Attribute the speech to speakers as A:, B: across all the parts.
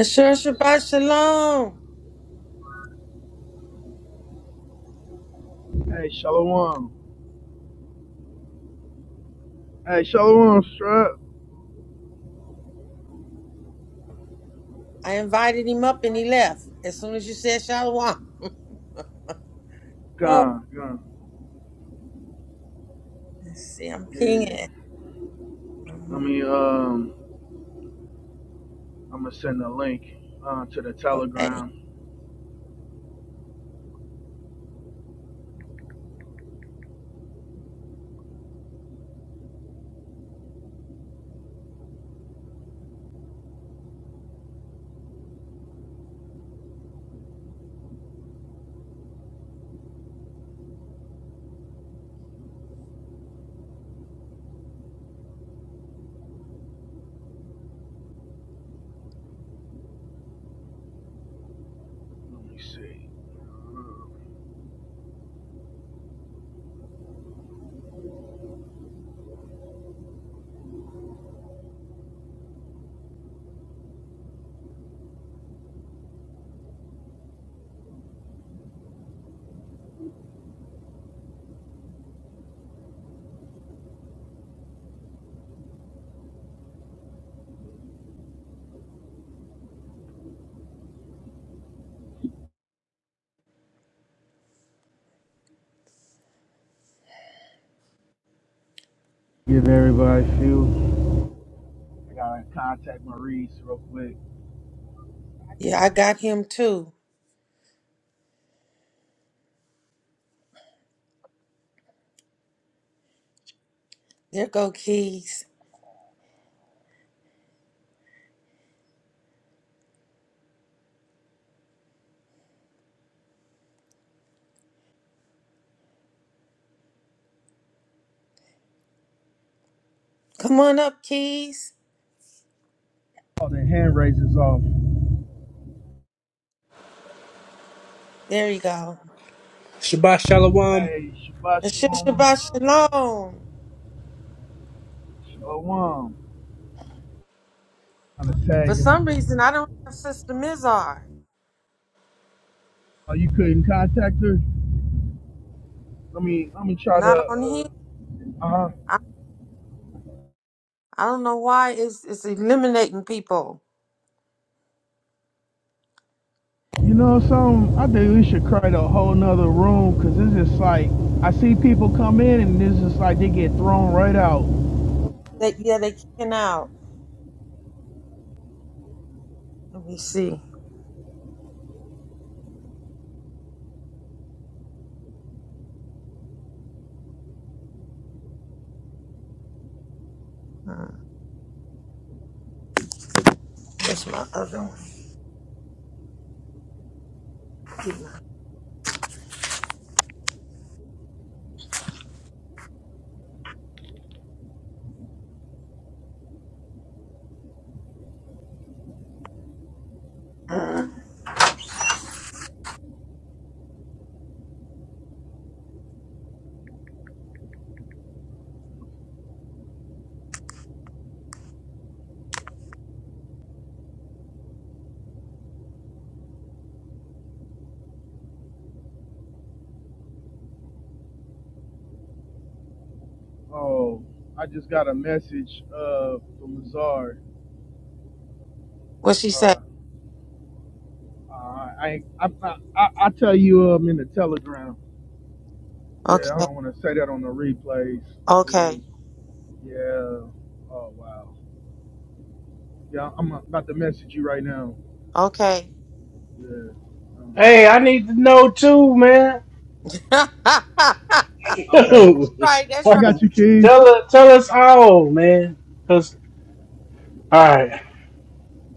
A: Sure, Shabbat Shalom.
B: Hey, Shalom. Hey, Shalom, Strap.
A: I invited him up and he left as soon as you said Shalom. Oh,
B: Gone, gone.
A: let's see, I'm
B: Yeah.
A: pinging.
B: Let me, um, I'm gonna send a link uh, to the
A: Okay.
B: Telegram. Let me see. Uh, Give everybody a few. I gotta contact Maurice real quick.
A: Yeah, I got him too. There go Keys. Come on up, Keys.
B: Oh, the hand raises off.
A: There you go.
C: Shabbat Shalom.
B: Hey, Shabbat
A: Sure,
B: Shalom.
A: Shabbat Shalom.
B: Shalom. I'm gonna tag
A: For some
B: him.
A: reason, I don't have Sister Mizar.
B: Oh, you couldn't contact her? Let me, let me try to,
A: Not on here.
B: uh, uh-huh.
A: I, I don't know why it's, it's eliminating people.
B: You know something? I think we should create a whole nother room because it's just like I see people come in and it's just like they get thrown right out.
A: That Yeah, they kicking out. Let me see. Hmm, That's my other one.
B: Oh, I just got a message uh, from Lazard.
A: What she say?
B: Uh, I, I, I, I, I tell you um in the telegram. Yeah,
A: Okay,
B: I don't want to say that on the replays. Uh,
A: okay,
B: yeah. Oh wow. Yeah, I'm about to message you right now.
A: okay.
B: Yeah. Um,
C: Hey, I need to know too, man.
A: right,
B: okay.
C: tell
A: that's
B: I
A: right.
B: got you, keys.
C: tell us all, man. Cause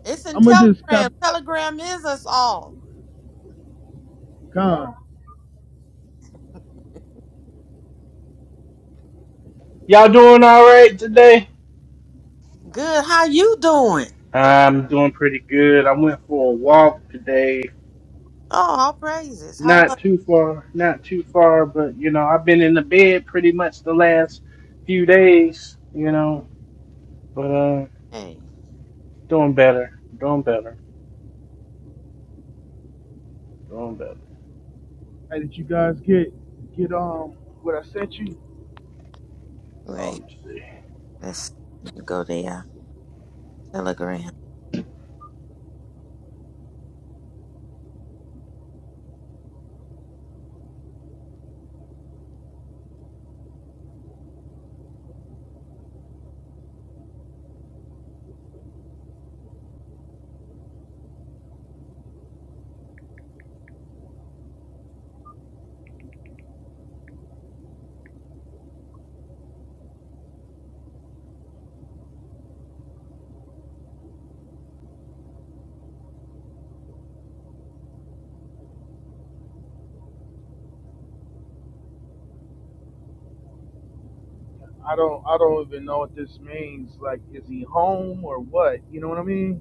A: It's in
B: I'm gonna just cop.
A: Telegram. Telegram is us all.
B: Con.
C: y'all doing all right today?
A: Good. How you doing?
C: I'm doing pretty good. I went for a walk today.
A: Oh, all praises. How was
C: Not too far, not too far, but you know, I've been in the bed pretty much the last few days, you know, but uh
A: it?
C: doing better, doing better, doing better.
B: Hey, did you guys get get um what I sent you?
A: Wait,
C: Um, see.
A: let's go there. Telegram.
B: I don't I don't even know what this means. Like, is he home or what? You know what I mean?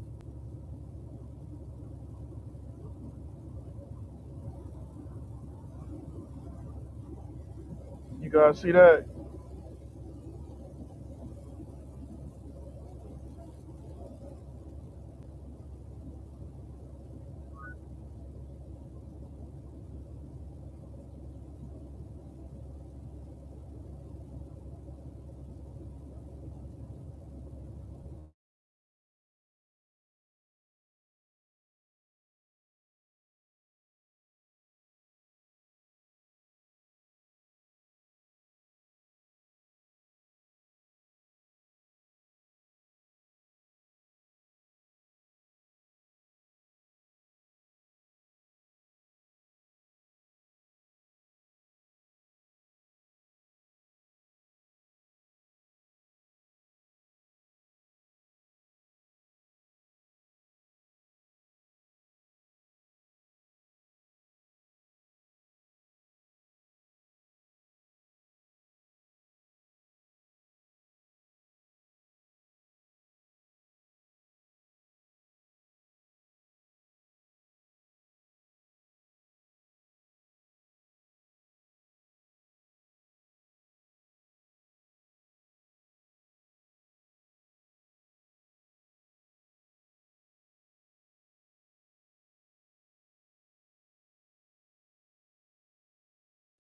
B: You guys see that?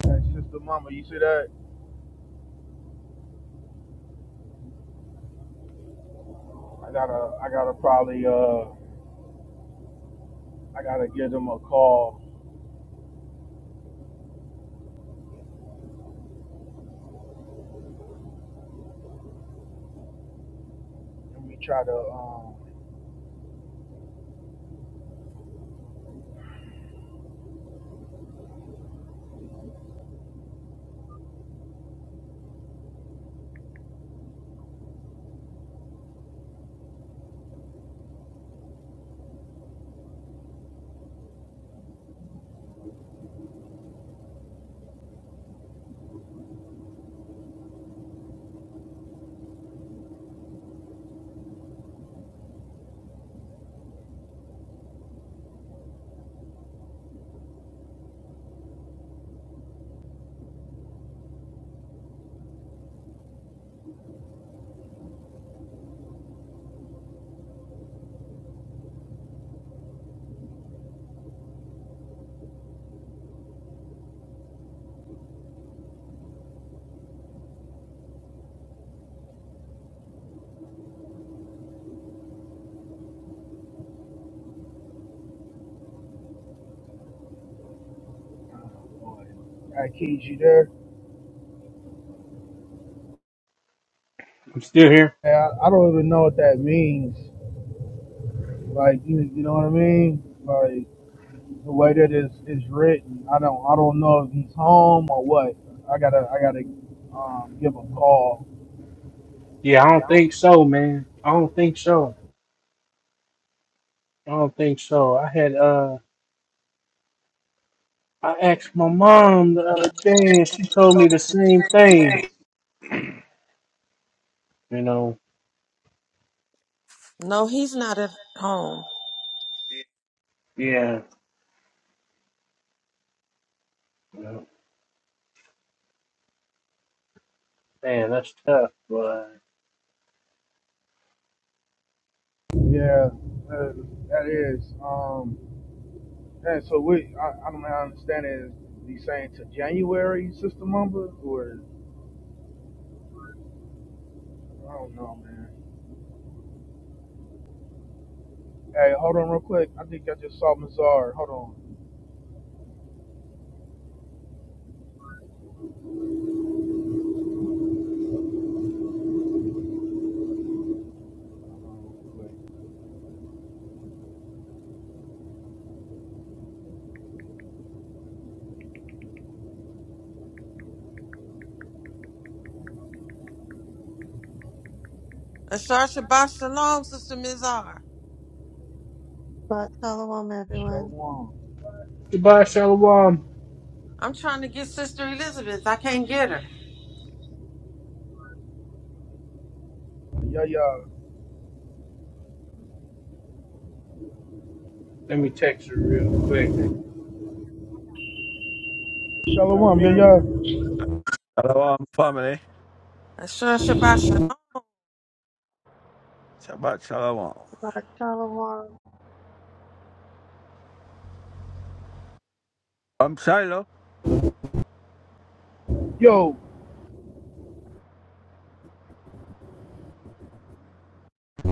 B: Hey, sister, mama, you see that? I gotta I gotta probably uh I gotta give them a call. Let me try to um. oh, boy. Hey, Keys, you there?
C: I'm still here.
B: Hey, I, I don't even know what that means. Like, you you know what I mean? Like. the way that is is written, I don't I don't know if he's home or what. I gotta I gotta um, give a call.
C: Yeah, I don't
B: Yeah.
C: think so, man. I don't think so. I don't think so. I had uh. I asked my mom the other day, and she told me the same thing.
D: Okay.
C: You know,
A: No, he's not at home.
C: yeah, you know, man, that's tough. But
B: Yeah, that, that is. Um, and so we I, I don't know, I understand is he saying to January, Sister Mumba, or I don't know, man. Hey, hold on real quick. I think I just saw Mazar. Hold on. Hold on real
A: Ashar Shabbat Shalom, Sister Mizar.
E: But shalom,
B: quick.
E: everyone.
B: Shalom.
C: goodbye, Shalom.
A: I'm trying to get Sister Elizabeth. I can't get her.
B: Yeah, yeah.
C: Let me text her real quick.
B: Shalom. Yeah, yeah.
F: Shalom, family.
A: Ashar Shabbat Shalom.
F: Shabbat shalom.
E: But shalom.
F: I'm Shiloh.
B: Yo.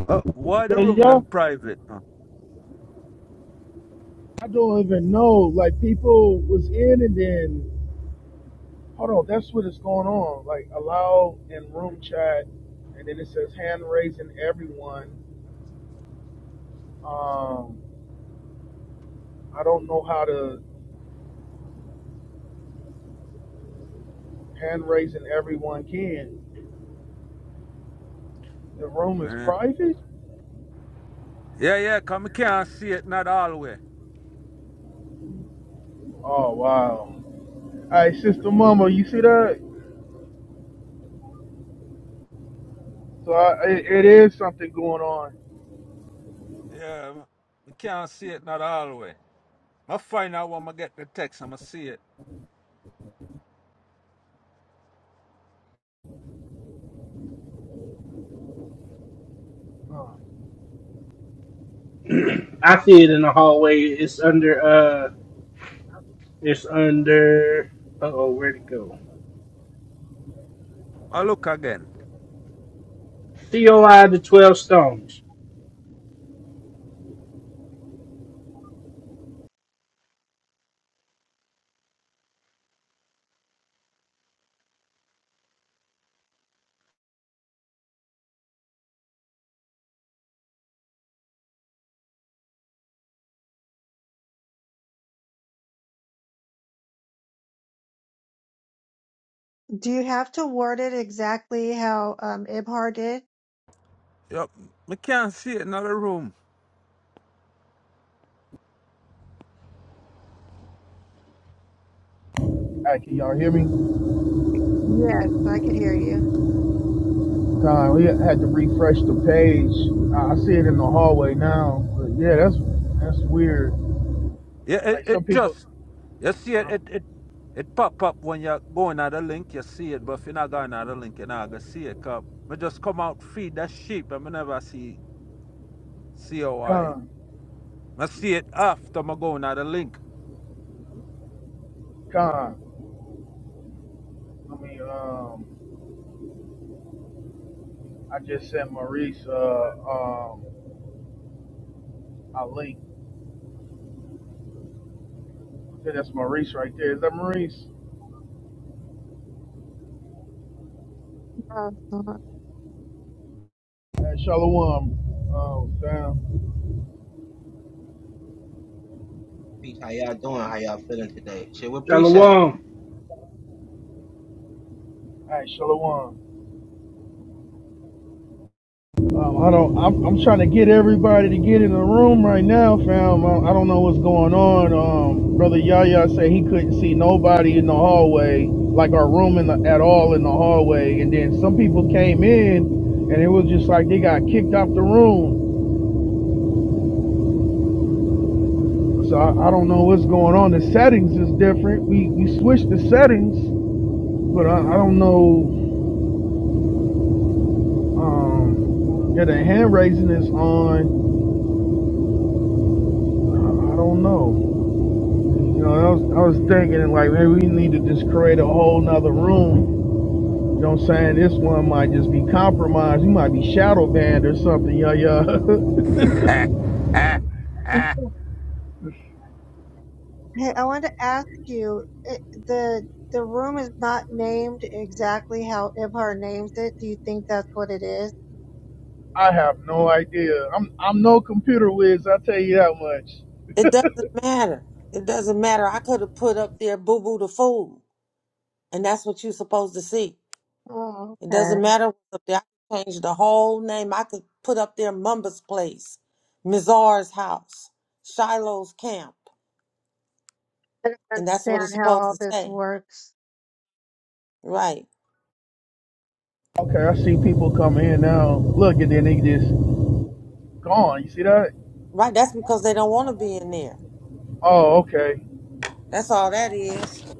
F: Oh, why the
B: Yeah,
F: room
B: yeah.
F: them private? man?
B: I don't even know. Like people was in and then hold on, that's what is going on. Like allow in room chat and then it says hand raising everyone. Um I don't know how to hand raising everyone can. The room is
F: Eh.
B: private?
F: Yeah, yeah, come me can't see it not all way.
B: Oh wow. All right, sister mama, you see that? So I, it, it is something going on.
F: Yeah, I can't see it not all way. I find out when I get the text, I'ma see it.
B: Oh,
C: I see it in the hallway. It's
B: that's
C: under
B: weird.
C: uh, it's under. Uh oh, where'd it go?
F: I look again.
C: COI the Twelve Stones.
E: Do you have to word it exactly how um, Ibhar did?
F: Yep, me can't see it in the room.
B: All right, can y'all hear me?
E: Yes, I could hear you.
B: Time we had to refresh the page. I see it in the hallway now. But yeah, that's that's weird.
F: Yeah, it,
B: Like
F: it
B: some people,
F: just you see it, it
B: um,
F: it it pop up when you're going at the link, you see it, but if you're not going at the link, you're not gonna see it. Cause I just come out feed that sheep and me never see COI.
B: con
F: I see it after I go on the link.
B: con. I mean, um, I just sent Maurice uh um a link. I think that's Maurice right there. Is that Maurice?
E: Oh, God.
B: Hey, Shalom. Oh damn.
G: Peace. How y'all doing? How y'all feeling today? Shit, we're preset?
C: Shalom.
B: Hey, Shalom. Um, I don't. I'm, I'm trying to get everybody to get in the room right now, fam. I, I don't know what's going on. Um, brother Yaya said he couldn't see nobody in the hallway, like our room in the, at all in the hallway. And then some people came in, and it was just like they got kicked out the room. So I, I don't know what's going on. The settings is different. We we switched the settings, but I, I don't know. Um, yeah, the hand raising is on. I, I don't know. You know, I was, I was thinking like maybe we need to just create a whole nother room. You know what I'm saying? This one might just be compromised. You might be shadow banned or something, yeah, yeah.
E: Hey, I wanted to ask you, it, the the room is not named exactly how Ibhar names it. Do you think that's what it is?
B: I have no idea. I'm I'm no computer whiz, I'll tell you that much.
A: It doesn't matter. It doesn't matter. I could have put up there Boo Boo the Fool. And that's what you're supposed to see.
E: Oh,
A: It doesn't
E: okay.
A: matter what's up there. I could change the whole name. I could put up there Mumba's Place, Mizar's House, Shiloh's Camp.
E: I don't
A: And that's what it's
E: understand how
A: supposed
E: all
A: to
E: this
A: say.
E: works.
A: Right.
B: Okay, I see people coming in now. Look and then they just gone. You see that?
A: Right. That's because they don't want to be in there.
B: Oh, okay.
A: That's all that is.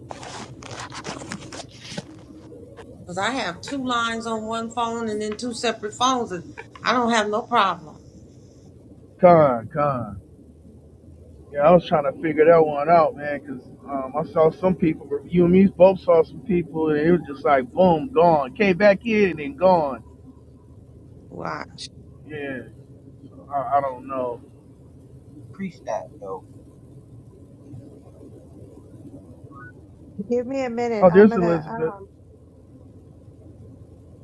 A: Because I have two lines on one phone and then two separate phones. And I don't have no problem.
B: Con, con. Yeah, I was trying to figure that one out, man, 'cause um, I saw some people reviewing. Me both saw some people, and it was just like boom, gone. Came back in and then gone.
A: Watch.
B: Yeah, so I, I don't know.
G: Preset, yo.
E: Give me a minute.
B: Oh,
E: I'm
B: there's
E: gonna
B: Elizabeth.
E: um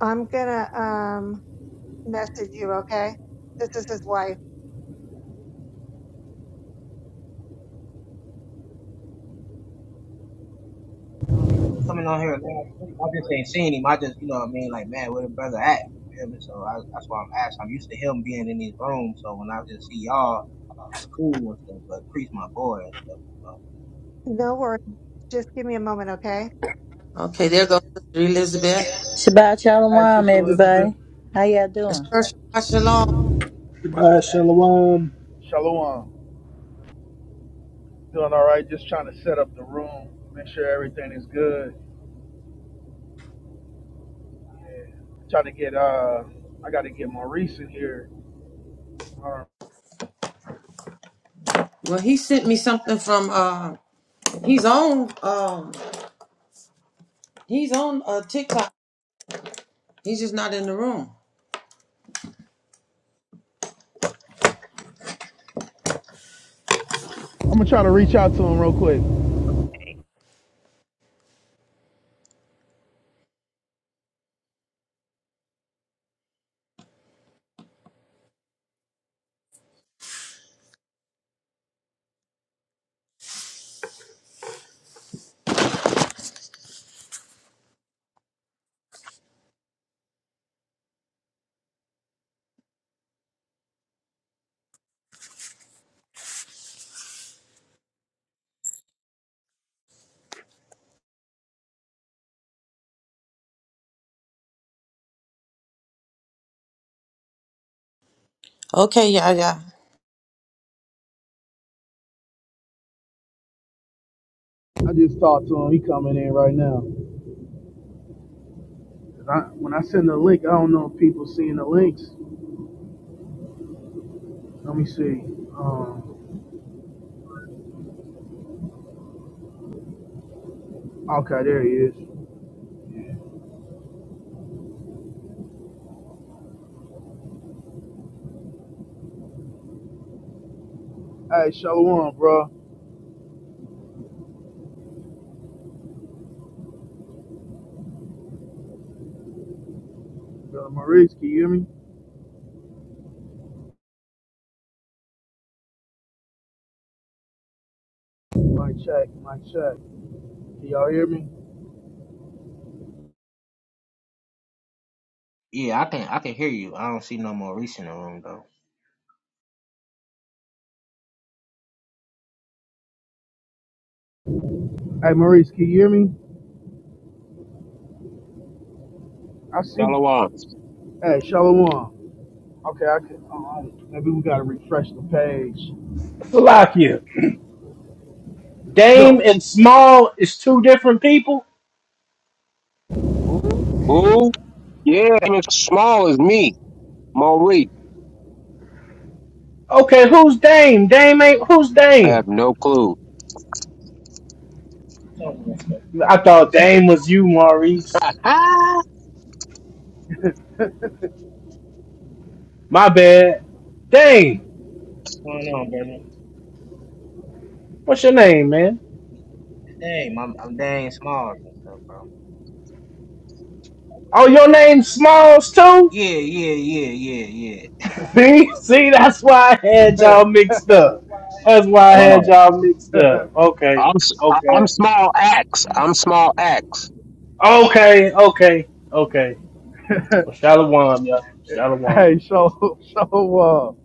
E: I'm gonna um message you, okay? This is his wife.
G: Coming on here, man, I just ain't seen him. I just, you know what I mean? Like, man, where the brother at? You feel me? So I, that's why I'm asking. I'm used to him being in these rooms. So when I just see y'all, that's cool and stuff. But priest, my boy.
E: No worries. Just give me a moment, okay?
A: Okay, there goes Sister Elizabeth.
H: Shabbat
B: Hey,
H: shalom,
B: sister Elizabeth.
H: everybody. How y'all
A: That's
H: doing?
A: Shabbat Shalom.
F: But
C: Goodbye, Shalom.
B: Hey, Shalom. Doing all right. Just trying to set up the room, make sure everything is good. Yeah. Trying to get uh, I got to get Maurice in here. All right.
A: Well, he sent me something from uh, he's on. um, He's on uh, TikTok. He's just not in the room.
B: I'm gonna try to reach out to him real quick.
A: Okay, yeah, yeah.
B: I just talked to him. He coming in right now. 'Cause I, when I send the link, I don't know if people seeing the links. Let me see. Um, okay, there he is. Hey, Shalom, bro. Brother Maurice, can you hear me? My check, my check. Can y'all hear me?
G: Yeah, I can, I can hear you. I don't see no more Reese in the room though.
B: Hey, Maurice, can you hear me? I see.
I: Delawan.
B: Hey, Shalom. Okay, I can. Uh, maybe we gotta refresh the page.
C: Salakia.
B: Yo.
C: Dame and Small is two different people.
I: Ooh, yeah, even small as me, Maurice.
C: Okay, who's Dame? Dame ain't who's
I: I
C: Dame?
I: have no clue.
G: What's going
C: I thought Dame was you, Maurice. My bad. Dame,
G: on, brother?
C: what's your name, man?
G: Dang, I'm, I'm dang small and stuff, bro.
C: Oh, your name's Smalls too?
G: Yeah, Yeah, yeah, yeah, yeah,
C: See, see, that's why I had y'all mixed up. That's why
I: Ah,
C: I had
I: oh,
C: y'all mixed up. Okay,
I: I'm s- I-
C: okay,
I: I'm small axe. I'm small axe.
C: okay, okay, okay. Well, shalom, y'all. Shalom.
B: hey, Shal Shalom.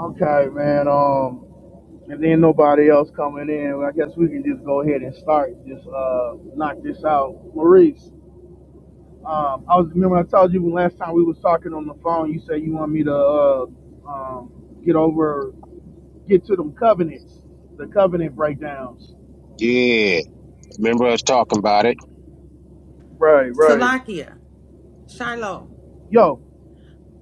B: Okay, man. Um, And then nobody else coming in. Well, I guess we can just go ahead and start. Just uh, knock this out, Maurice. Um, I was remember I told you last time we was talking on the phone. You said you want me to uh, um, get over, get to them covenants, the covenant breakdowns.
I: Yeah, remember us talking about it.
B: Right, right.
D: Salakia, Shiloh,
B: Yo,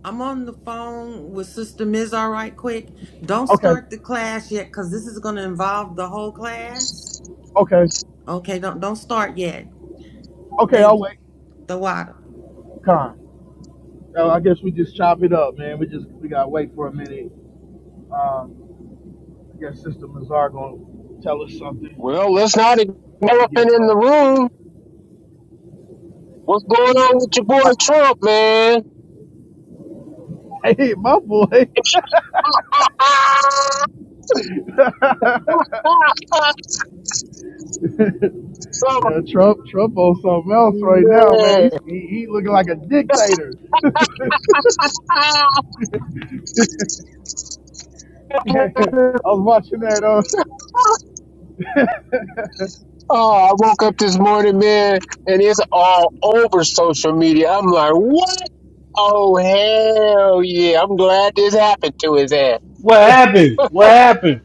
D: I'm on the phone with Sister Miz. All right, quick. Don't
B: okay,
D: start the class yet, cause this is gonna involve the whole class.
B: okay,
D: Okay, don't don't start yet.
B: okay. I'll
D: Thank you.
B: wait.
D: The water.
B: Con. Uh, I guess we just chop it up, man. We just we gotta wait for a minute. Um, I guess Sister Mazar gonna tell us something
I: Well, let's not ignore the
B: before we get
I: elephant in the
B: going.
I: room. What's going on with your boy Trump, man?
B: Hey, my boy. Yeah, Trump, Trump on something else right now, man. He's,
I: So,
B: he, he looking like a dictator. I
I: man.
B: was watching that. Uh,
I: Oh, I woke up this morning, man, and it's all over social media. I'm like, what? Oh, hell yeah. I'm glad this happened to his ass.
C: What happened? What happened?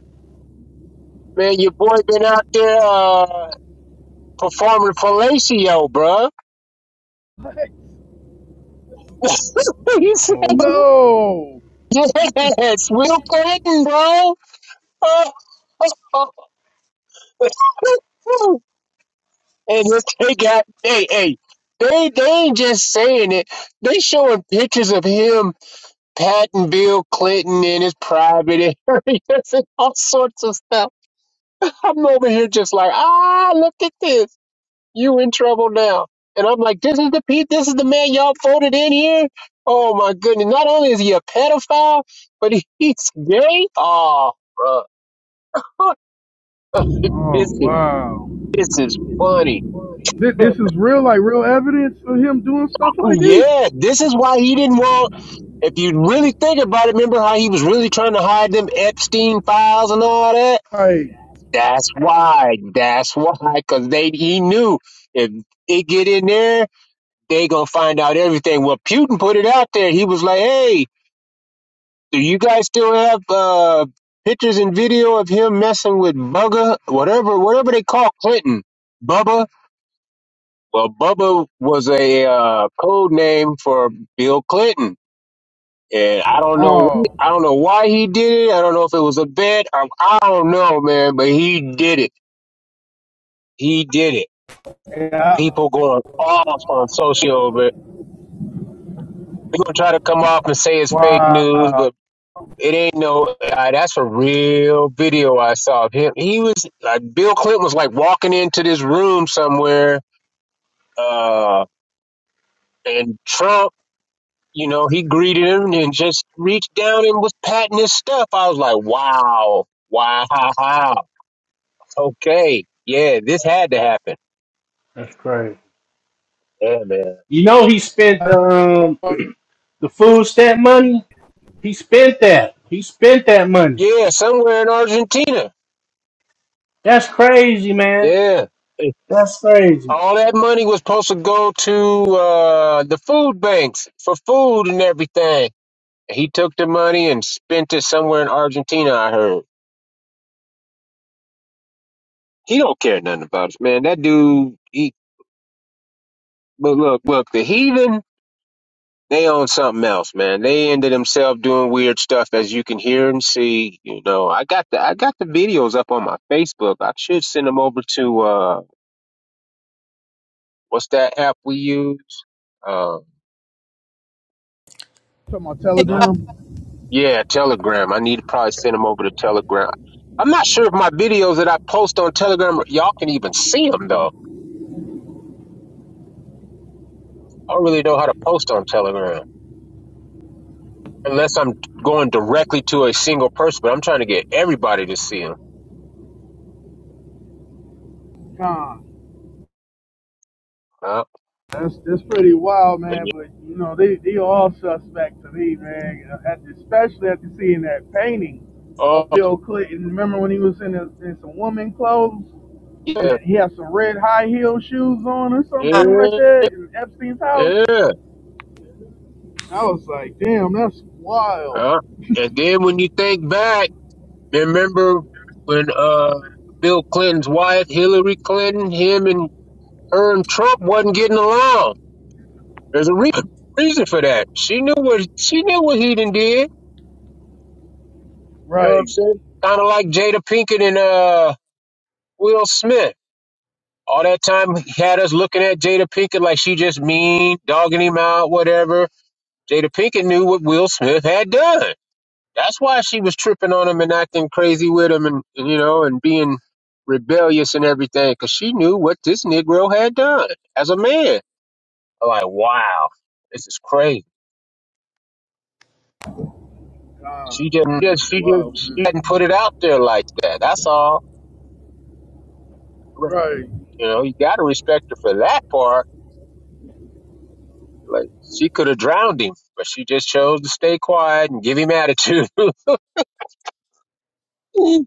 I: Man, your boy been out there uh, performing fellatio, bro. he said,
C: Oh,
B: no.
I: yes, Will Clinton, bro. and if they got, hey, hey, they, they ain't just saying it. They showing pictures of him patting Bill Clinton in his private areas and all sorts of stuff. I'm over here just like, ah, look at this. You in trouble now. And I'm like, this is the pe- this is the man y'all voted in here. Oh my goodness. Not only is he a pedophile, but he- he's gay. Oh, bro.
B: Oh
I: this is
B: wow.
I: this is funny.
B: This, this is real, like real evidence of him doing stuff like this.
I: Yeah, this is why he didn't want. If you really think about it, remember how he was really trying to hide them Epstein files and all that.
B: Like,
I: That's why. That's why. Cause they he knew if it get in there, they gonna find out everything. Well, Putin put it out there. He was like, "Hey, do you guys still have uh, pictures and video of him messing with Bugger, whatever, whatever they call Clinton, Bubba?" Well, Bubba was a uh, code name for Bill Clinton, and I don't know,
B: oh,
I: I don't know why he did it. I don't know if it was a bet. I, I don't know, man, but he did it. He did it
B: yeah,
I: people going off on social but it. They're gonna try to come off and say it's fake news,
B: wow.
I: but it ain't no. Uh, that's a real video I saw of him. He was like Bill Clinton was like walking into this room somewhere, uh, and Trump. You know, he greeted him and just reached down and was patting his stuff. I was like, wow, wow, okay, yeah, this had to happen.
C: that's crazy.
I: Yeah, man.
C: You know he spent
B: That's
C: um
B: on
C: the food stamp money. He spent that. He spent that money.
I: Yeah, somewhere in Argentina.
C: That's crazy, man.
I: Yeah.
C: That's crazy.
I: All that money was supposed to go to uh, the food banks for food and everything. He took the money and spent it somewhere in Argentina. I heard he don't care nothing about us, man. That dude, he but look, look, the heathen they own something else, man. They into themselves doing weird stuff, as you can hear and see. You know, I got the I got the videos up on my Facebook. I should send them over to uh, what's that app we use? Uh,
B: my
I: not
A: TikTok,
B: telegram.
I: Yeah, Telegram. I need to probably send them over to Telegram. I'm not sure if my videos that I post on Telegram, y'all can even see them though. I don't really know how to post on Telegram unless I'm going directly to a single person. But I'm trying to get everybody to see them.
B: Nah.
I: Uh,
B: That's that's pretty wild,
I: and
B: man.
I: you-
B: But you know, they they all suspect to me, man. At especially after seeing that painting
I: oh
B: of Bill Clinton. Remember when he was in, a, in some woman clothes and
I: yeah,
B: he had some red high heel shoes on or something like
I: yeah,
B: that in Epstein's house.
I: yeah.
B: I was like, damn, that's
I: Uh,
B: wild.
I: and then when you think back, remember when uh Bill Clinton's wife, Hillary Clinton, him and her and Trump wasn't getting along There's a reason, reason for that. She knew what she knew what he done did. You know what I'm
B: Right.
I: saying? Kind of like Jada Pinkett and uh Will Smith. All that time he had us looking at Jada Pinkett like she just mean, dogging him out, whatever. Jada Pinkett knew what Will Smith had done. That's why she was tripping on him and acting crazy with him and, and you know, and being rebellious and everything because she knew what this Negro had done as a man. I'm like, wow, this is crazy.
B: God,
I: She just,
B: man,
I: just
B: that's
I: she just
B: wild,
I: she didn't
B: man.
I: put it out there like that. That's all.
B: Right.
I: You know, you gotta respect her for that part. Like she could have drowned him, but she just chose to stay quiet and give him attitude. oh,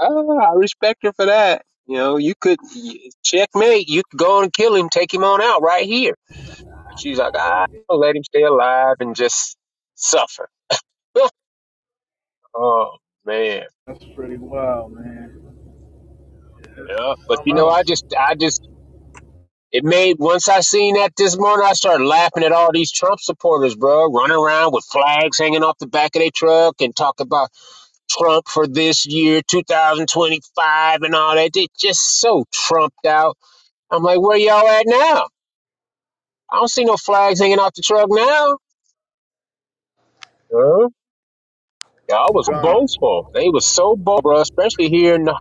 I: I respect her for that. You know, you could checkmate. You could go and kill him, take him on out right here. But she's like, ah, I'll let him stay alive and just suffer. oh man,
B: That's pretty wild, man. That's,
I: yeah.
B: that's
I: But
B: something
I: you know, I
B: else.
I: just I just It made once I seen that this morning, I started laughing at all these Trump supporters, bro, running around with flags hanging off the back of their truck and talk about Trump for this year, 2025, and all that. They just so trumped out. I'm like, where y'all at now? I don't see no flags hanging off the truck now. Huh? Y'all was so
B: God,
I: boastful. They was so bold, bro, especially here in uh,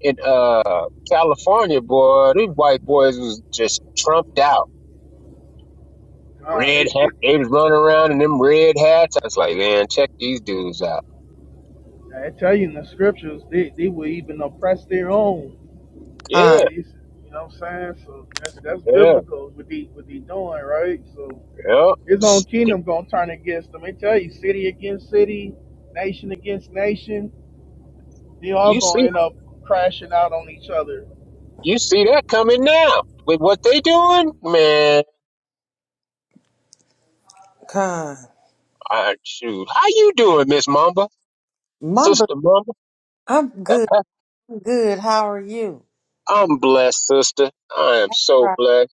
I: in uh California, boy. These white boys was just trumped out.
B: God,
I: Red
B: it,
I: hat.
B: it,
I: They
B: it
I: was running around in them red hats. I was like, man, check these dudes out.
B: I tell you in the scriptures, they, they will even oppress their own. It
A: con,
I: Yeah,
B: is- you know what I'm saying? So that's that's
I: yeah,
B: biblical what they what they doing, right? So
I: yeah.
B: his
I: S-
B: own
I: d-
B: kingdom gonna turn against them. They tell you, city against city, nation against nation, they all
I: You
B: gonna
I: see,
B: end up crashing out on each other.
I: you see that coming now with what they doing, man.
A: con.
I: I shoot. How you doing, Miss Mamba,
A: Mama,
I: Sister Mamba?
A: I'm
I: That-
A: good. I'm good. How are you?
I: I'm blessed, sister. I am so
A: Right.
I: blessed.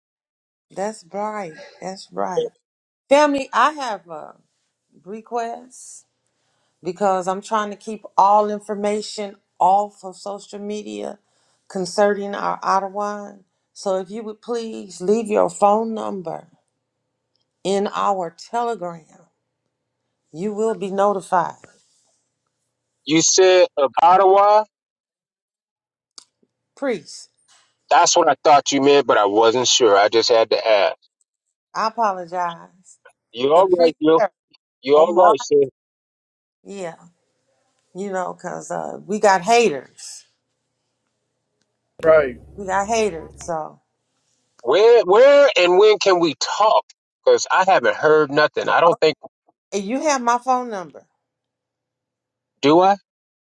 A: That's right. That's right. Family, I have a request because I'm trying to keep all information off of social media concerning our Ottawa. So if you would please leave your phone number in our telegram, you will be notified.
I: You said of Ottawa.
A: Priest.
I: That's what I thought you meant, but I wasn't sure. I just had to ask.
A: I apologize.
I: You
A: The
I: all right,
A: priest,
I: you? You all
A: Omar,
I: right, sis?
A: yeah, you know, because uh, we got haters. Yeah,
B: Right.
A: We got haters. So,
I: Where, where, and when can we talk? Because I haven't heard nothing. I
A: Oh,
I: don't think.
A: and you have my phone number.
I: Do I?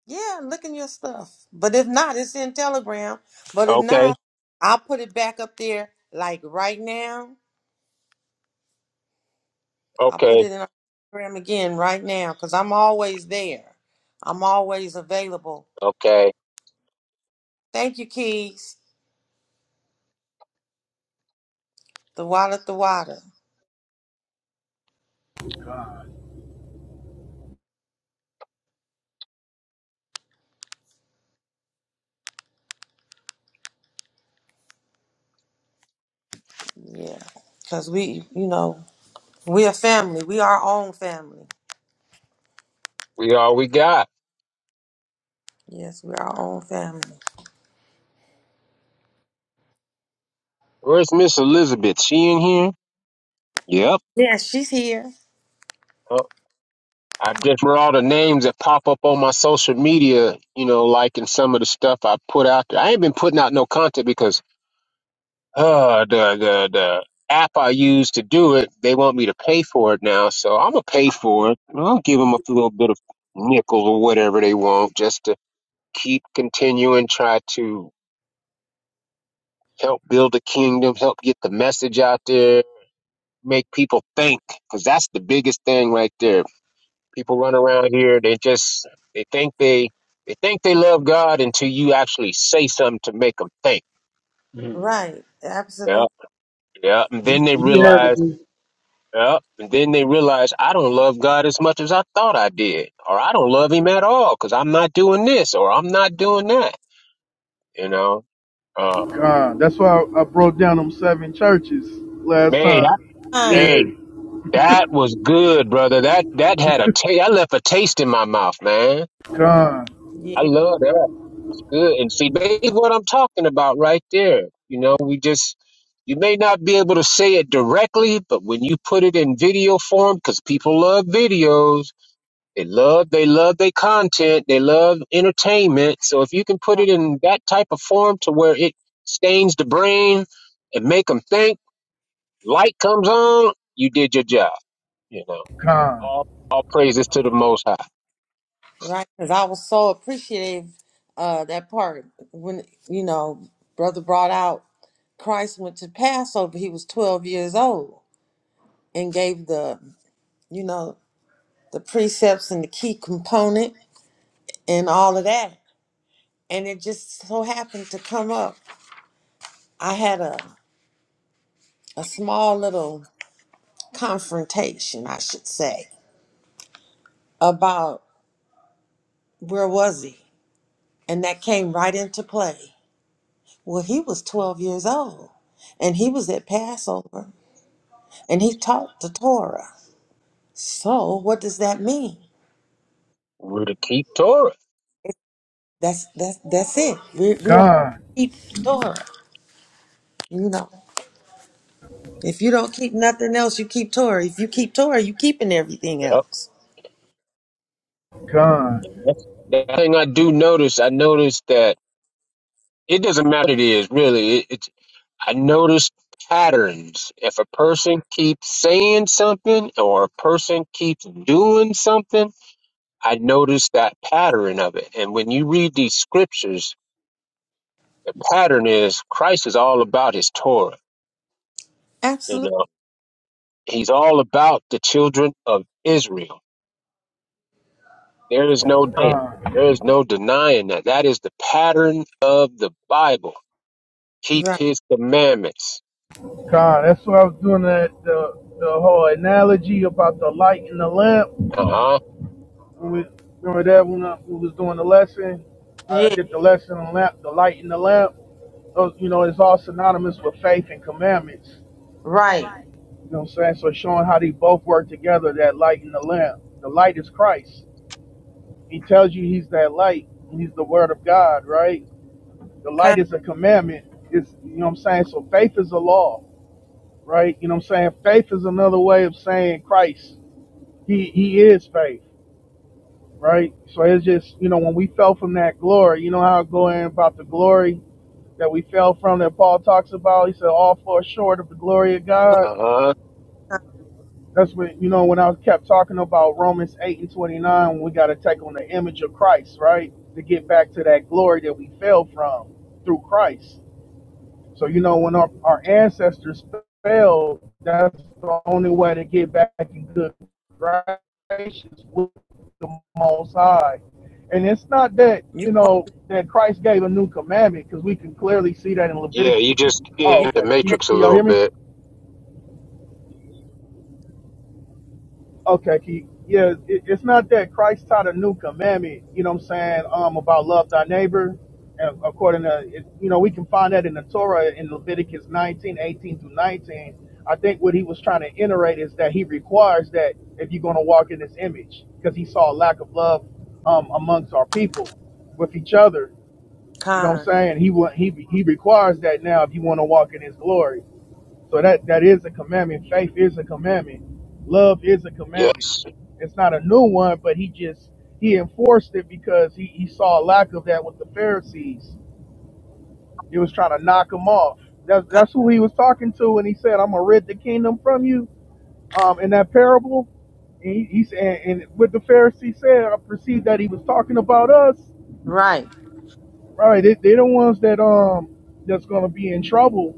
A: Yeah, look in your stuff. But if not, it's in Telegram. But if
I: Okay.
A: not, I'll put it back up there like right now. I'll put
I: Okay.
A: it in our Telegram again right now because I'm always there. I'm always available.
I: Okay.
A: Thank you, Keys. The water, the water. Yeah. Because we, you know, We are family. We our own family.
I: We all we got.
A: Yes, we our own family.
I: Where's Miss Elizabeth? She in here? Yep.
A: Yeah, she's here.
I: Oh, I just read all the names that pop up on my social media. You know, like in some of the stuff I put out there. I ain't been putting out no content because uh the the the app I use to do it, they want me to pay for it now. So I'm gonna pay for it. I'll give them a little bit of nickel or whatever they want just to keep continuing, try to help build the kingdom, help get the message out there, make people think, because that's the biggest thing right there. People run around here, they just they think they they think they love God until you actually say something to make them think.
C: Mhm.
A: Right.
I: Yeah,
A: Absolutely.
I: yeah, and
C: You,
I: then they
C: you be
I: realize,
C: having
I: yeah, and then they realize I don't love God as much as I thought I did, or I don't love Him at all because I'm not doing this or I'm not doing that. You know, uh,
B: God. That's why I, I broke down them seven churches last
I: man, I,
B: time.
A: Fine.
I: hey,
B: Yeah.
I: That was good, brother. That that had a taste. I left a taste in my mouth, man.
B: God.
I: I
A: Yeah.
I: love that. That's Good. And see, that's what I'm talking about right there. You know, we just you may not be able to say it directly, but when you put it in video form, because people love videos, they love they love their content, they love entertainment. So if you can put it in that type of form to where it stains the brain and make them think, light comes on, you did your job. You know.
B: God.
I: All, all praises to the Most High.
A: Right. Because I was so appreciative uh that part when you know brother brought out Christ went to Passover. He was twelve years old and gave the you know the precepts and the key component and all of that. And it just so happened to come up. I had a a small little confrontation, I should say, about where was he? And that came right into play. Well, he was 12 years old and he was at Passover and he taught the Torah. So, what does that mean?
I: We're to keep Torah.
A: That's that's that's it. We we all
B: God.
A: keep Torah, you know. If you don't keep nothing else, you keep Torah. If you keep Torah, you keeping everything
I: Yep.
A: else.
B: God.
I: And That's, the thing I do notice, I noticed that it doesn't matter what it is, really. It, it's I notice patterns. If a person keeps saying something or a person keeps doing something, I notice that pattern of it. And when you read these scriptures, the pattern is Christ is all about his Torah. You know,
A: Absolutely
I: he's all about the children of Israel There is no denying.
B: God.
I: There is no denying that. That is the pattern of the Bible. Keep
A: right.
I: his commandments.
B: God, that's what I was doing that the the whole analogy about the light and the lamp.
I: Uh-huh.
B: When we remember that when I, we was doing the lesson, I
A: Yeah,
B: did the lesson on lamp, the light and the lamp. Those, you know, it's all synonymous with faith and commandments.
A: right.
B: You know what I'm saying? So showing how they both work together, that light and the lamp. The light is Christ. He tells you he's that light. He's the word of God, right? The
A: Con,
B: light is a commandment. It's you know what I'm saying? So faith is a law, right? You know what I'm saying? Faith is another way of saying Christ. He he is faith, right? So it's just you know when we fell from that glory, you know how it go in about the glory that we fell from that Paul talks about. He said all fall short of the glory of
A: go
B: God.
I: Uh-huh.
A: con.
B: That's when you know when I kept talking about Romans eight and twenty nine. We got to take on the image of Christ, right, to get back to that glory that we fell from through Christ. So you know, when our, our ancestors failed, that's the only way to get back in good graces with the Most High. And it's not that
A: You
B: you
A: going
B: know that Christ gave a new commandment because we can clearly see that in
I: Yeah,
B: Leviticus.
I: you just
B: Oh,
A: you
I: in the
B: okay.
A: going
B: Can,
I: matrix a
B: can y'all
I: little
B: hear me?
I: bit.
B: Okay, Keith. Yeah, it, it's not that Christ taught a new commandment, you know what I'm saying, um, about love thy neighbor. And according to, it, you know, we can find that in the Torah in Leviticus 19, 18 through 19. I think what he was trying to iterate is that he requires that if you're going to walk in his image, because he saw a lack of love um, amongst our people with each other.
A: in
B: You know what I'm
A: con.
B: saying? He wa- he he requires that now if you want to walk in his glory. So that that is a commandment. Faith is a commandment. Love is a commandment.
I: Yes.
B: It's not a new one, but he just he enforced it because he, he saw a lack of that with the Pharisees. He was trying to knock them off. That's that's who he was talking to when he said, "I'm gonna rid the kingdom from you." Um, in that parable, and he, he said, and what the Pharisees said, I perceived that he was talking about us.
A: Right.
B: Right? They, they're the ones that um that's gonna be in trouble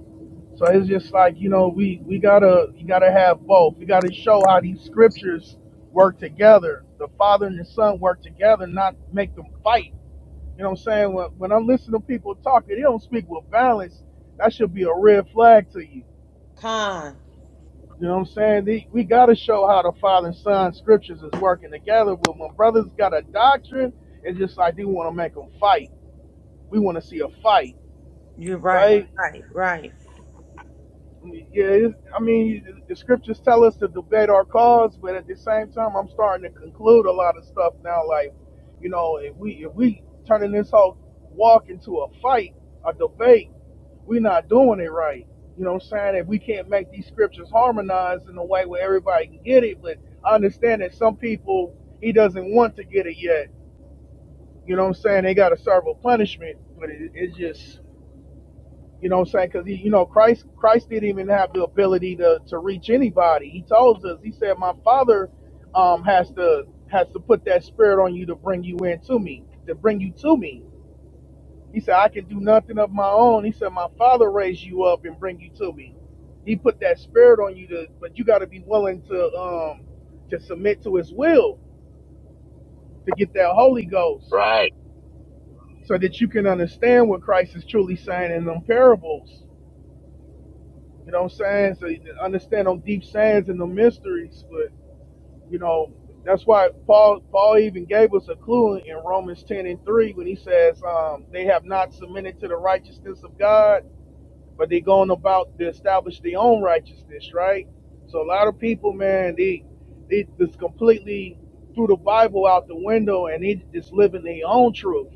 B: So it's just like you know we we gotta you gotta have both. We gotta show how these scriptures work together. The father and the son work together, not make them fight. You know what I'm saying? When when I'm listening to people talking, they don't speak with violence. That should be a red flag to you.
A: Con.
B: You know what I'm saying? They, we gotta show how the father and son scriptures is working together. But when brothers got a doctrine, it's just like they want to make them fight. We want to see a fight,
A: You're right.
B: right?
A: Right. Right.
B: Yeah, I mean, the scriptures tell us to debate our cause, but at the same time, I'm starting to conclude a lot of stuff now. Like, you know, if we if we turning this whole walk into a fight, a debate, we're not doing it right. You know what I'm saying? If we can't make these scriptures harmonized in a way where everybody can get it, but I understand that some people he doesn't want to get it yet. You know what I'm saying? They got to serve a punishment, but it, it's just you know what I'm saying? Because you know Christ Christ didn't even have the ability to to reach anybody. He told us. He said, "My Father um, has to has to put that spirit on you to bring you into me, to bring you to me." He said, "I can do nothing of my own." He said, "My Father raised you up and bring you to me." He put that spirit on you to, but you got to be willing to um to submit to His will to get that Holy Ghost,
I: Right.
B: so that you can understand what Christ is truly saying in them parables You know what I'm saying? So you can understand them deep sands and the mysteries, but you know, that's why Paul Paul even gave us a clue in Romans ten and three when he says, um, they have not submitted to the righteousness of God, but they're going about to establish their own righteousness, right? So a lot of people, man, they they just completely threw the Bible out the window and they just living their own truth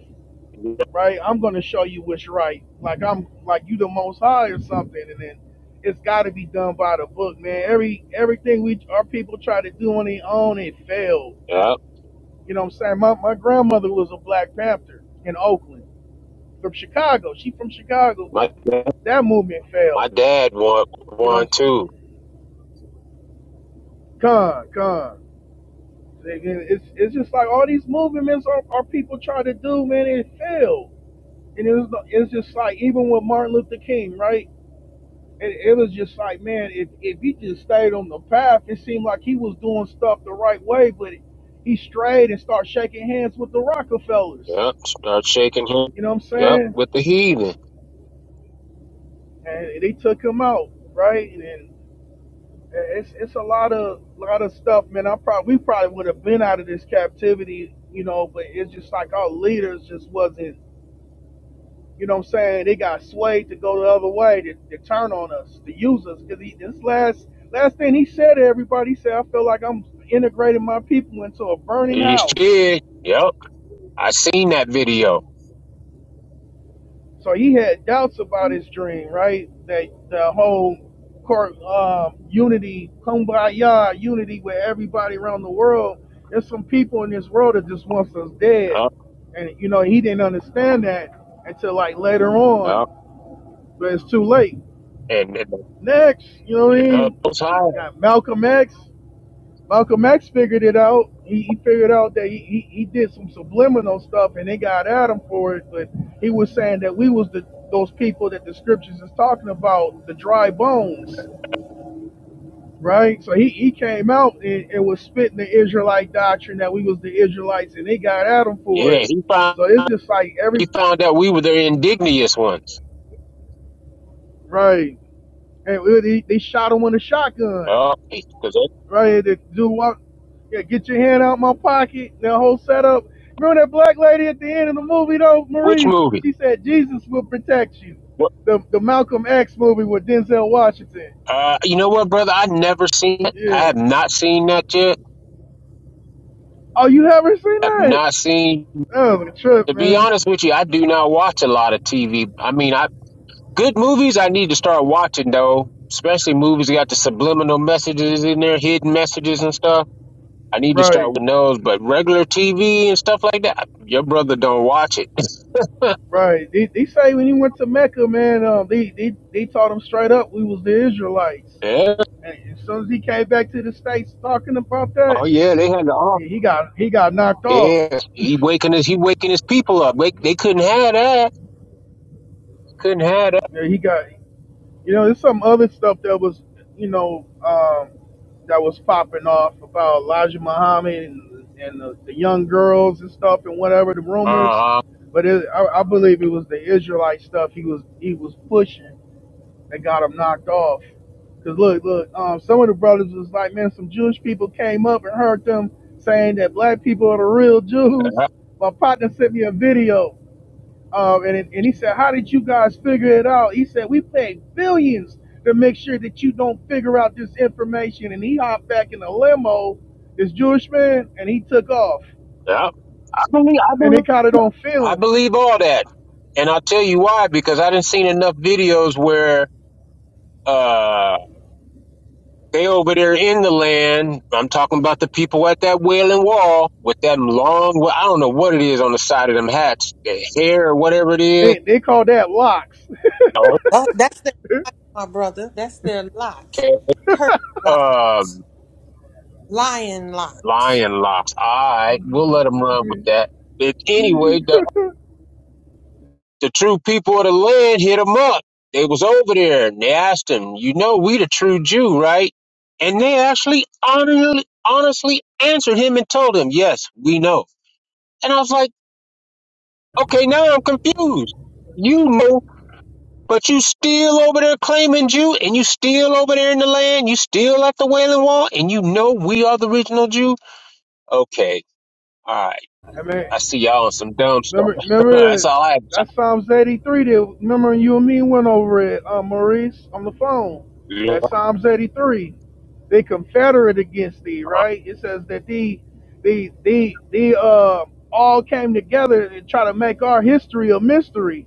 I: Yep.
B: right? I'm gonna show you what's right. Like I'm like you the most high or something, and then it's gotta be done by the book, man. Every everything we our people try to do on their own, it failed. You know what I'm saying? My my grandmother was a Black Panther in Oakland from Chicago. She from Chicago,
I: My
B: but
I: dad
B: that movement
I: my
B: failed.
I: dad want
B: You
I: one
B: know,
I: too.
B: con, con. It's it's just like all these movements our, our people try to do, man, it failed. And it was it's just like even with Martin Luther King, right? And it was just like, man, if, if he just stayed on the path, it seemed like he was doing stuff the right way, but he strayed and started shaking hands with the Rockefellers.
I: Yep. Start shaking him.
B: You know what I'm
I: Yep.
B: saying?
I: With the heathen.
B: And they took him out, right? And then it's it's a lot of lot of stuff, man. I probably we probably would have been out of this captivity, you know, but it's just like our leaders just wasn't. You know what I'm saying? They got swayed to go the other way, to, to turn on us, to use us. Because this last last thing he said to everybody, he said, I feel like I'm integrating my people into a burning
I: You
B: house.
I: did. Yep. I seen that video.
B: So he had doubts about his dream, right? That the whole court um, unity, kumbaya unity with everybody around the world. There's some people in this world that just wants us dead.
I: Yep.
B: And you know, he didn't understand that until like later on,
I: Yep.
B: but it's too late.
I: And, and
B: next, you know what I
I: yep, it
B: mean?
I: was high.
B: Got Malcolm X. Malcolm X figured it out. He, he figured out that he, he, he did some subliminal stuff and they got at him for it, but he was saying that we was the those people that the scriptures is talking about, the dry bones, right? So he, he came out and, and was spitting the Israelite doctrine that we was the Israelites and they got at him for
I: Yeah,
B: it.
I: he found
B: So it's just like every
I: he found out we were the indignious ones.
B: right. And they, they shot him with a shotgun.
I: Oh, because
B: right here to do what? Yeah, get your hand out my pocket. That whole setup. Remember that black lady at the end of the movie though,
I: which
B: Maurice?
I: movie?
B: She said Jesus will protect you.
I: What-
B: The the Malcolm X movie with Denzel Washington.
I: Uh, you know what, brother? I've never seen it. I
B: Yeah.
I: have not seen that yet.
B: Oh, you haven't seen
I: I've
B: that?
I: not seen.
B: That was a trip,
I: To be
B: man.
I: honest with you, I do not watch a lot of TV. I mean, I good movies I need to start watching though. Especially movies that got the subliminal messages in there, hidden messages and stuff. I need to start
B: Right,
I: with those. But regular TV and stuff like that, your brother don't watch it.
B: right. They, they say when he went to Mecca, man, um, they, they they taught him straight up we was the Israelites.
I: Yeah.
B: And as soon as he came back to the states talking about that,
I: Oh yeah, they had the off.
B: yeah, he got he got knocked off.
I: Yeah, he waking his he waking his people up. Wake, they couldn't have that. Couldn't have that.
B: Yeah, he got You know, there's some other stuff that was, you know, um, that was popping off about Elijah Muhammad and, and the, the young girls and stuff and whatever the rumors.
I: Uh,
B: But it, I, I believe it was the Israelite stuff he was he was pushing that got him knocked off. Cause look, look, um, some of the brothers was like, man, some Jewish people came up and heard them saying that black people are the real Jews.
I: I,
B: My partner sent me a video um, and, it- and he said, How did you guys figure it out? He said, We paid billions to make sure that you don't figure out this information. And he hopped back in the limo, this Jewish man, and he took off.
I: Yeah,
B: And they caught it on
I: I
B: film.
I: believe all that, and I'll tell you why because I didn't seen enough videos where uh they over there in the land. I'm talking about the people at that wailing wall with that long. Well, I don't know what it is on the side of them hats, the hair or whatever it is.
B: They, they call that locks.
I: No,
A: That, that's their, my brother. That's their lot.
I: okay.
A: Curse lot.
I: Um,
A: Lion lot.
I: lion locks. All right, we'll let them run with that. But anyway, the the true people of the land hit him up. They was over there and they asked him, "You know, we the true Jew, right?" And they actually honestly, honestly answered him and told him, "Yes, we know." And I was like, "Okay, now I'm confused. You know, but you still over there claiming Jew, and you still over there in the land. You still at the Wailing Wall, and you know we are the original Jew." Okay, all right.
B: I mean,
I: I see y'all on some dumb stuff.
B: Remember, remember
I: That's
B: that
I: all I have.
B: that Psalms eighty three. That remember you and me went over it, uh, Maurice, on the phone. That Psalms eighty three. They confederate against thee, right? It says that the the the the uh all came together and try to make our history a mystery.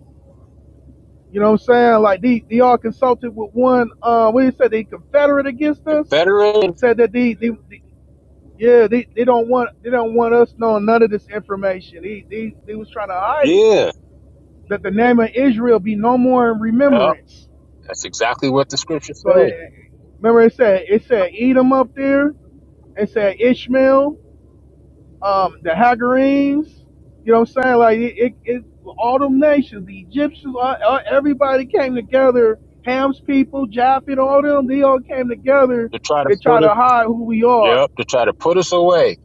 B: You know what I'm saying? Like they, they all consulted with one. Uh, what did you say? They confederate against us.
I: Confederate,
B: Said that they, they, they yeah, they, they don't want they don't want us knowing none of this information. They, they, they was trying to hide it
I: yeah.
B: that the name of Israel be no more in remembrance.
I: That's exactly what the scriptures
B: So it,
I: say
B: remember it said it said Edom up there, it said Ishmael, um, the Hagarims, you know what I'm saying? Like it, it, it all them nations, the Egyptians, all, all- everybody came together, Ham's people, Japheth, all them, they all came together
I: To try to
B: to try
I: put it,
B: to hide who we are.
I: yep, to try to put us away.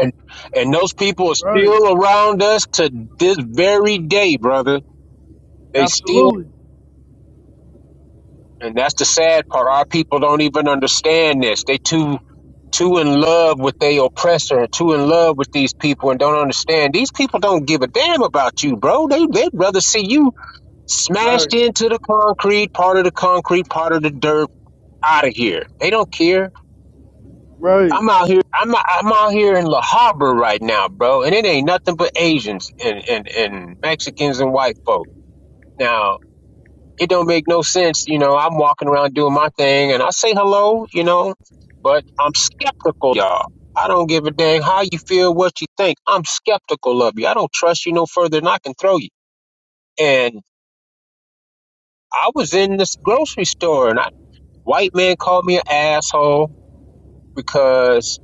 I: And and those people are
B: Right.
I: still around us to this very day, brother. They still
B: Absolutely.
I: and that's the sad part. Our people don't even understand this. They too too in love with their oppressor and too in love with these people and don't understand. These people don't give a damn about you, bro. They they'd rather see you smashed
B: Right.
I: into the concrete, part of the concrete, part of the dirt, out of here. They don't care
B: Right.
I: I'm out here. I'm I'm out here in La Habra right now, bro, and it ain't nothing but Asians and and and Mexicans and white folk. Now it don't make no sense, you know. I'm walking around doing my thing, and I say hello, you know, but I'm skeptical, y'all. I don't give a dang how you feel, what you think. I'm skeptical of you. I don't trust you no further than I can throw you. And I was in this grocery store, and I white man called me an asshole because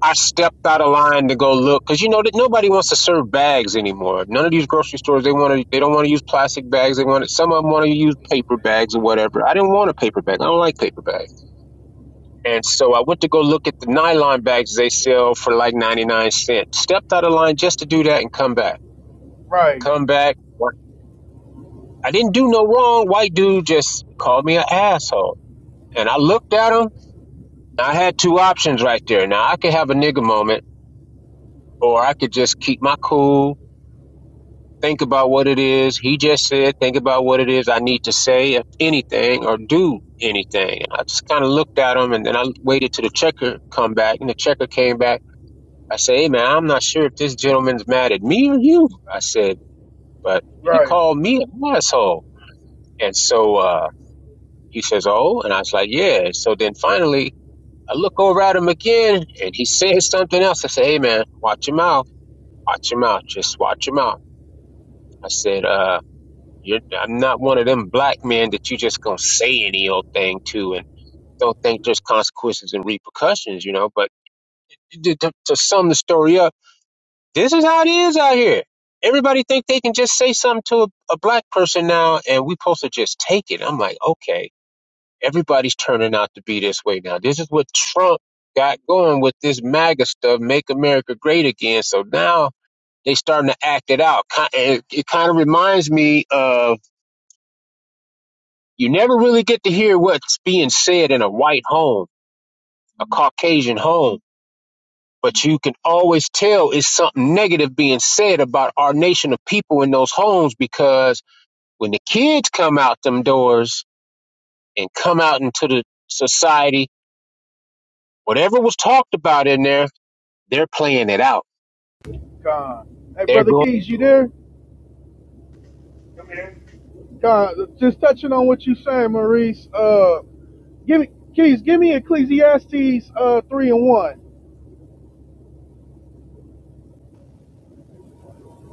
I: I stepped out of line to go look because you know that nobody wants to serve bags anymore. None of these grocery stores they want to they don't want to use plastic bags. They want to, some of them want to use paper bags or whatever. I didn't want a paper bag. I don't like paper bags, and so I went to go look at the nylon bags they sell for like ninety nine cents. Stepped out of line just to do that and come back.
B: Right.
I: Come back. I didn't do no wrong. White dude just called me an asshole, and I looked at him. I had two options right there. Now I could have a nigga moment, or I could just keep my cool Think about what it is he just said. Think about what it is I need to say, if anything, or do anything. And I just kind of looked at him and then I waited till the checker come back and the checker came back. I said, hey man, I'm not sure if this gentleman's mad at me or you. I said, but he
B: Right.
I: called me an asshole. And so, uh, he says, oh, and I was like, yeah. So then finally I look over at him again and he says something else. I said, hey man, watch your mouth. Watch your mouth. Just watch your mouth. I said, uh, You're, I'm not one of them black men that you just gonna say any old thing to and don't think there's consequences and repercussions, you know. But to, to, to sum the story up, this is how it is out here. Everybody think they can just say something to a, a black person now, and we supposed to just take it. I'm like, okay, everybody's turning out to be this way now. This is what Trump got going with this MAGA stuff, "Make America Great Again." So now they starting to act it out. Ki- and It kind of reminds me of You never really get to hear what's being said in a white home, a Caucasian home, but you can always tell it's something negative being said about our nation of people in those homes because when the kids come out them doors and come out into the society, whatever was talked about in there, they're playing it out.
B: God. Hey
I: They're
B: brother
I: going,
B: Keys, you there? God, just touching on what you saying, Maurice. Uh, give me, Keys, give me Ecclesiastes uh three and one.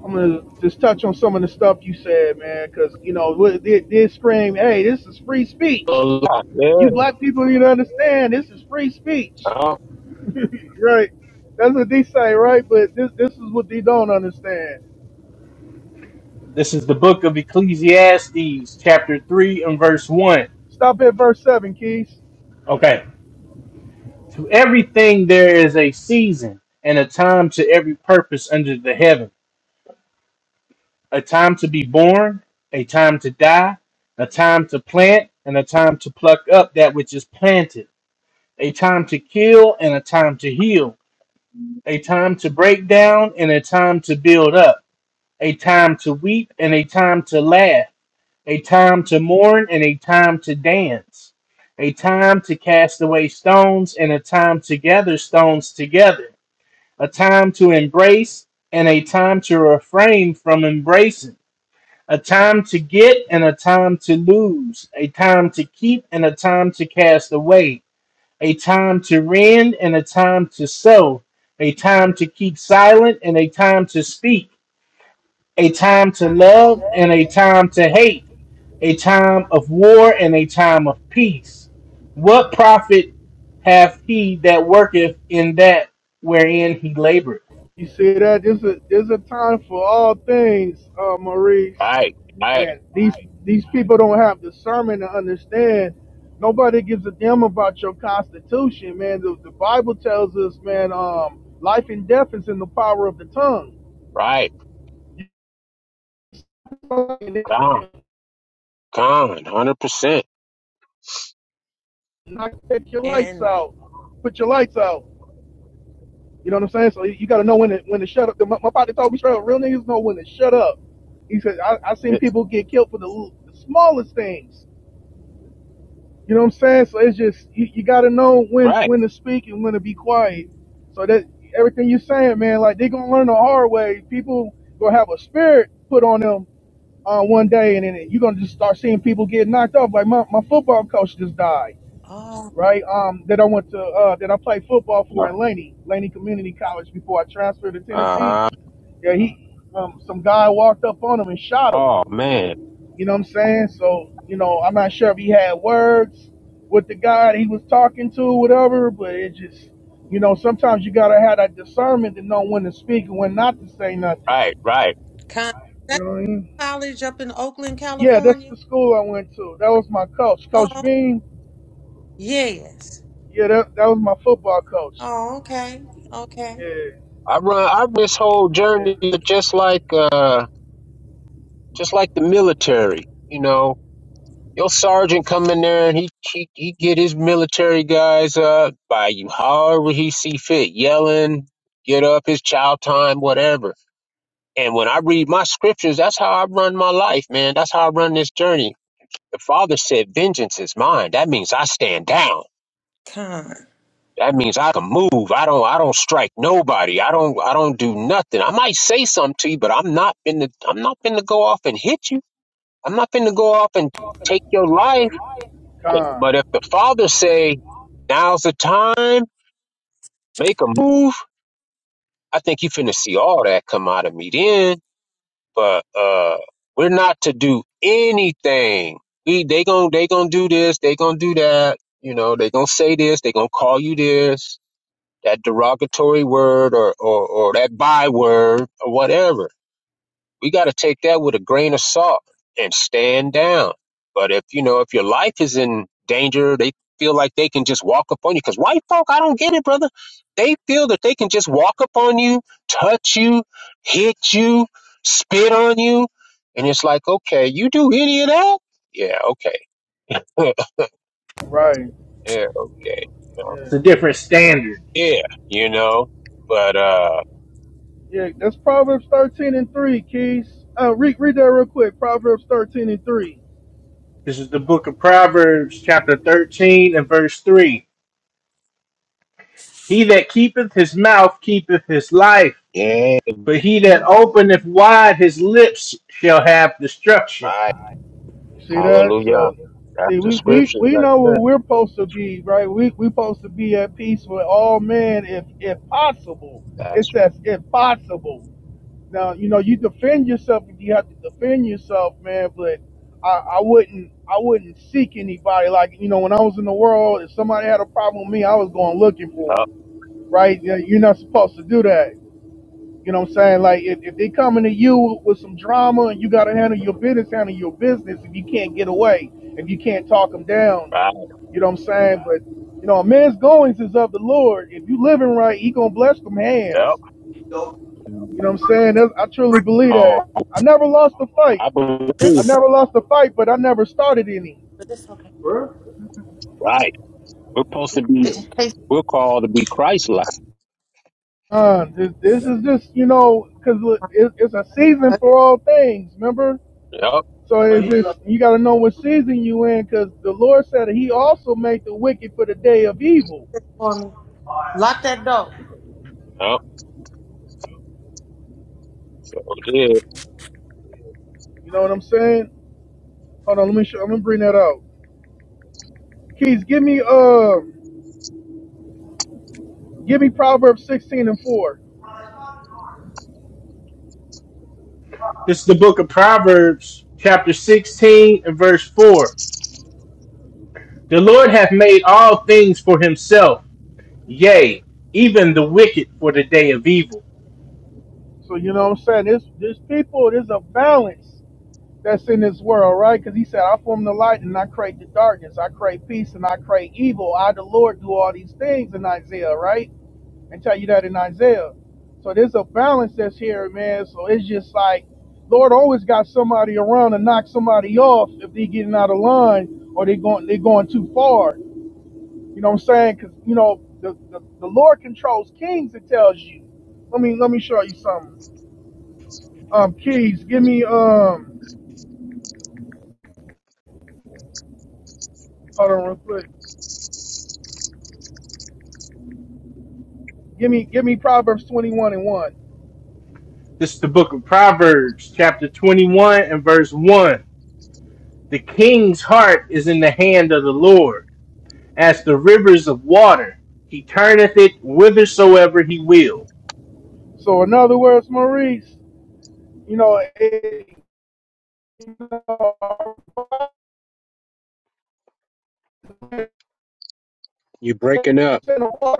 B: I'm gonna just touch on some of the stuff you said, man, because you know what they did scream, "Hey, this is free speech."
I: oh,
B: You
I: yeah,
B: black people need to understand this is free speech,
I: oh,
B: right? That's what they say, right? But this this is what they don't understand.
C: this is the book of Ecclesiastes, chapter three and verse one.
B: Stop at verse seven, Keys.
C: Okay. To everything there is a season and a time to every purpose under the heaven, a time to be born, a time to die, a time to plant, and a time to pluck up that which is planted, a time to kill and a time to heal, a time to break down and a time to build up a time to weep and a time to laugh, a time to mourn and a time to dance, a time to cast away stones and a time to gather stones together, a time to embrace and a time to refrain from embracing, a time to get and a time to lose, a time to keep and a time to cast away, a time to rend and a time to sow, a time to keep silent and a time to speak a time to love and a time to hate, a time of war and a time of peace. What profit hath he that worketh in that wherein he laboreth?
B: You see that? There's a there's a time for all things, uh, Maurice.
I: right, right,
B: And these these people don't have discernment to understand. Nobody gives a damn about your constitution, man. The, the Bible tells us, man, um, life and death is in the power of the tongue.
I: right,
B: And they
I: gone,
B: can
I: gone, 100%.
B: knock- Take your lights
A: And
B: out. Put your lights out. You know what I'm saying? So you got to know when to, when to shut up. My, my body told me straight up, real niggas know when to shut up. He said, I, I seen
I: Yes,
B: people get killed for the, the smallest things You know what I'm saying? So it's just you, you got to know when
I: Right.
B: when to speak and when to be quiet. So that everything you're saying, man, like they're gonna learn the hard way. People gonna have a spirit put on them on one day, and then you're gonna just start seeing people get knocked off. Like my, my football coach just died,
A: oh,
B: right? Um, that I went to uh, that I played football for in Laney, Laney Community College before I transferred to Tennessee.
I: Uh,
B: Yeah, he um, some guy walked up on him and shot him
I: oh, man.
B: you know what I'm saying? So, you know, I'm not sure if he had words with the guy that he was talking to, whatever, but it just, you know, sometimes you got to have that discernment to know when to speak and when not to say nothing.
I: Right, right.
A: con.
B: You
A: that
B: know what I mean?
A: college up in Oakland,
B: Yeah, that's the
A: California.
B: school I went to. That was my coach. Coach
A: Oh,
B: Bean,
A: yes.
B: yeah, that, that was my football coach.
A: Oh, okay. Okay.
B: Yeah,
I: I run I this whole
B: yeah.
I: journey just like uh just like the military, you know. Your sergeant come in there and he he, he get his military guys uh by you however he see fit, yelling, get up his child time, whatever. And when I read my scriptures, that's how I run my life, man. That's how I run this journey. The father said, Vengeance is mine. That means I stand down.
A: Con.
I: That means I can move. I don't I don't strike nobody. I don't I don't do nothing. I might say something to you, but I'm not finna I'm not finna go off and hit you. I'm not finna go off and take your life.
B: Con,
I: But if the father say, Now's the time, make a move, I think you finna see all that come out of me then. But uh we're not to do anything. We they gon' they gonna do this, they gonna do that, you know, they gonna say this, they gonna call you this that derogatory word or, or, or that byword or whatever. We got to take that with a grain of salt and stand down. But if, you know, if your life is in danger, they feel like they can just walk up on you. Because white folk, I don't get it, brother. They feel that they can just walk up on you, touch you, hit you, spit on you. And it's like, okay, you do any of that? Yeah, okay.
B: right.
I: yeah, okay.
C: It's
B: Yeah.
C: a different
B: Hey,
C: standard.
I: Yeah, you know, but, uh,
B: yeah, that's Proverbs 13 and 3, Keys. Uh, read, read that real quick. Proverbs 13 and 3.
C: This is the book of Proverbs, chapter 13 and verse 3. He that keepeth his mouth keepeth his life,
I: yeah,
C: but he that openeth wide his lips shall have destruction.
I: I
B: See that?
I: Hallelujah.
B: So
I: That's
B: see
I: the
B: we, we,
I: scriptures
B: we
I: right
B: know where
I: there.
B: we're supposed to be, right? We we supposed to be at peace with all men if if possible. It
I: That's
B: says if possible. Now, you know, you defend yourself if you have to defend yourself, man, but I, I wouldn't I wouldn't seek anybody. Like, you know, when I was in the world, if somebody had a problem with me, I was going looking for
I: up,
B: them, right? You- You're not supposed to do that. You know what I'm saying? Like if, if they coming to you with some drama and you gotta handle your business, handle your business if you can't get away, if you can't talk them down,
I: right,
B: you know what I'm saying? But you know, a man's goings is of the Lord. If you living right, he gonna bless them hands.
I: up.
B: You know what I'm saying? That's, I truly
A: Right.
B: believe that.
I: Oh,
B: I never lost a fight.
I: I
A: Good
B: I
I: believe,
A: son,
B: never lost a fight, but I never started any.
A: but it's okay. Right.
I: right. We're supposed to be,
A: It Right. just tastes
I: we're called to be Christ-like.
B: Uh, this, this is just, you know, because it, it's a season
A: good.
B: for all things, remember?
I: Yep,
B: So
A: Right.
B: it's
A: You did
B: just you got to know what season you in, because the Lord said that He also made the wicked for the day of evil.
A: it for me. Lock that door.
I: yep. So, yeah.
B: You know what I'm saying? Hold on, let me show, let me bring that out. Keys, give me um, give me Proverbs 16 and 4.
C: This is the book of Proverbs, chapter 16 and verse 4. The Lord hath made all things for himself, yea, even the wicked for the day of evil.
B: So you know what I'm saying? This this people, there's a balance that's in this world, right? Because He said, "I form the light and I create the darkness. I create peace and I create evil. I, the Lord, do all these things." In Isaiah, right? and tell you that in Isaiah. So there's a balance that's here, man. So it's just like Lord always got somebody around to knock somebody off if they getting out of line or they going they going too far. You know what I'm saying? Because you know the, the the Lord controls kings. It tells you. Let me let me show you something. Um, keys. Give me um. Hold on real quick. Give me give me Proverbs 21 and one.
C: This is the book of Proverbs, chapter 21 and verse 1. The king's heart is in the hand of the Lord, as the rivers of water. He turneth it whithersoever he will.
B: So in other words, Maurice, you know, it, you
I: You breaking up.
B: know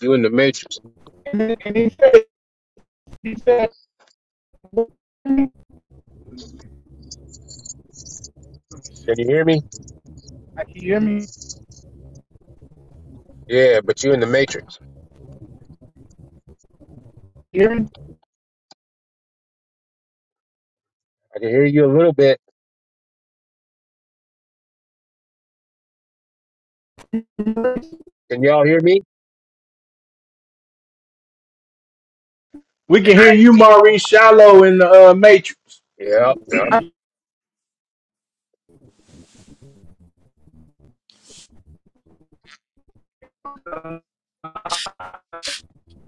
I: You in the matrix.
B: And, then- and he said, he said, let me
I: Can
B: see.
I: you hear me?
B: Now, Can you hear me?
I: Yeah, but you in the matrix.
B: Hear me?
I: I can hear you a little bit. Can y'all hear me?
C: We can hear you, Maurice Shallow, in the uh, Matrix.
I: Yep, yep.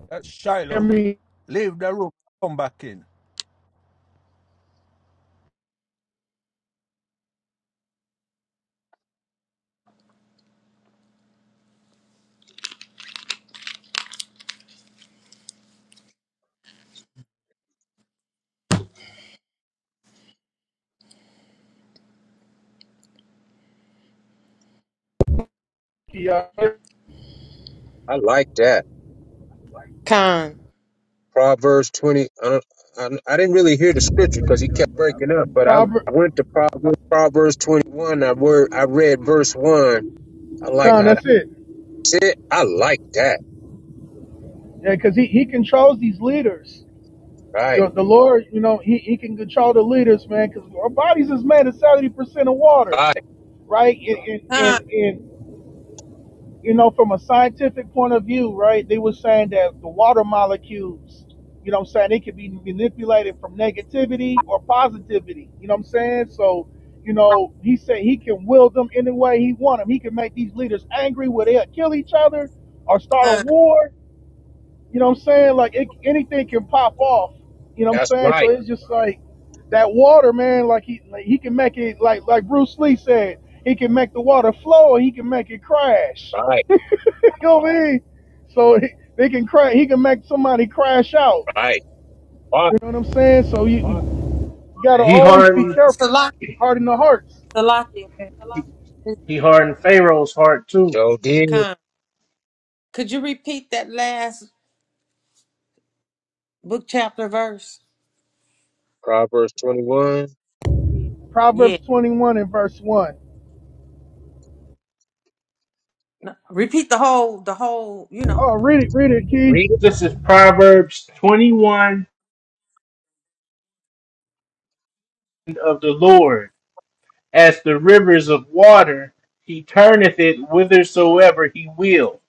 F: that's
B: Hear
F: Shiloh.
B: me?
F: Leave the room, come back in.
B: Can y'all hear
I: I like that.
A: Con.
I: Proverbs 20. I, don't, I, I didn't really hear the scripture because he kept breaking up,
B: me?
I: but I
B: Proper.
I: went to Proverbs, Proverbs 21. I, word, I read verse 1 I like
B: Come,
I: how
B: that's
I: that
B: it.
I: sit. I like that.
B: Yeah, because he, he controls these leaders.
I: Right.
B: The, the Lord, you know, he, he can control the leaders, man, because our bodies is made of 70% of water,
I: Right.
B: right? And, and,
A: Con.
B: and, and you know, from a scientific point of view, right, they were saying that the water molecules, you know what I'm saying, they could be manipulated from negativity or positivity. You know what I'm saying? So, you know, he said he can will them any way he want them. He can make these leaders angry where they'll kill each other or start a
A: Con.
B: war. You know what I'm saying? Like it, anything can pop off. You know what I'm
I: That's
B: saying? So
I: right.
B: it's just like that water, man, like he like he can make it like like Bruce Lee said, he can make the water flow or he can make it crash.
I: Right.
B: You know So he- they can crash. He can make somebody crash out.
I: Right. Right.
B: You know what I'm saying? So you, you got to
C: He
B: always be
C: hardened,
B: careful.
A: Salaki.
B: Harden the hearts.
A: Salaki.
C: he,
A: Okay.
C: he hardened Pharaoh's heart too.
I: Joe did.
A: Con. Could you repeat that last book chapter verse?
I: Proverbs 21.
A: Yeah.
B: Proverbs 21 and verse 1.
A: No, repeat the whole the whole, you
B: Oh,
A: know.
B: read it, read it, Keys.
I: Read it.
C: This is Proverbs 21 of the Lord. as the rivers of water. He turneth it whithersoever he will.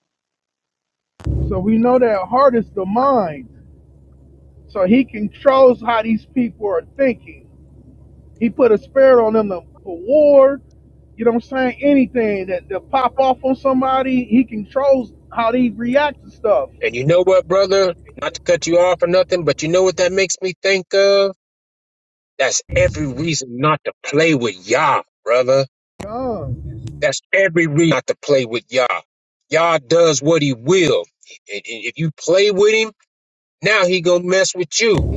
B: So we know that heart is the mind. So he controls how these people are thinking. He put a spirit on them to war. You know what I'm saying? Anything that, that pop off on somebody, he controls how they react to stuff.
I: And you know what, brother? Not to cut you off or nothing, but you know what that makes me think of? That's every reason not to play with Yah, brother.
B: God.
I: That's every reason not to play with Yah. Yah does what he will. And and if you play with him, now he gonna mess with you.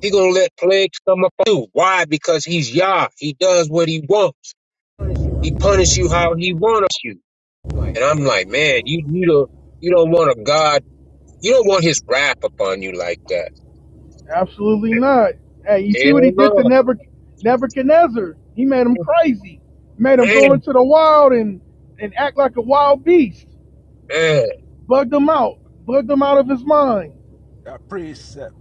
I: He gonna let plagues come up on you. Why? Because he's Yah. He does what he wants. He punish you how he wants you. And I'm like, man, you you don't you don't want a God. You don't want His wrath upon you like that.
B: Absolutely not. Hey, you see what he
I: Hell
B: did to
I: no,
B: Nebuch- Nebuchadnezzar? He made him crazy. Made him go
I: man,
B: into the wild and, and act like a wild beast.
I: man.
B: Bugged him out. Bugged him out of his mind.
F: The precept.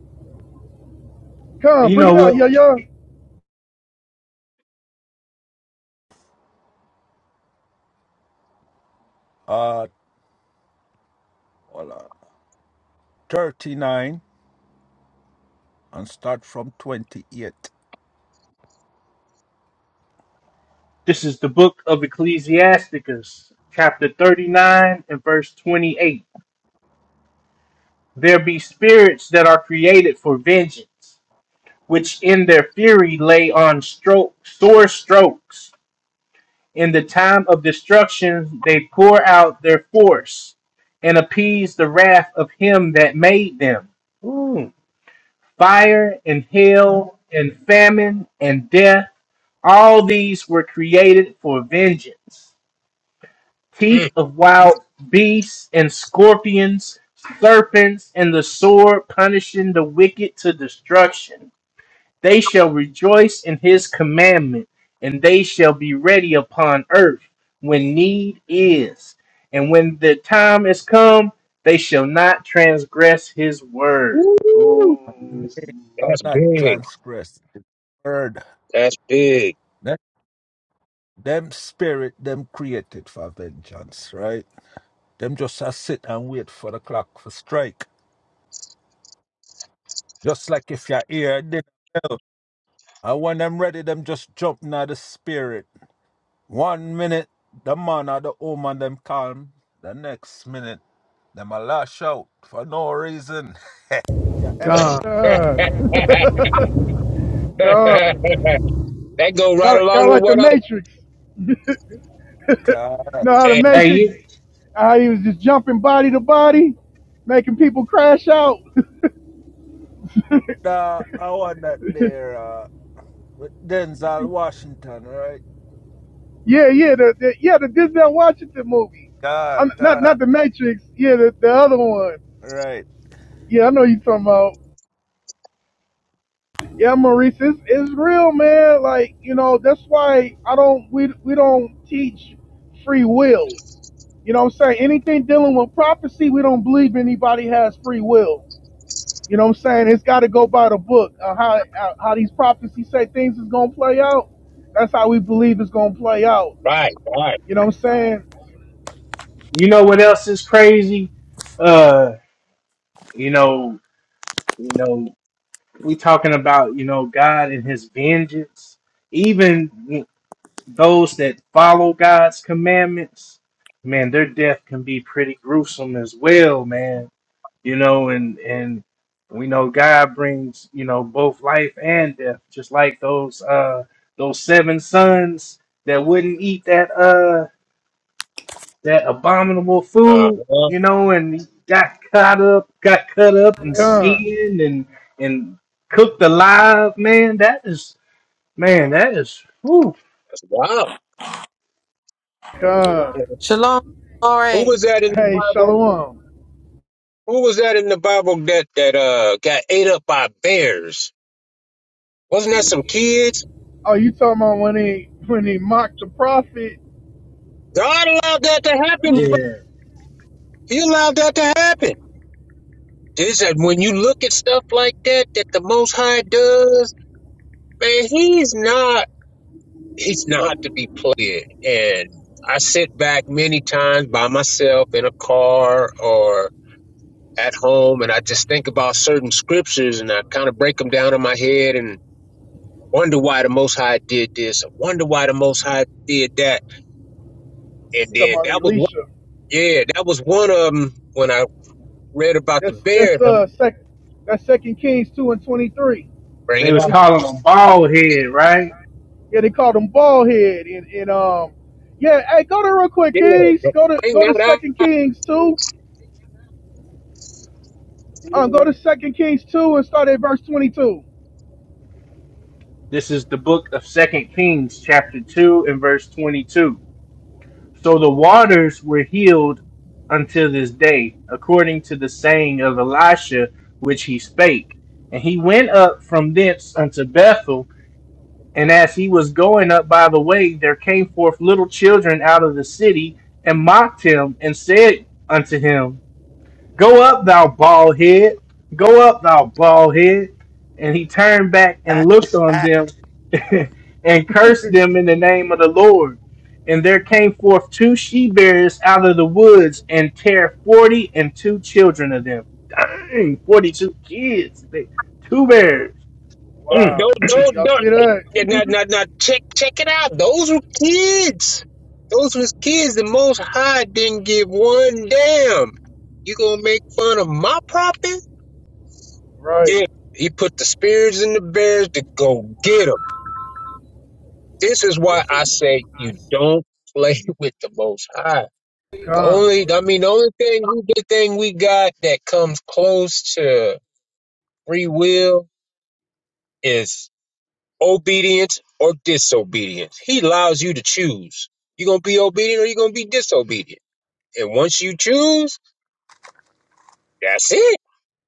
C: And
B: Come,
C: you
B: bring
C: know
B: it out,
C: what?
B: yo yo.
F: Uh, hold on. 39 and start from 28.
C: This is the book of Ecclesiasticus, chapter 39 and verse 28. There be spirits that are created for vengeance, which in their fury lay on stroke, sore strokes. In the time of destruction, they pour out their force and appease the wrath of him that made them. Ooh. Fire and hail and famine and death, all these were created for vengeance.
I: Mm.
C: Teeth of wild beasts and scorpions, serpents, and the sword punishing the wicked to destruction. They shall rejoice in his commandment, and they shall be ready upon earth when need is. And when the time is come, they shall not transgress his word. Ooh.
I: Woo.
F: I'll
I: That's
F: not
I: big.
F: transgress the word.
I: That's big.
F: That, them spirit, them created for vengeance, right? Them just a sit and wait for the clock for strike. Just like if you're here, then, and when them ready, them just jump now the spirit. One minute, the man or the woman them calm. The next minute, them a lash out for no reason.
B: God,
I: that
B: God,
I: go right
B: kind of, kind
I: along
B: of
I: with
B: like the
I: what I
B: Matrix.
F: God,
B: You know how the
I: said.
C: Hey,
B: Matrix,
C: you,
B: how he was just jumping body to body, making people crash out.
F: uh, I want that there uh, with Denzel Washington, right?
B: yeah, yeah, the, the yeah the Denzel Washington movie.
F: God,
B: I'm, not
F: God,
B: not the Matrix. Yeah, the, the other one.
F: right.
B: Yeah, I know you talking about. Yeah, Maurice, it's, it's real, man. Like you know, that's why I don't we we don't teach free will. You know what I'm saying? Anything dealing with prophecy, we don't believe anybody has free will. You know what I'm saying? It's got to go by the book. Uh, how uh, how these prophecies say things is gonna play out. That's how we believe it's gonna play out.
I: Right, right.
B: You know what I'm saying?
C: You know what else is crazy? Uh, you know, you know, we talking about you know God and His vengeance. Even those that follow God's commandments, man, their death can be pretty gruesome as well, man. You know, and and we know God brings you know both life and death, just like those uh those seven sons that wouldn't eat that uh, that abominable
I: Uh
C: food,
I: huh.
C: you know, and got caught up, got cut up and
B: Come,
C: skinned and and cooked alive. Man, that is man, that is whew.
I: That's wild.
B: come.
A: Shalom,
I: Who
A: glory.
I: was that in the
B: Hey,
I: Bible?
B: Shalom.
I: Who was that in the Bible that that uh got ate up by bears? Wasn't that some kids?
B: Oh, you talking about when he when he mocked the prophet?
I: God allowed that to happen,
C: Yeah,
I: He allowed that to happen. They said when you look at stuff like that, that the Most High does, man, he's not, he's not to be played. And I sit back many times by myself in a car or at home, and I just think about certain scriptures, and I kind of break them down in my head and wonder why the Most High did this, or wonder why the Most High did that. And
B: Talking
I: then
B: about
I: that was one,
B: Elisha.
I: yeah, that was one of them when I read about the
B: That's
I: bears.
B: that's
I: I'm
B: uh second that's Second Kings two and twenty three.
C: they
I: bringing
C: was
I: up.
C: calling him
B: Yeah,
C: bald head, right?
B: they called him bald head and, and um yeah, hey go there real quick,
I: Yeah,
B: Kings.
I: bro.
B: Go to
I: bring
B: go to
I: that out.
B: Second Kings two. Um go to Second Kings two and start at verse twenty two.
C: This is the book of Second Kings, chapter two and verse twenty-two. So the waters were healed until this day, according to the saying of Elisha, which he spake. And he went up from thence unto Bethel And as he was going up by the way, there came forth little children out of the city and mocked him and said unto him, Go up, thou bald head, go up, thou bald head. And he turned back and looked on them and cursed them in the name of the Lord. And there came forth two she bears out of the woods and tear forty and two children of them. Dang, 42 kids. They, two bears. Mm.
B: Wow,
I: Don't
B: you see-
I: don't
B: y'all
I: don't.
B: see that?
I: Yeah, Now, now, now, check check it out. Those were kids. Those was kids. The Most High didn't give one damn. You gonna make fun of my property?
B: right.
I: Yeah. He put the spirits in the bears to go get them. This is why I say you don't play with the Most High. The
B: Con.
I: only, I mean, the only thing, the thing we got that comes close to free will is Obedience or disobedience. He allows you to choose. You're going to be obedient or you're going to be disobedient. And once you choose, that's it.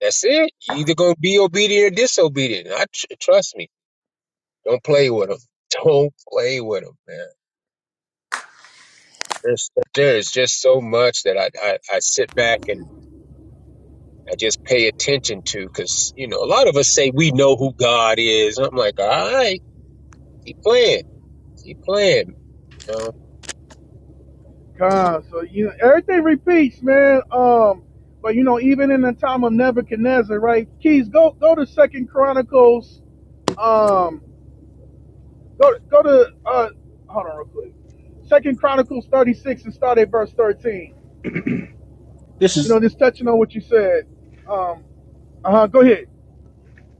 I: That's it. you either going to be obedient or disobedient. I tr- trust me. Don't play with them. Don't play with them, man. There's, there's just so much that I, I, I sit back and I just pay attention to because, you know, a lot of us say we know who God is. And I'm like, all right, keep playing. Keep playing. You
B: Con. So you know, everything repeats, man. Um but you know, even in the time of Nebuchadnezzar, right? Keys, go go to Second Chronicles. um. Go go to uh hold on real quick. Second Chronicles 36 and start at verse 13.
C: this
B: You
C: is
B: know, just touching on what you said. Um uh-huh, go ahead.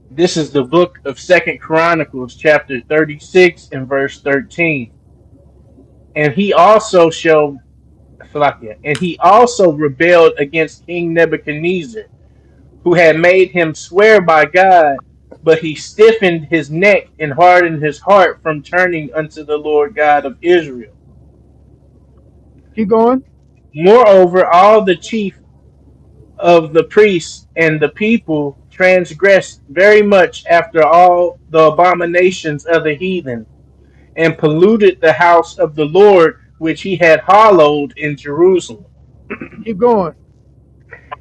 C: This is the book of Second Chronicles, chapter thirty-six and verse thirteen. And he also shall Falakia, and he also rebelled against King Nebuchadnezzar, who had made him swear by God, but he stiffened his neck and hardened his heart from turning unto the Lord God of Israel.
B: Keep going.
C: Moreover, all the chief of the priests and the people transgressed very much after all the abominations of the heathen and polluted the house of the Lord which he had hallowed in Jerusalem.
B: Keep going.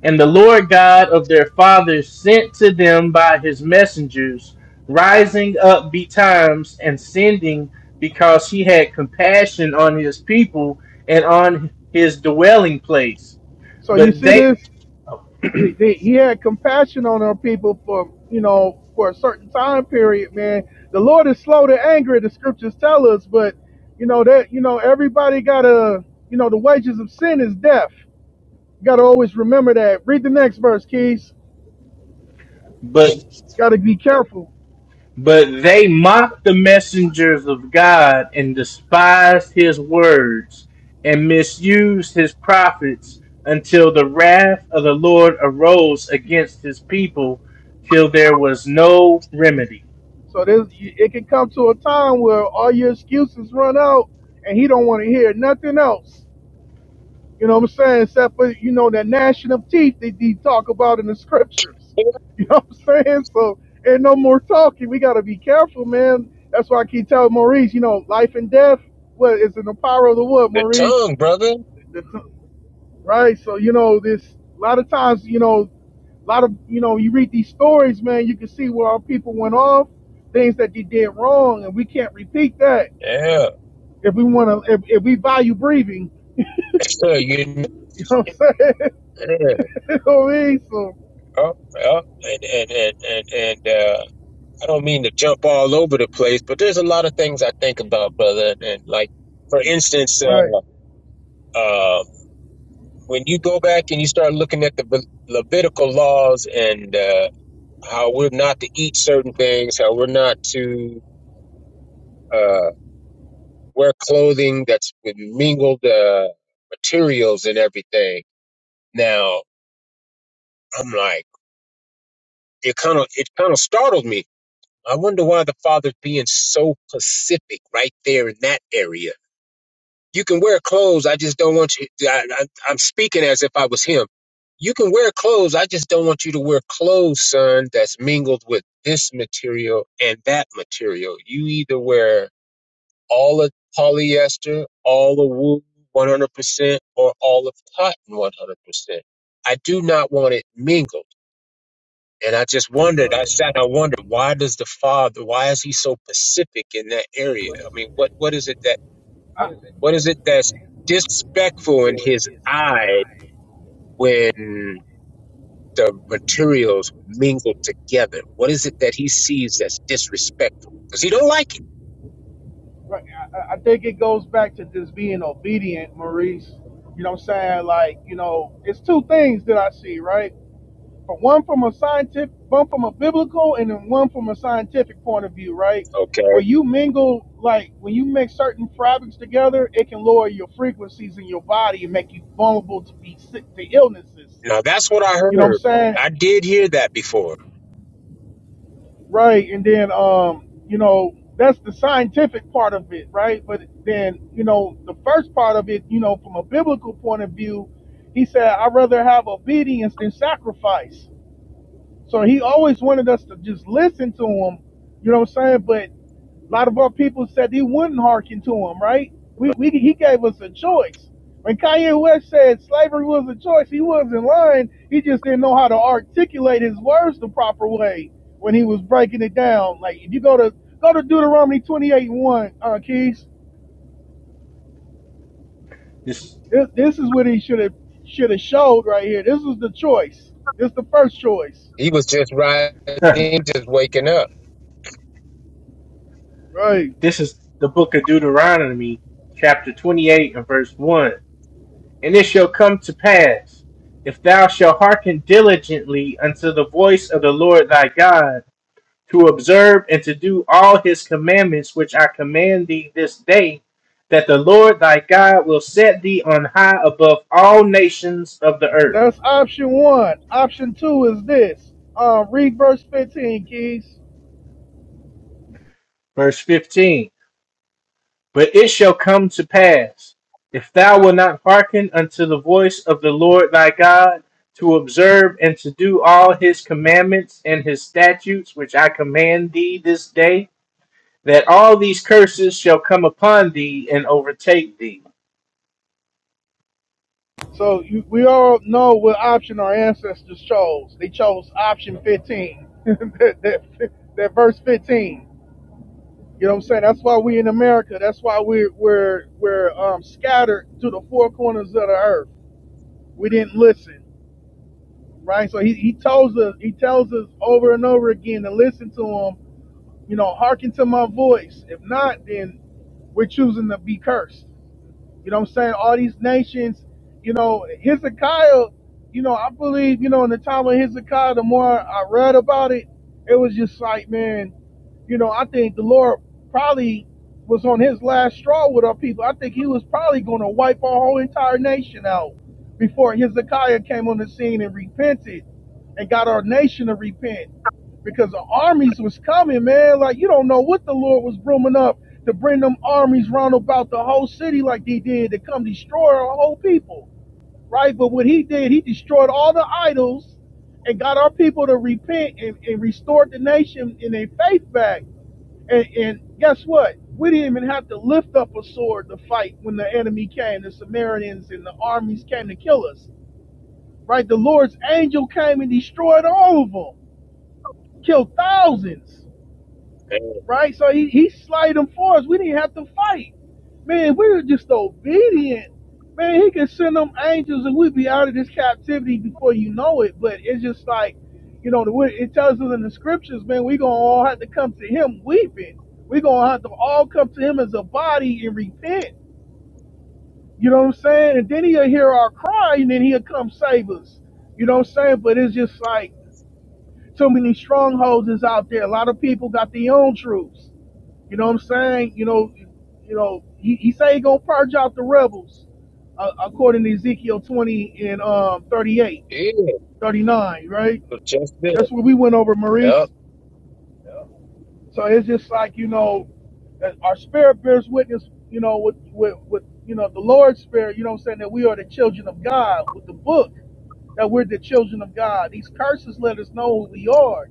C: And the Lord God of their fathers sent to them by his messengers, rising up betimes and sending because he had compassion on his people and on his dwelling place.
B: So you
C: But
B: see
C: they
B: this? He he- he had compassion on our people for you know for a certain time period, man. The Lord is slow to anger, the scriptures tell us, but you know that you know everybody gotta you know the wages of sin is death. You gotta always remember that. Read the next verse, Keys.
C: but
B: Gotta be careful.
C: But they mocked the messengers of God and despised his words and misused his prophets until the wrath of the Lord arose against his people till there was no remedy.
B: So there's it can come to a time where all your excuses run out, and he don't want to hear nothing else. You know what I'm saying? Except for you know that gnashing of teeth that they talk about in the scriptures.
I: know,
B: You know what I'm saying? So ain't no more talking. We gotta be careful, man. That's why I keep telling Maurice, you know, life and death, what is in the power of the word,
I: the
B: Maurice?
I: tongue, brother.
B: Right? So you know this. A lot of times, you know, a lot of you know, you read these stories, man, you can see where our people went off, things that they did wrong, and we can't repeat that
I: Yeah.
B: if we want to. If, if we value breathing,
I: Sure, you know,
B: you know what I'm saying?
I: yeah,
B: you know what I mean? So
I: oh, oh, and and and and, and uh, I don't mean to jump all over the place, but there's a lot of things I think about, brother. And, and like, for instance,
B: right.
I: uh, uh, when you go back and you start looking at the Be- Levitical laws and uh, how we're not to eat certain things, how we're not to uh, wear clothing that's with mingled uh, materials and everything. Now, I'm like, it kind of it kind of startled me I wonder why the father's being so pacific right there in that area. You can wear clothes. I just don't want you. I, I, I'm speaking as if I was him. You can wear clothes. I just don't want you to wear clothes, son, that's mingled with this material and that material. You either wear all of polyester, all of wool 100%, or all of cotton 100%. I do not want it mingled. And I just wondered, I sat and I wondered, why does the father, why is he so pacific in that area? I mean, what, what is it that,
B: I,
I: what is it that's disrespectful in his eye when the materials mingle together? What is it that he sees that's disrespectful? Because he don't like it.
B: Right. I, I I think it goes back to just being obedient, Maurice. You know what I'm saying? Like, you know, it's two things that I see, right? But one from a scientific, one from a biblical, and then one from a scientific point of view, right?
I: Okay.
B: Where you mingle, like when you mix certain fabrics together, it can lower your frequencies in your body and make you vulnerable to be sick to illnesses.
I: Now that's what I
B: You know what
I: heard.
B: I'm saying?
I: I did hear that before.
B: Right. And then, um, you know, that's the scientific part of it, right? But then, you know, the first part of it, you know, from a biblical point of view, he said, "I'd rather have obedience than sacrifice." So he always wanted us to just listen to him, you know what I'm saying? But a lot of our people said he wouldn't hearken to him, right? We, we he gave us a choice. When Kanye West said slavery was a choice, he wasn't lying. He just didn't know how to articulate his words the proper way when he was breaking it down. Like if you go to go to Deuteronomy 28 and 1, uh, Keys,
C: This,
B: this, this is what he should have should have showed right here. This was the choice. This is the first choice,
I: He was just right in, just waking up.
B: right?
C: this is the book of Deuteronomy, chapter 28, and verse 1. And it shall come to pass, if thou shalt hearken diligently unto the voice of the Lord thy God to observe and to do all his commandments which I command thee this day, that the Lord thy God will set thee on high above all nations of the earth.
B: That's option one. Option two is this. Um, read verse 15, Keys.
C: Verse 15 But it shall come to pass, if thou wilt not hearken unto the voice of the Lord thy God, to observe and to do all his commandments and his statutes which I command thee this day, that all these curses shall come upon thee and overtake thee.
B: So you, we all know what option our ancestors chose. They chose option 15. that, that, that verse 15. You know what I'm saying? That's why we in America. That's why we're we're we're um, scattered to the four corners of the earth. We didn't listen, right? So he, he tells us he tells us over and over again to listen to him. You know, hearken to my voice. If not, then we're choosing to be cursed. You know what I'm saying? All these nations, you know, Hezekiah, you know, I believe, you know, in the time of Hezekiah, the more I read about it, it was just like, man, you know, I think the Lord probably was on his last straw with our people. I think he was probably going to wipe our whole entire nation out before Hezekiah came on the scene and repented and got our nation to repent because the armies was coming, man. Like you don't know what the Lord was brooming up to bring them armies round about the whole city like they did to come destroy our whole people, right? But what he did, he destroyed all the idols and got our people to repent and, and restored the nation in their faith back. And, and guess what? We didn't even have to lift up a sword to fight when the enemy came, the Samaritans and the armies came to kill us, right? The Lord's angel came and destroyed all of them, killed thousands
I: And,
B: right? So he, he slayed them for us. We didn't have to fight. Man, we were just obedient. Man, he can send them angels and we'd be out of this captivity before you know it. But it's just like, you know, the it tells us in the scriptures, man, we going to all have to come to him weeping. we going to have to all come to him as a body and repent. You know what I'm saying? And then he'll hear our cry and then he'll come save us. You know what I'm saying? But it's just like so many strongholds is out there. A lot of people got their own truths. You know what I'm saying? You know, you know, he, he say he gonna purge out the rebels, uh, according to Ezekiel 20 and um 38,
I: yeah, it
B: 39, right?
I: was just this.
B: That's what we went over, Maurice.
I: Yep.
B: Yeah. So it's just like you know, our spirit bears witness, you know, with with, with you know the Lord's spirit. You know what I'm saying that we are the children of God with the book that we're the children of God. These curses let us know who we are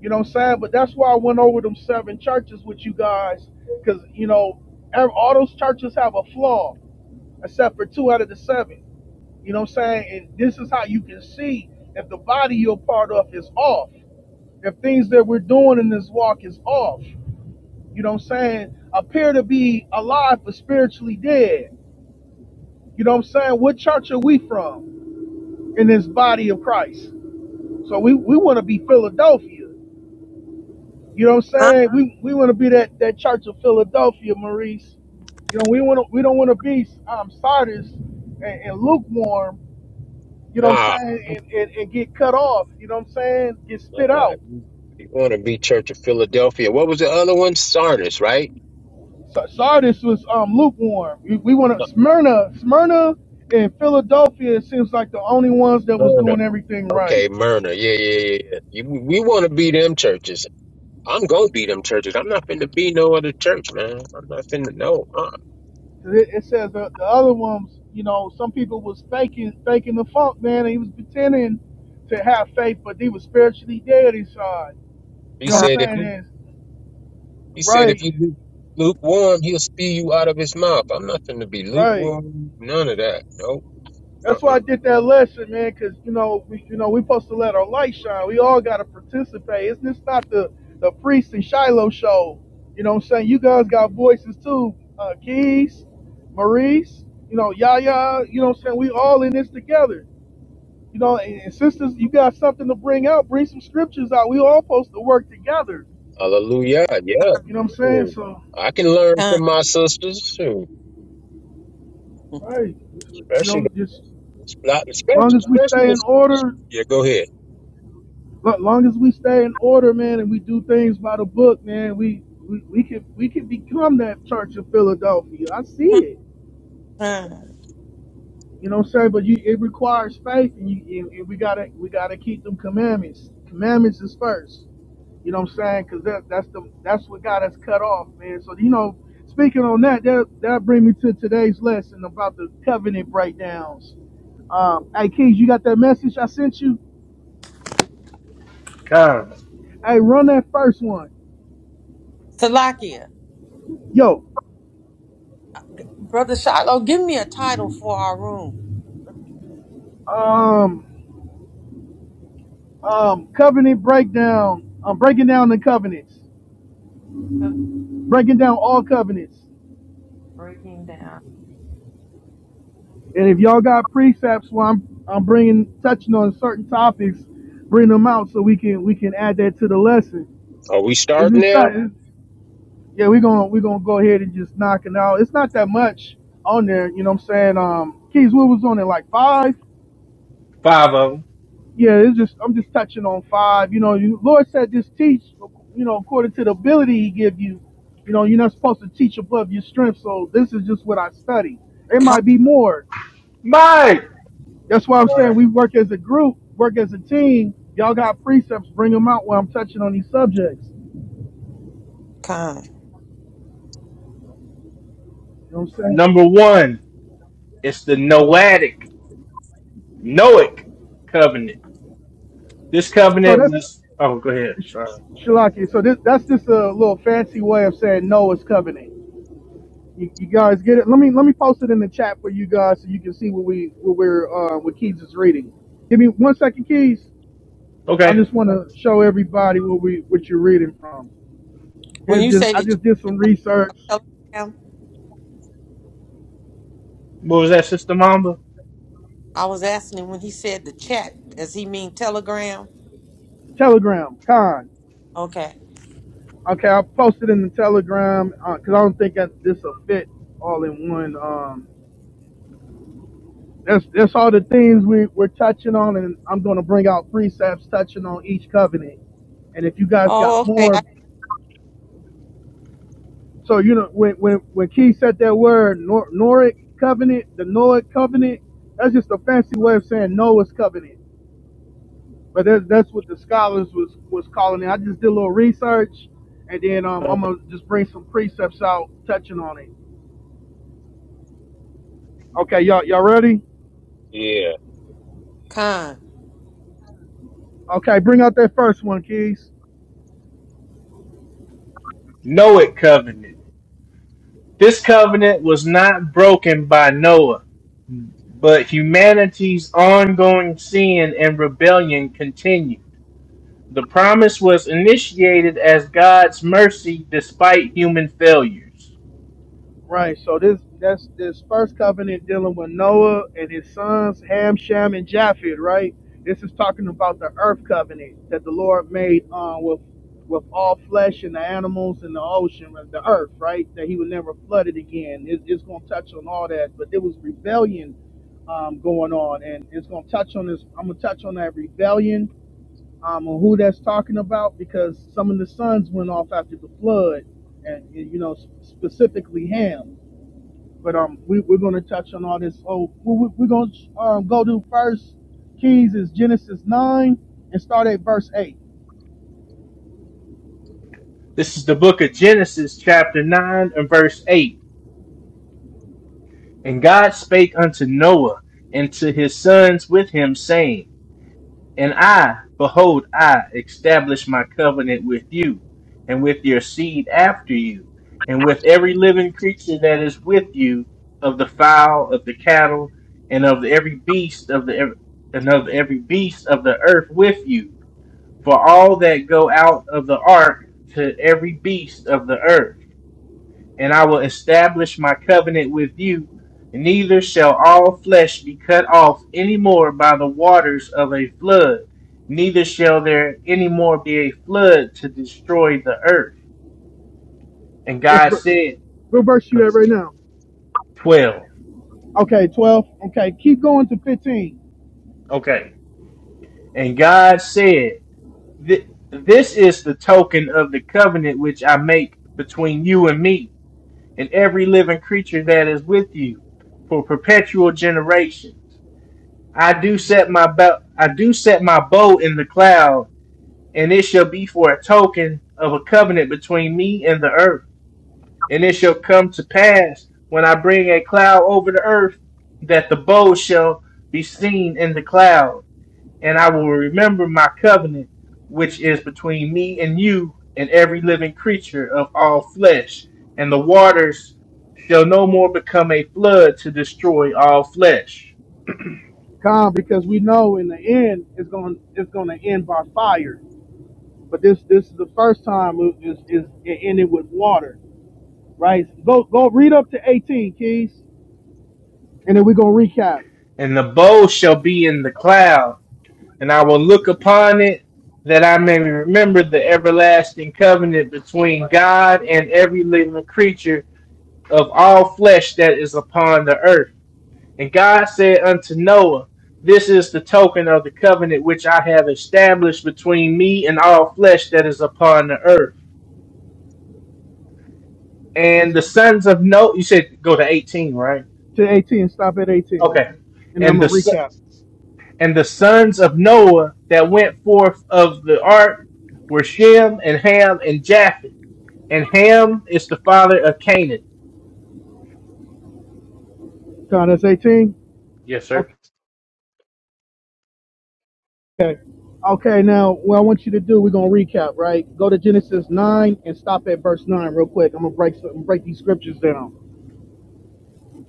B: you know what I'm saying? But that's why I went over them seven churches with you guys, because you know ev- all those churches have a flaw, except for two out of the seven. You know what I'm saying? And this is how you can see if the body you're part of is off, if things that we're doing in this walk is off. You know what I'm saying? Appear to be alive but spiritually dead. You know what I'm saying? What church are we from in this body of Christ? So we, we want to be Philadelphia. You know what I'm
A: Khan,
B: saying? We we want to be that that Church of Philadelphia, Maurice. You know, we want to we don't want to be um, Sardis and, and lukewarm. You know what I'm saying? And, and and get cut off. You know what I'm saying? Get spit
I: Uh,
B: out.
I: you want to be Church of Philadelphia. What was the other one? Sardis, right?
B: Sa- Sardis was um, lukewarm. We, we want
I: Uh,
B: to Smyrna, Smyrna, and Philadelphia. It seems like the only ones that was
I: Myrna.
B: doing everything right.
I: Okay, Myrna. Yeah, yeah, yeah. yeah. You, we want to be them churches. I'm going to be them churches. I'm not finna be no other church, man. I'm not finna, no. Uh.
B: 'Cause It, it says the, the other ones, you know, some people was faking faking the funk, man. And he was pretending to have faith, but he was spiritually dead inside.
I: He
B: You know what
A: Khan,
I: said if
B: I'm saying?
I: you,
B: Is
I: he said if you
B: right,
I: lu- lukewarm, he'll spew you out of his mouth. I'm not finna be
B: right.
I: lukewarm. None of that. Nope.
B: That's why
I: Uh-uh.
B: I did that lesson, man. Because you know, we, you know, we supposed to let our light shine. We all got to participate. It's just not the the priest and Shiloh show. You know what I'm saying? You guys got voices too, uh, Keys, Maurice. You know, Yaya. You know what I'm saying? We all in this together. You know, and, and sisters, you got something to bring out. Bring some scriptures out. We all supposed to work together.
I: Hallelujah. Yeah.
B: You know what I'm saying?
I: Hmm.
B: So,
I: I can learn
A: Khan,
I: from my sisters, too.
B: right. You
I: especially
B: know, just
I: the,
B: long
I: especially,
B: as we
I: especially
B: stay
I: the
B: in order,
I: Yeah, go ahead.
B: long as we stay in order, man, and we do things by the book, man, we we, we can we can become that church of Philadelphia. I see it.
A: Khan.
B: You know what I'm saying? But you, it requires faith, and, you, and, and we gotta we gotta keep them commandments. Commandments is first. You know what I'm saying? Because that, that's the that's what got us cut off, man. So you know, speaking on that, that that bring me to today's lesson about the covenant breakdowns. Um, hey, Keys, you got that message I sent you?
C: Come,
B: Hey, run that first one,
A: Salakia.
B: yo.
A: Brother Shiloh, give me a title for our room.
B: Um, um, covenant breakdown. I'm breaking down the covenants, breaking down all covenants.
A: Breaking down.
B: And if y'all got precepts, where I'm I'm bringing touching on certain topics, bring them out so we can we can add that to the lesson.
I: Are we
B: It's
I: starting
B: just not.
I: now?
B: it's, yeah, we're gonna we're gonna go ahead and just knock it out. It's not that much on there, you know what I'm saying? Um Keys, what was on there? Like five?
C: five of 'em.
B: Yeah, it's just I'm just touching on five. You know, you, Lord said just teach you know, according to the ability he give you. You know, you're not supposed to teach above your strength, so this is just what I study. It
A: Khan,
B: might be more.
C: Mike.
B: That's why I'm
C: Sorry.
B: saying we work as a group, work as a team. Y'all got precepts, bring them out while I'm touching on these subjects. You
A: Khan.
B: know what I'm saying?
C: Number one, it's the Noadic, Noahic covenant. This
B: So
C: covenant
B: that's
C: was. Oh, go ahead. Sorry.
B: Shalaki. So this that's just a little fancy way of saying Noah's covenant. You, you guys get it? Let me let me post it in the chat for you guys so you can see what we what we're uh, what Keys is reading. Give me one second, Keys. I
C: Okay.
B: just want to show everybody what we what you're reading from.
A: When
B: It's
A: you
B: just
A: say
B: I
A: the chat
B: just did some research.
A: telegram,
C: What was that, Sister Mamba?
A: I was asking him when he said the chat, does he mean telegram?
B: Telegram con.
A: Okay.
B: Okay, I posted in the Telegram because I don't think that this will fit all in one. Um, That's that's all the things we we're touching on, and I'm going to bring out precepts touching on each covenant. And if you guys
A: Oh,
B: got
A: okay.
B: more,
A: I,
B: so you know when when when Keith said that word Nor- Noric covenant, the Noah covenant, that's just a fancy way of saying Noah's covenant. But that's that's what the scholars was was calling it. I just did a little research, and then um, I'm gonna just bring some precepts out touching on it. Okay, y'all y'all ready?
I: Yeah,
A: Khan,
B: Okay, bring out that first one, Keys.
C: Noahic covenant. This covenant was not broken by Noah, but humanity's ongoing sin and rebellion continued. The promise was initiated as God's mercy despite human failures.
B: Right. So this that's this first covenant dealing with Noah and his sons Ham, Shem, and Japheth. Right. This is talking about the earth covenant that the Lord made uh, with with all flesh and the animals and the ocean and the earth. Right. That He would never flood it again. It, it's going to touch on all that, but there was rebellion um, going on, and it's going to touch on this. I'm going to touch on that rebellion. Um, on who that's talking about because some of the sons went off after the flood and you know specifically Ham but um, we, we're going to touch on all this. Oh, we, we- we're going to um, go to First Kings is Genesis nine and start at verse eight.
C: This is the book of Genesis, chapter 9, and verse 8. And God spake unto Noah and to his sons with him, saying, And I, behold, I establish my covenant with you, and with your seed after you, and with every living creature that is with you, of the fowl, of the cattle, and of every beast of the and of every beast of the earth with you, for all that go out of the ark to every beast of the earth and I will establish my covenant with you. Neither shall all flesh be cut off any more by the waters of a flood, neither shall there any more be a flood to destroy the earth. And
B: That's
C: God
B: ver-
C: said,
B: what verse you at right now.
C: 12.
B: Okay, twelve. Okay, keep going to fifteen.
C: Okay. And God said, "Th- This is the token of the covenant which I make between you and me, and every living creature that is with you, for perpetual generations. I do set my bow. I do set my bow in the cloud, and it shall be for a token of a covenant between me and the earth. And it shall come to pass when I bring a cloud over the earth that the bow shall be seen in the cloud, and I will remember my covenant which is between me and you and every living creature of all flesh. And the waters shall no more become a flood to destroy all flesh.
B: Come, because we know in the end it's going it's going to end by fire. But this this is the first time it, is is it ended with water, right? Go go read up to eighteen, Keys, and then we're gonna recap.
C: and the bow shall be in the cloud, and I will look upon it that I may remember the everlasting covenant between God and every living creature of all flesh that is upon the earth. And God said unto Noah, This is the token of the covenant which I have established between me and all flesh that is upon the earth. And
B: It's
C: the sons of Noah, you said go to 18, right?
B: to eighteen. Stop at eighteen,
C: Okay.
B: and I'm
C: And
B: gonna
C: the
B: recap.
C: And the sons of Noah that went forth of the ark were Shem and Ham and Japheth. And Ham is the father of Canaan.
B: Con, that's 18?
C: Yes, sir.
B: Okay. Okay, now what I want you to do, we're gonna recap, right? Go to Genesis 9 and stop at verse 9 real quick. I'm gonna break some, break these scriptures down.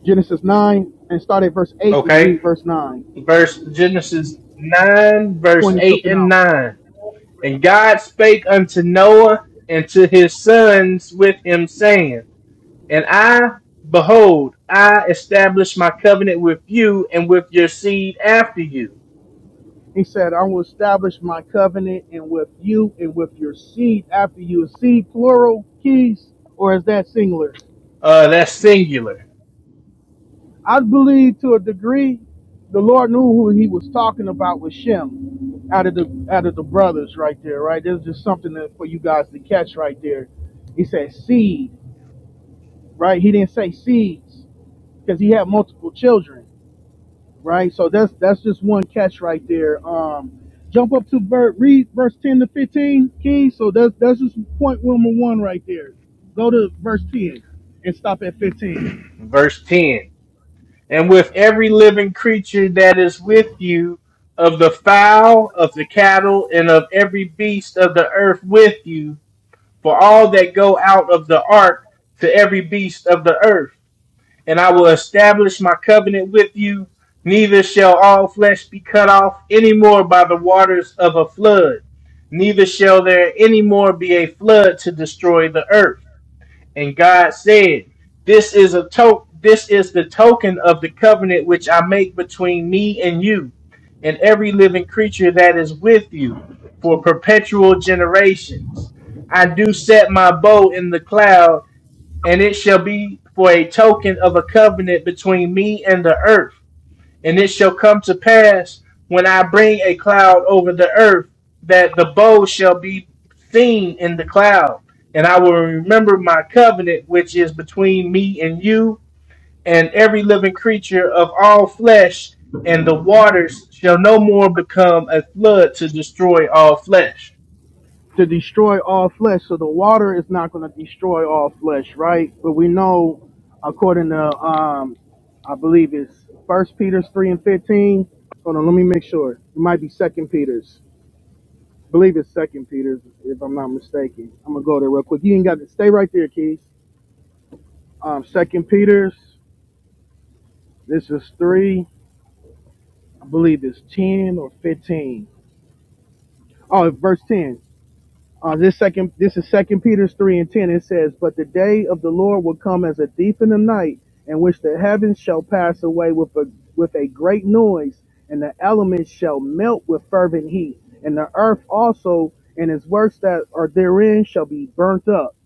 B: Genesis 9 and start at verse 8 and
C: Okay.
B: read verse 9,
C: Verse Genesis 9, verse
B: pointing
C: 8
B: something
C: and
B: out.
C: 9. And God spake unto Noah and to his sons with him, saying, And I, behold, I establish my covenant with you and with your seed after you.
B: He said, I will establish my covenant and with you and with your seed after you seed plural keys, or is that singular?
C: Uh, that's singular.
B: I believe to a degree, the Lord knew who He was talking about with Shem, out of the out of the brothers right there, right. There's just something that, for you guys to catch right there. He said seed, right? He didn't say seeds because he had multiple children, right? So that's that's just one catch right there. Um, jump up to ver- read verse ten to fifteen, King. So that's that's just point number one right there. Go to verse ten and stop at fifteen.
C: Verse 10. and with every living creature that is with you, of the fowl, of the cattle, and of every beast of the earth with you, for all that go out of the ark to every beast of the earth. And I will establish my covenant with you, neither shall all flesh be cut off any more by the waters of a flood, neither shall there any more be a flood to destroy the earth. And God said, This is a to- this is the token of the covenant which I make between me and you, and every living creature that is with you, for perpetual generations. I do set my bow in the cloud, and it shall be for a token of a covenant between me and the earth. And it shall come to pass when I bring a cloud over the earth that the bow shall be seen in the cloud. And I will remember my covenant, which is between me and you and every living creature of all flesh, and the waters shall no more become a flood to destroy all flesh.
B: to destroy all flesh. So the water is not going to destroy all flesh, right? But we know, according to um, I believe it's First Peter's three and fifteen. Hold on, let me make sure. It might be Second Peter's. I believe it's Second Peter's, if I'm not mistaken. I'm gonna go there real quick. You ain't got to stay right there, Keys. Um, Second Peter's. This is three. I believe it's ten or fifteen. Oh, verse ten. Uh, this second, this is Second Peter's three and ten. It says, "But the day of the Lord will come as a thief in the night, in which the heavens shall pass away with a with a great noise, and the elements shall melt with fervent heat, and the earth also and its works that are therein shall be burnt up."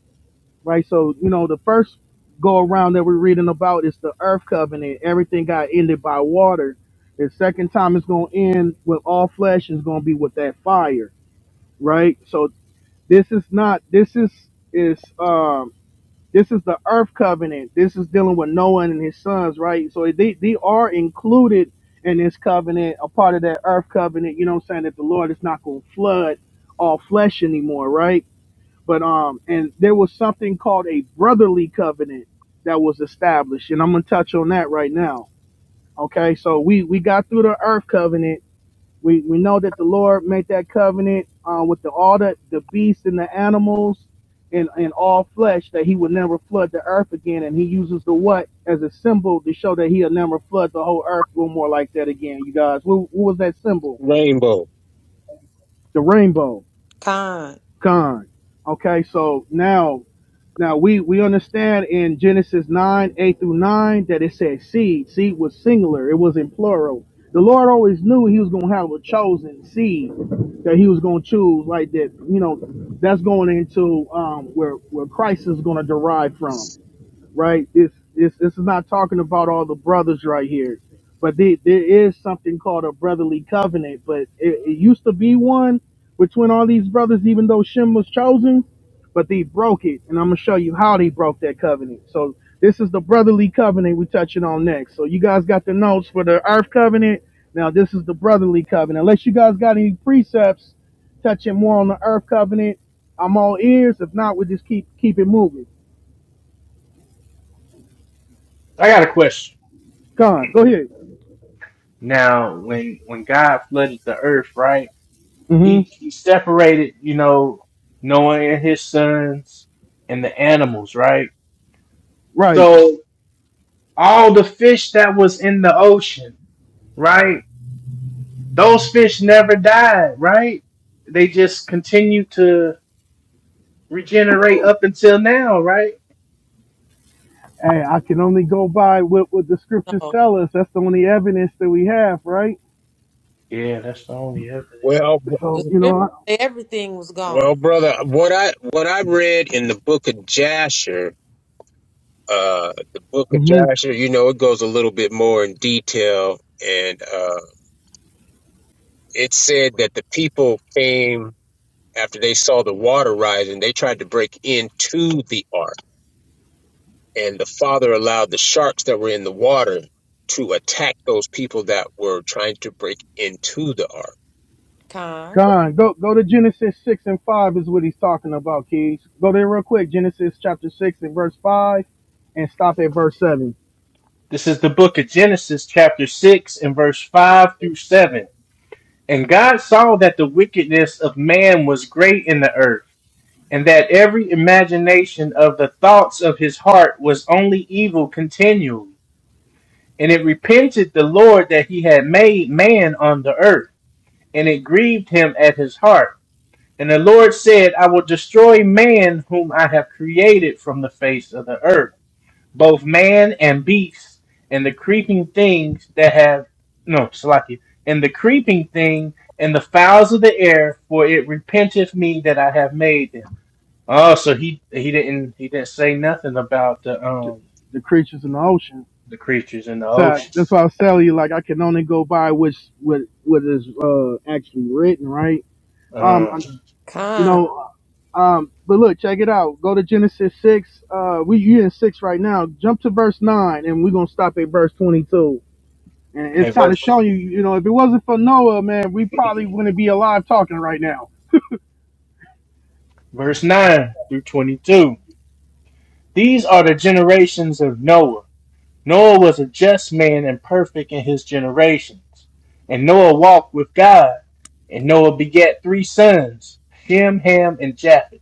B: Right. So you know the first go around that we're reading about is the earth covenant. Everything got ended by water. The second time it's going to end with all flesh is going to be with that fire. Right. So this is not. This is is um. This is the earth covenant. This is dealing with Noah and his sons, right? So they they are included in this covenant, a part of that earth covenant. You know what I'm saying? That the Lord is not going to flood all flesh anymore, right? But um, and there was something called a brotherly covenant that was established, and I'm gonna touch on that right now. Okay, so we we got through the earth covenant we we know that the Lord made that covenant uh, with the all the, the beasts and the animals and, and all flesh that he would never flood the earth again. And he uses the what as a symbol to show that he'll never flood the whole earth no more like that again, you guys. What, what was that symbol?
I: rainbow.
B: The rainbow.
A: Khan.
B: Gone. Okay, so now now we we understand in Genesis nine eight through nine that it said seed. Seed was singular. It was in plural. The Lord always knew He was going to have a chosen seed that He was going to choose. Like that, you know, that's going into um, where where Christ is going to derive from right? This this this is not talking about all the brothers right here, but there there is something called a brotherly covenant. But it, it used to be one between all these brothers, even though Shem was chosen, but they broke it, and I'm gonna show you how they broke that covenant. So this is the brotherly covenant we're touching on next. So you guys got the notes for the earth covenant. Now this is the brotherly covenant. Unless you guys got any precepts touching more on the earth covenant, I'm all ears. If not, we just keep keep it moving.
C: I got a question.
B: Gone. Go ahead.
C: Now, when when God flooded the earth, right?
B: hmm
C: He he separated, you know, Noah and his sons and the animals, right?
B: Right.
C: So all the fish that was in the ocean, right? Those fish never died, right? They just continued to regenerate up until now, right?
B: Hey, I can only go by what, what the scriptures
A: No,
B: tell us. That's the only evidence that we have, right?
C: Yeah, that's the only evidence.
I: Well, br-
A: the
B: So, you
A: scripture
B: know,
A: say everything was gone.
I: well, brother, what I what I read in the book of Jasher, uh, the book of
B: mm-hmm.
I: Jasher, you know, it goes a little bit more in detail, and uh, it said that the people came after they saw the water rising. They tried to break into the ark, and the father allowed the sharks that were in the water to attack those people that were trying to break into the ark.
A: Con,
B: God, go go to Genesis six and five is what he's talking about, kids. Go there real quick. Genesis chapter six and verse five, and stop at verse seven.
C: This is the book of Genesis, chapter 6, and verse 5 through 7. And God saw that the wickedness of man was great in the earth, and that every imagination of the thoughts of his heart was only evil continually. And it repented the Lord that he had made man on the earth, and it grieved him at his heart. And the Lord said, I will destroy man whom I have created from the face of the earth, both man and beast, and the creeping things that have no Salaki, and the creeping thing and the fowls of the air, for it repenteth me that I have made them. Oh, so he he didn't he didn't say nothing about the
B: The,
C: um
B: the creatures in the ocean.
C: the creatures in the
B: So
C: ocean.
B: that's why I was telling you, like, I can only go by which what what is uh actually written, right? Um,
C: Uh,
B: You
A: con.
B: know, um, but look, check it out. Go to Genesis six. Uh, we you in six right now. Jump to verse nine, and we're gonna stop at verse twenty-two. And it's
C: okay,
B: kind of
C: verse
B: showing you, you know, if it wasn't for Noah, man, we probably wouldn't be alive talking right now.
C: verse 9 through 22. These are the generations of Noah. Noah was a just man and perfect in his generations. And Noah walked with God. And Noah begat three sons, Shem, Ham, and Japheth.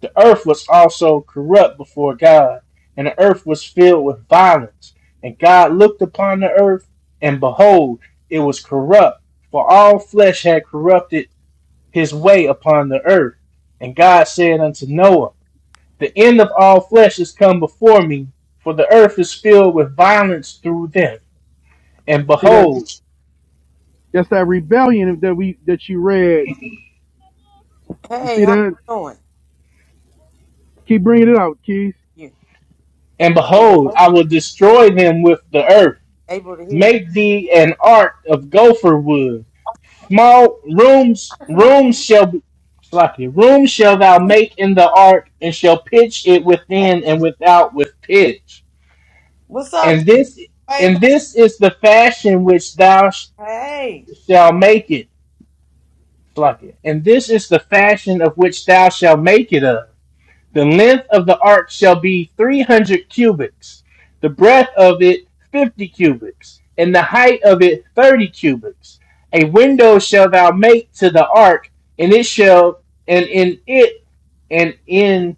C: The earth was also corrupt before God, and the earth was filled with violence. And God looked upon the earth, and behold, it was corrupt, for all flesh had corrupted his way upon the earth. And God said unto Noah, the end of all flesh is come before me, for the earth is filled with violence through them. And
B: See that?
C: behold,
B: That's that rebellion that we that you read. You
A: Hey,
B: see
A: how you
B: that?
A: doing?
B: Keep bringing it out, Keys.
A: You
C: and behold, I will
A: yeah,
C: destroy them with the earth.
A: able to hear you?
C: Make thee an ark of gopher wood. Small rooms,
A: Hi, Shemaya.
C: rooms shall be, sloppy, rooms shall thou make in the ark, and shall pitch it
A: Hey,
C: within and without with pitch.
A: What's up?
C: And this,
A: Hey,
C: and
A: go-
C: this is the fashion which thou sh-
A: hey.
C: shalt make it. Slovakia. And this is the fashion of which thou shalt make it of. The length of the ark shall be three hundred cubits, the breadth of it fifty cubits, and the height of it thirty cubits. A window shall thou make to the ark, and it shall and in it and in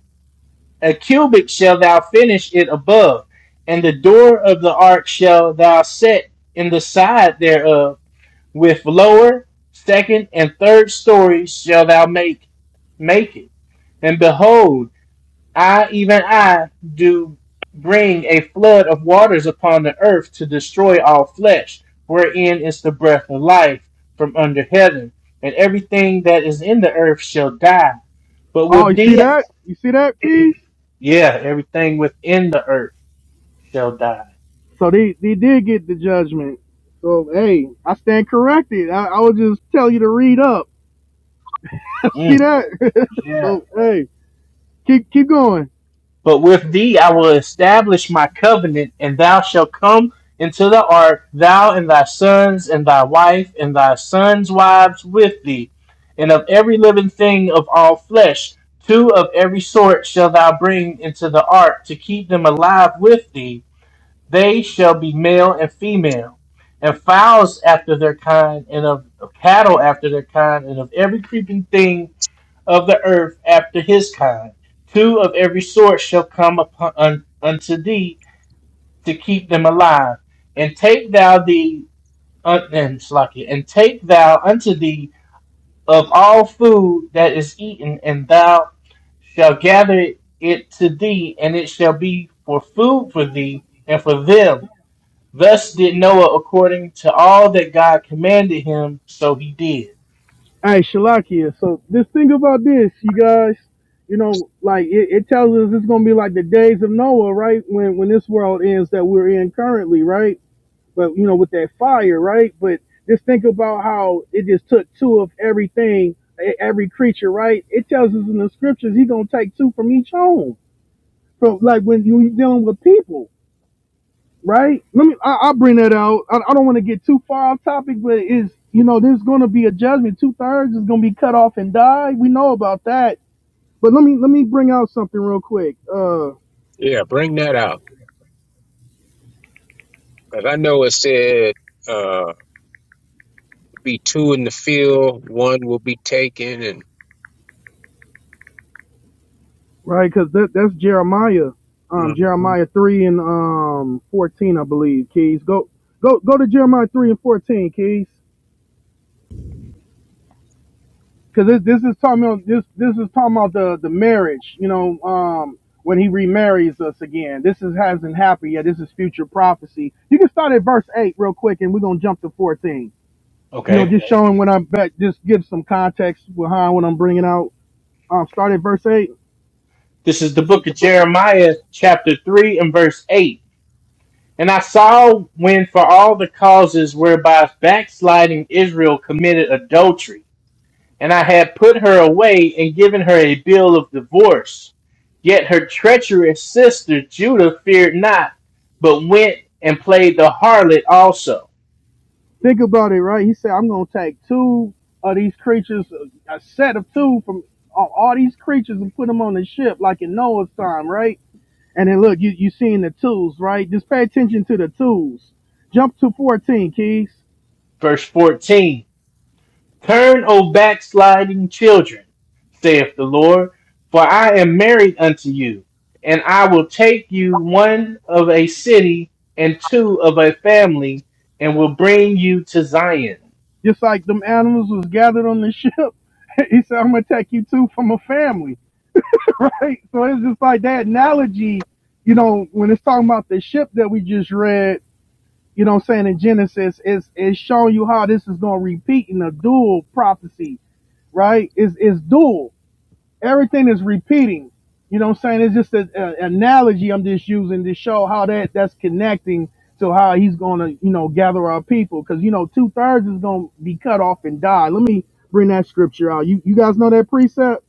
C: a cubit shall thou finish it above, and the door of the ark shall thou set in the side thereof with lower, second, and third stories shall thou make make it. And behold, I even I do bring a flood of waters upon the earth to destroy all flesh, wherein is the breath of life from under heaven, and everything that is in the earth shall die. But
B: Oh,
C: with
B: you see
C: thee,
B: that? You see that, Keys?
C: yeah, everything within the earth shall die.
B: So they they did get the judgment. So hey, I stand corrected. I, I would just tell you to read up. see
C: Mm,
B: that?
C: yeah.
B: so hey. keep keep going.
C: But with thee I will establish my covenant, and thou shalt come into the ark, thou and thy sons, and thy wife, and thy sons' wives with thee. And of every living thing of all flesh, two of every sort shall thou bring into the ark to keep them alive with thee. They shall be male and female, and fowls after their kind, and of of cattle after their kind, and of every creeping thing of the earth after his kind. Two of every sort shall come upon un, unto thee to keep them alive. And take thou the un, and Slaki, and take thou unto thee of all food that is eaten, and thou shalt gather it to thee, and it shall be for food for thee and for them. Thus did Noah according to all that God commanded him, so he did.
B: All right, Shalakia. So this thing about this, you guys, you know, like it, it tells us it's gonna be like the days of Noah, right? When when this world ends that we're in currently, right? But you know, with that fire, right? But just think about how it just took two of everything, e- every creature, right? It tells us in the scriptures he's gonna take two from each home. From like when you're dealing with people. right? Let me. I, I'll bring that out. I, I don't want to get too far off topic, but is you know there's going to be a judgment. Two thirds is going to be cut off and die. We know about that. But let me let me bring out something real quick, uh,
I: Yeah, bring that out. Like I know it said uh be two in the field, one will be taken and
B: right? Because that that's Jeremiah, um,
I: Mhm.
B: Jeremiah three and um fourteen, I believe. Keys, go go go to Jeremiah three and fourteen, Keys. because this, this is talking about this this is talking about the the marriage you know um when he remarries us again this is hasn't happened yet this is future prophecy you can start at verse 8 real quick and we're gonna jump to 14 you know
C: Okay.
B: just Okay. showing what i'm back just give some context behind what i'm bringing out um start at verse 8
C: This is the book of Jeremiah, chapter 3, and verse 8. And I saw when for all the causes whereby backsliding Israel committed adultery, and I had put her away and given her a bill of divorce. Yet her treacherous sister Judah feared not, but went and played the harlot also.
B: Think about it, right? He said, I'm going to take two of these creatures, a set of two from all all these creatures and put them on the ship like in Noah's time, right? And then look, you you seeing the tools, right? Just pay attention to the tools. Jump to 14, Keys.
C: Verse 14. Turn, O backsliding children, saith the Lord, for I am married unto you, and I will take you one of a city and two of a family, and will bring you to Zion.
B: Just like them animals was gathered on the ship. He said, I'm gonna take you two from a family. Right? So it's just like that analogy, you know, when it's talking about the ship that we just read, you know what I'm saying, in Genesis, it's it's showing you how this is gonna repeat in a dual prophecy, right? It's it's dual. Everything is repeating. You know what I'm saying? It's just an analogy I'm just using to show how that that's connecting to how he's gonna, you know, gather our people. Cause you know, two thirds is gonna be cut off and die. Let me bring that scripture out. You you guys know that precept?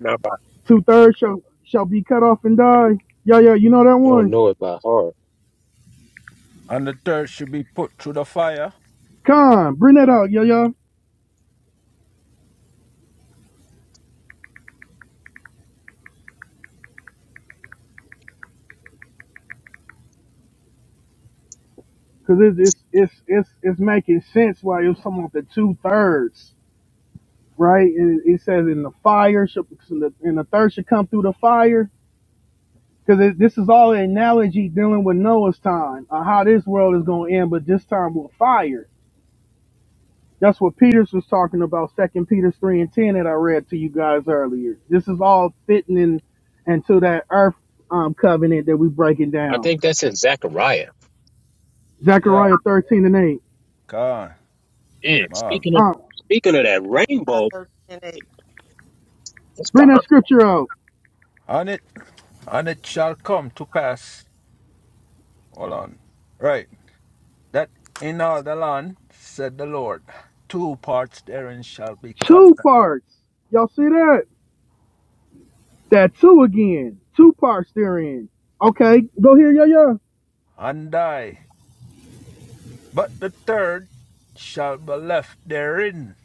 I: not by
B: Two thirds shall shall be cut off and die.
I: I
B: Yeah, yeah, you know that
I: don't
B: one.
I: know it by heart.
F: and the dirt should be put through the fire.
B: Come, bring that out, yeah, yeah. Cause it's it's it's it's, it's making sense why it was something like the two thirds, right? And it says in the fire, shall- in the, in the third should come through the fire. Cause this is all an analogy dealing with Noah's time, uh, how this world is going to end, but this time with fire. That's what Peters was talking about, Second Peter three and ten that I read to you guys earlier. This is all fitting in into that earth um, covenant that we breaking
I: I
B: down.
I: think that's in Zechariah.
F: Yeah,
B: Zechariah thirteen and eight.
F: God,
I: And speaking
F: Marvin.
I: of
B: Uh,
I: speaking of that
A: Five,
I: rainbow,
A: thirteen, and eight.
I: it's
B: bring that
I: behind
B: scripture out.
F: On it, and it shall come to pass. Hold on. Right. That in all the land, said the Lord, two parts therein shall be cut
B: Two parts. Y'all see that? That two again. Two parts therein. Okay, go here, yeah, yeah.
F: and die. But the third shall be left therein.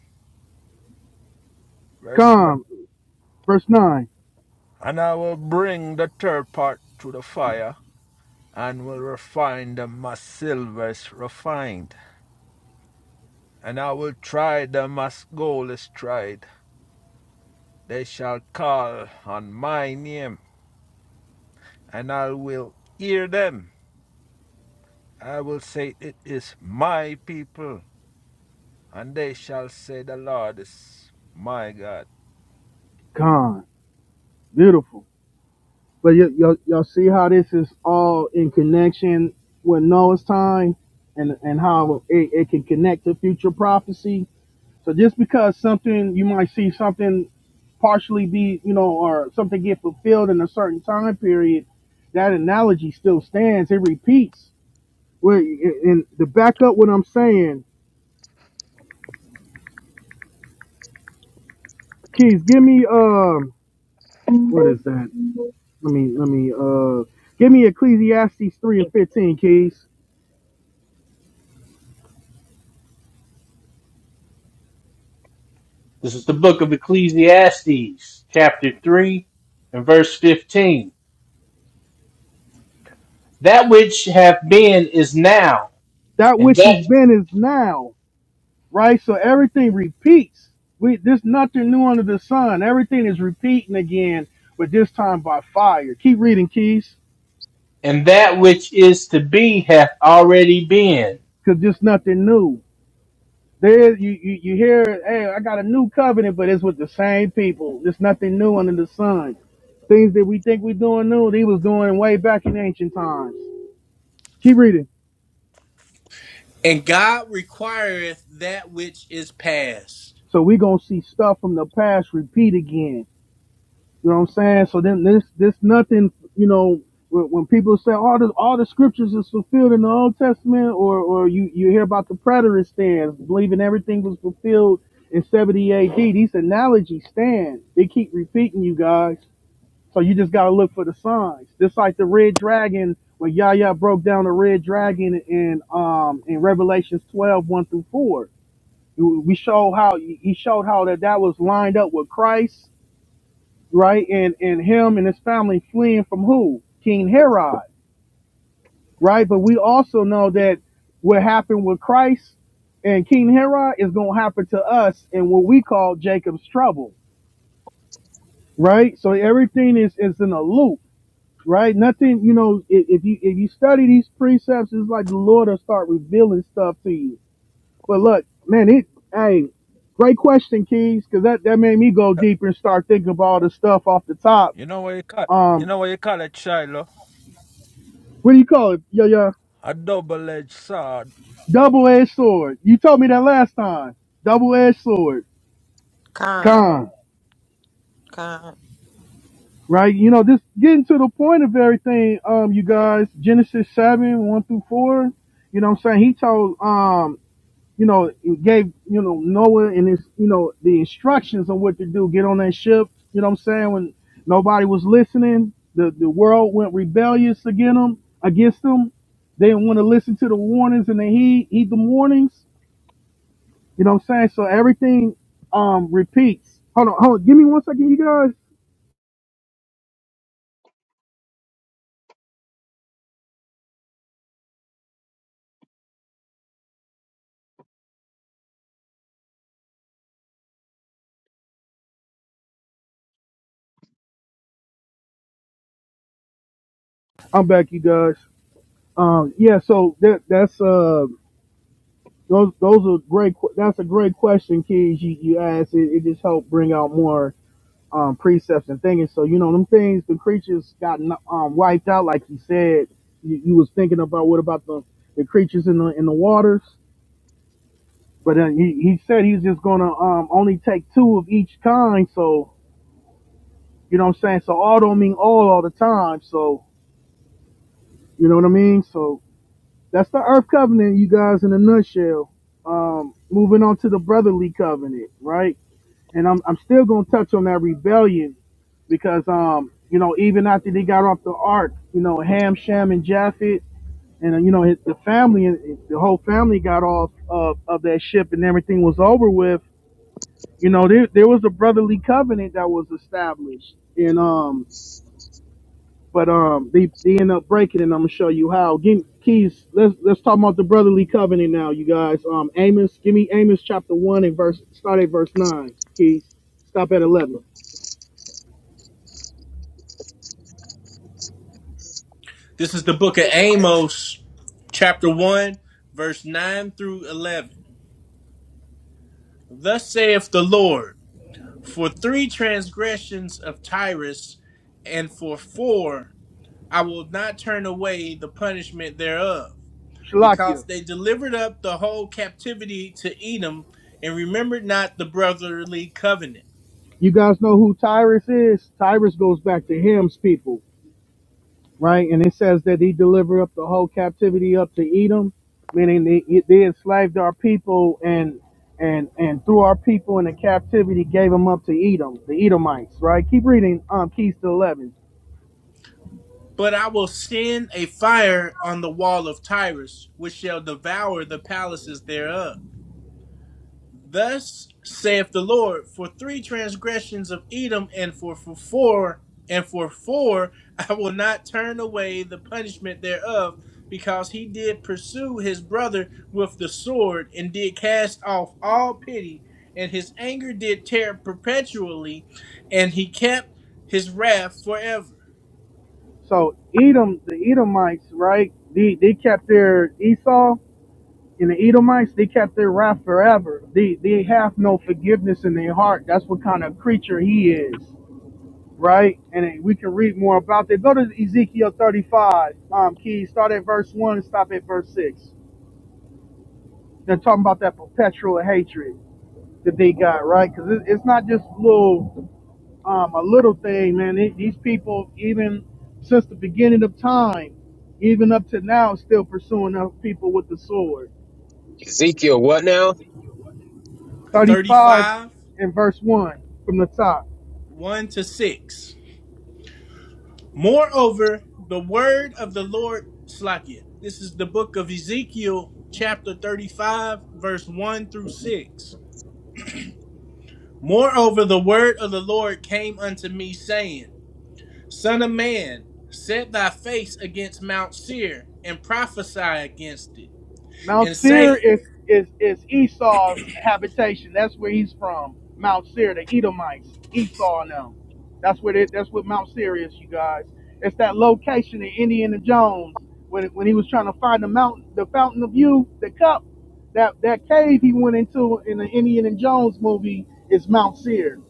F: Verse 9.
B: Calm. Verse 9.
F: And I will bring the third part to the fire, and will refine them as silver is refined, and I will try them as gold is tried. They shall call on my name, and I will hear them. I will say, It is my people, and they shall say, The Lord is my God.
B: Calm. Beautiful. But y- y'all, y'all see how this is all in connection with Noah's time and, and how it, it can connect to future prophecy? So just because something, you might see something partially be, you know, or something get fulfilled in a certain time period, that analogy still stands. It repeats Wait, and to back up what I'm saying, Keys, give me um, what is that? Let me let me uh, give me Ecclesiastes three and fifteen, Keys.
C: This is the book of Ecclesiastes, chapter 3, and verse 15. That which hath been is now,
B: That
C: and
B: which has
C: that
B: been is now, right? So everything repeats. We there's nothing new under the sun. Everything is repeating again, but this time by fire. Keep reading, Keys,
C: and that which is to be hath already been.
B: because there's nothing new. There, you, you you hear, hey, I got a new covenant, but it's with the same people. There's nothing new under the sun. Things that we think we're doing new, they was doing way back in ancient times. Keep reading.
C: And God requireth that which is past.
B: So we gonna see stuff from the past repeat again. You know what I'm saying? So then this this nothing, you know, when, when people say all the all the scriptures is fulfilled in the Old Testament, or or you you hear about the preterist stands believing everything was fulfilled in 70 AD. These analogies stand. They keep repeating you guys. So you just gotta look for the signs. Just like the red dragon, when Yahya broke down the red dragon in um in Revelations twelve one through 4. We showed how he showed how that that was lined up with Christ, right? And and him and his family fleeing from who? King Herod, right? But we also know that what happened with Christ and King Herod is gonna happen to us in what we call Jacob's trouble, right? So everything is is in a loop right? Nothing, you know. If, if you if you study these precepts, it's like the Lord will start revealing stuff to you. But look, man, it hey, great question, Keys, because that that made me go deeper and start thinking about all the stuff off the top.
F: You know what you call, you
B: Um,
F: know what you call it, Shiloh?
B: what do you call it? Yo, yo,
F: a double-edged sword.
B: double edged sword. You told me that last time. Double edged sword.
A: Con,
B: Con.
A: con,
B: Right, you know, just getting to the point of everything, um, you guys, Genesis seven, one through four, you know what I'm saying? He told um you know, it gave, you know, Noah and his, you know, the instructions on what to do. Get on that ship. You know what I'm saying? When nobody was listening, the, the world went rebellious against them, against them. They didn't want to listen to the warnings and they heed, heed the warnings. You know what I'm saying? So everything um repeats. Hold on, hold on. Give me one second, you guys. I'm back, you guys. Um, yeah, so that that's uh those those are great. que- That's a great question, kids. You you asked. It, it just helped bring out more um, precepts and things. So you know them things, the creatures got um, wiped out, like he said. You, you was thinking about what about the, the creatures in the in the waters, but then he, he said he's just gonna um, only take two of each kind. So you know what I'm saying. So all don't mean all all the time. So you know what I mean. So that's the Earth Covenant, you guys, in a nutshell. Um, moving on to the Brotherly Covenant, right? and I'm I'm still gonna touch on that rebellion because um you know even after they got off the ark, you know Ham, Shem, and Japhet, and uh, you know his, the family, the whole family got off of of that ship, and everything was over with. You know there there was a brotherly covenant that was established, and um but um they they end up breaking, it, and I'm gonna show you how. Give keys. Let's let's talk about the brotherly covenant now, you guys. Um Amos, give me Amos chapter one and verse start at verse nine. Keys, stop at eleven.
C: This is the book of Amos, chapter 1, verse 9 through 11. Thus saith the Lord, for three transgressions of Tyrus, and for four, I will not turn away the punishment thereof, because
B: Shalakia.
C: they delivered up the whole captivity to Edom, and remembered not the brotherly covenant.
B: You guys know who Tyrus is? Tyrus goes back to Ham's people, right? And it says that he delivered up the whole captivity up to Edom, meaning they, they enslaved our people and and and threw our people into captivity, gave them up to Edom, the Edomites, right? Keep reading um Keys to eleven.
C: But I will send a fire on the wall of Tyrus, which shall devour the palaces thereof Thus saith the Lord, for three transgressions of Edom and for, for four and for four I will not turn away the punishment thereof, because he did pursue his brother with the sword and did cast off all pity, and his anger did tear perpetually, and he kept his wrath forever.
B: So Edom, the Edomites, right? They they kept their Esau and the Edomites, they kept their wrath forever. They they have no forgiveness in their heart. That's what kind of creature he is. right? And it- we can read more about that. Go to Ezekiel 35, um, Key, start at verse 1 and stop at verse 6. They're talking about that perpetual hatred that they got, right? Because it, it's not just little, um, a little thing, man. It, these people, even since the beginning of time, even up to now, still pursuing other people with the sword.
I: Ezekiel what now?
B: 35
C: 35
B: and verse 1 from the top.
C: 1 to 6. Moreover, the word of the Lord Slakia. This is the book of Ezekiel, chapter 35, verse 1 through 6. Moreover, the word of the Lord came unto me, saying, Son of man, set thy face against Mount Seir and prophesy against it,
B: Mount
C: and
B: Seir
C: say,
B: is is is Esau's habitation. That's where he's from. Mount Seir, the Edomites, Esau and them. That's what it. That's what Mount Seir is, you guys. It's that location in Indiana Jones when when he was trying to find the mountain, the fountain of youth, the cup, that that cave he went into in the Indiana Jones movie is Mount Seir.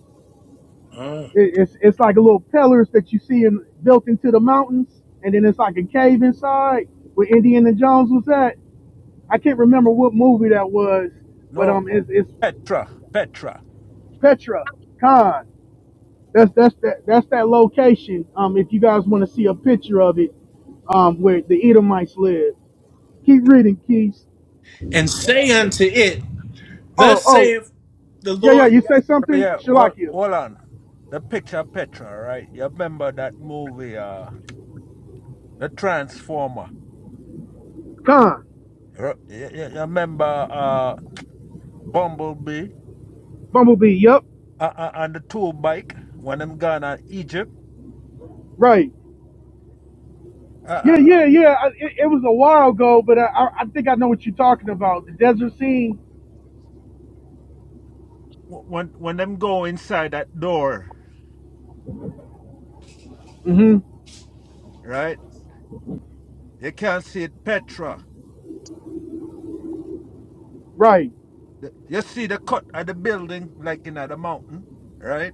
C: Uh.
B: It- It's it's like a little pillars that you see in, built into the mountains, and then it's like a cave inside where Indiana Jones was at I can't remember what movie that was, but
F: No,
B: um, it's, it's
F: Petra, Petra.
B: Petra Khan. That's that's that that's that location. Um, if you guys want to see a picture of it, um, where the Edomites live. Keep reading, Keys.
C: and say unto it,
B: Oh,
C: Thus
B: oh,
C: saith the
B: yeah, yeah.
C: Lord
B: You
C: God.
B: say something,
F: Yeah, well,
B: Shalakia.
F: hold on. The picture Petra, right? You remember that movie, uh, The Transformer?
B: Khan,
F: Re- You, you, you remember uh, Bumblebee
B: Bumblebee. Yup,
F: uh, uh, and the tool bike when them gone to Egypt?
B: right.
F: Uh, uh,
B: Yeah,
F: uh,
B: yeah, yeah. I, it, it was a while ago, but I, I I think I know what you're talking about. The desert scene.
F: w- when when them go inside that door,
B: Mm-hmm.
F: right? You can't see it, Petra.
B: Right.
F: The- You see the cut of the building, like in the mountain, right?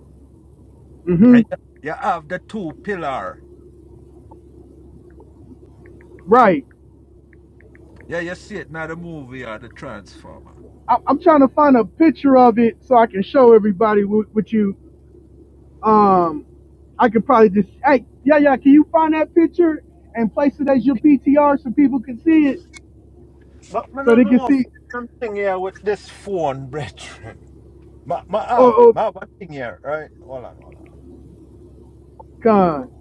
B: Mm-hmm.
F: And you you have the two pillar.
B: Right.
F: Yeah, you see it now the movie or the Transformer.
B: I, am trying to find a picture of it so I can show everybody with what you. Um, I could probably just. Hey, yeah, yeah. Can you find that picture and place it as your PTR so people can see it,
F: But I
B: so
F: don't
B: they can
F: know if
B: see.
F: something here with this phone, brethren. Ma, ma have,
B: Oh, oh,
F: ma have a thing here, right? Hold on, hold on.
B: God.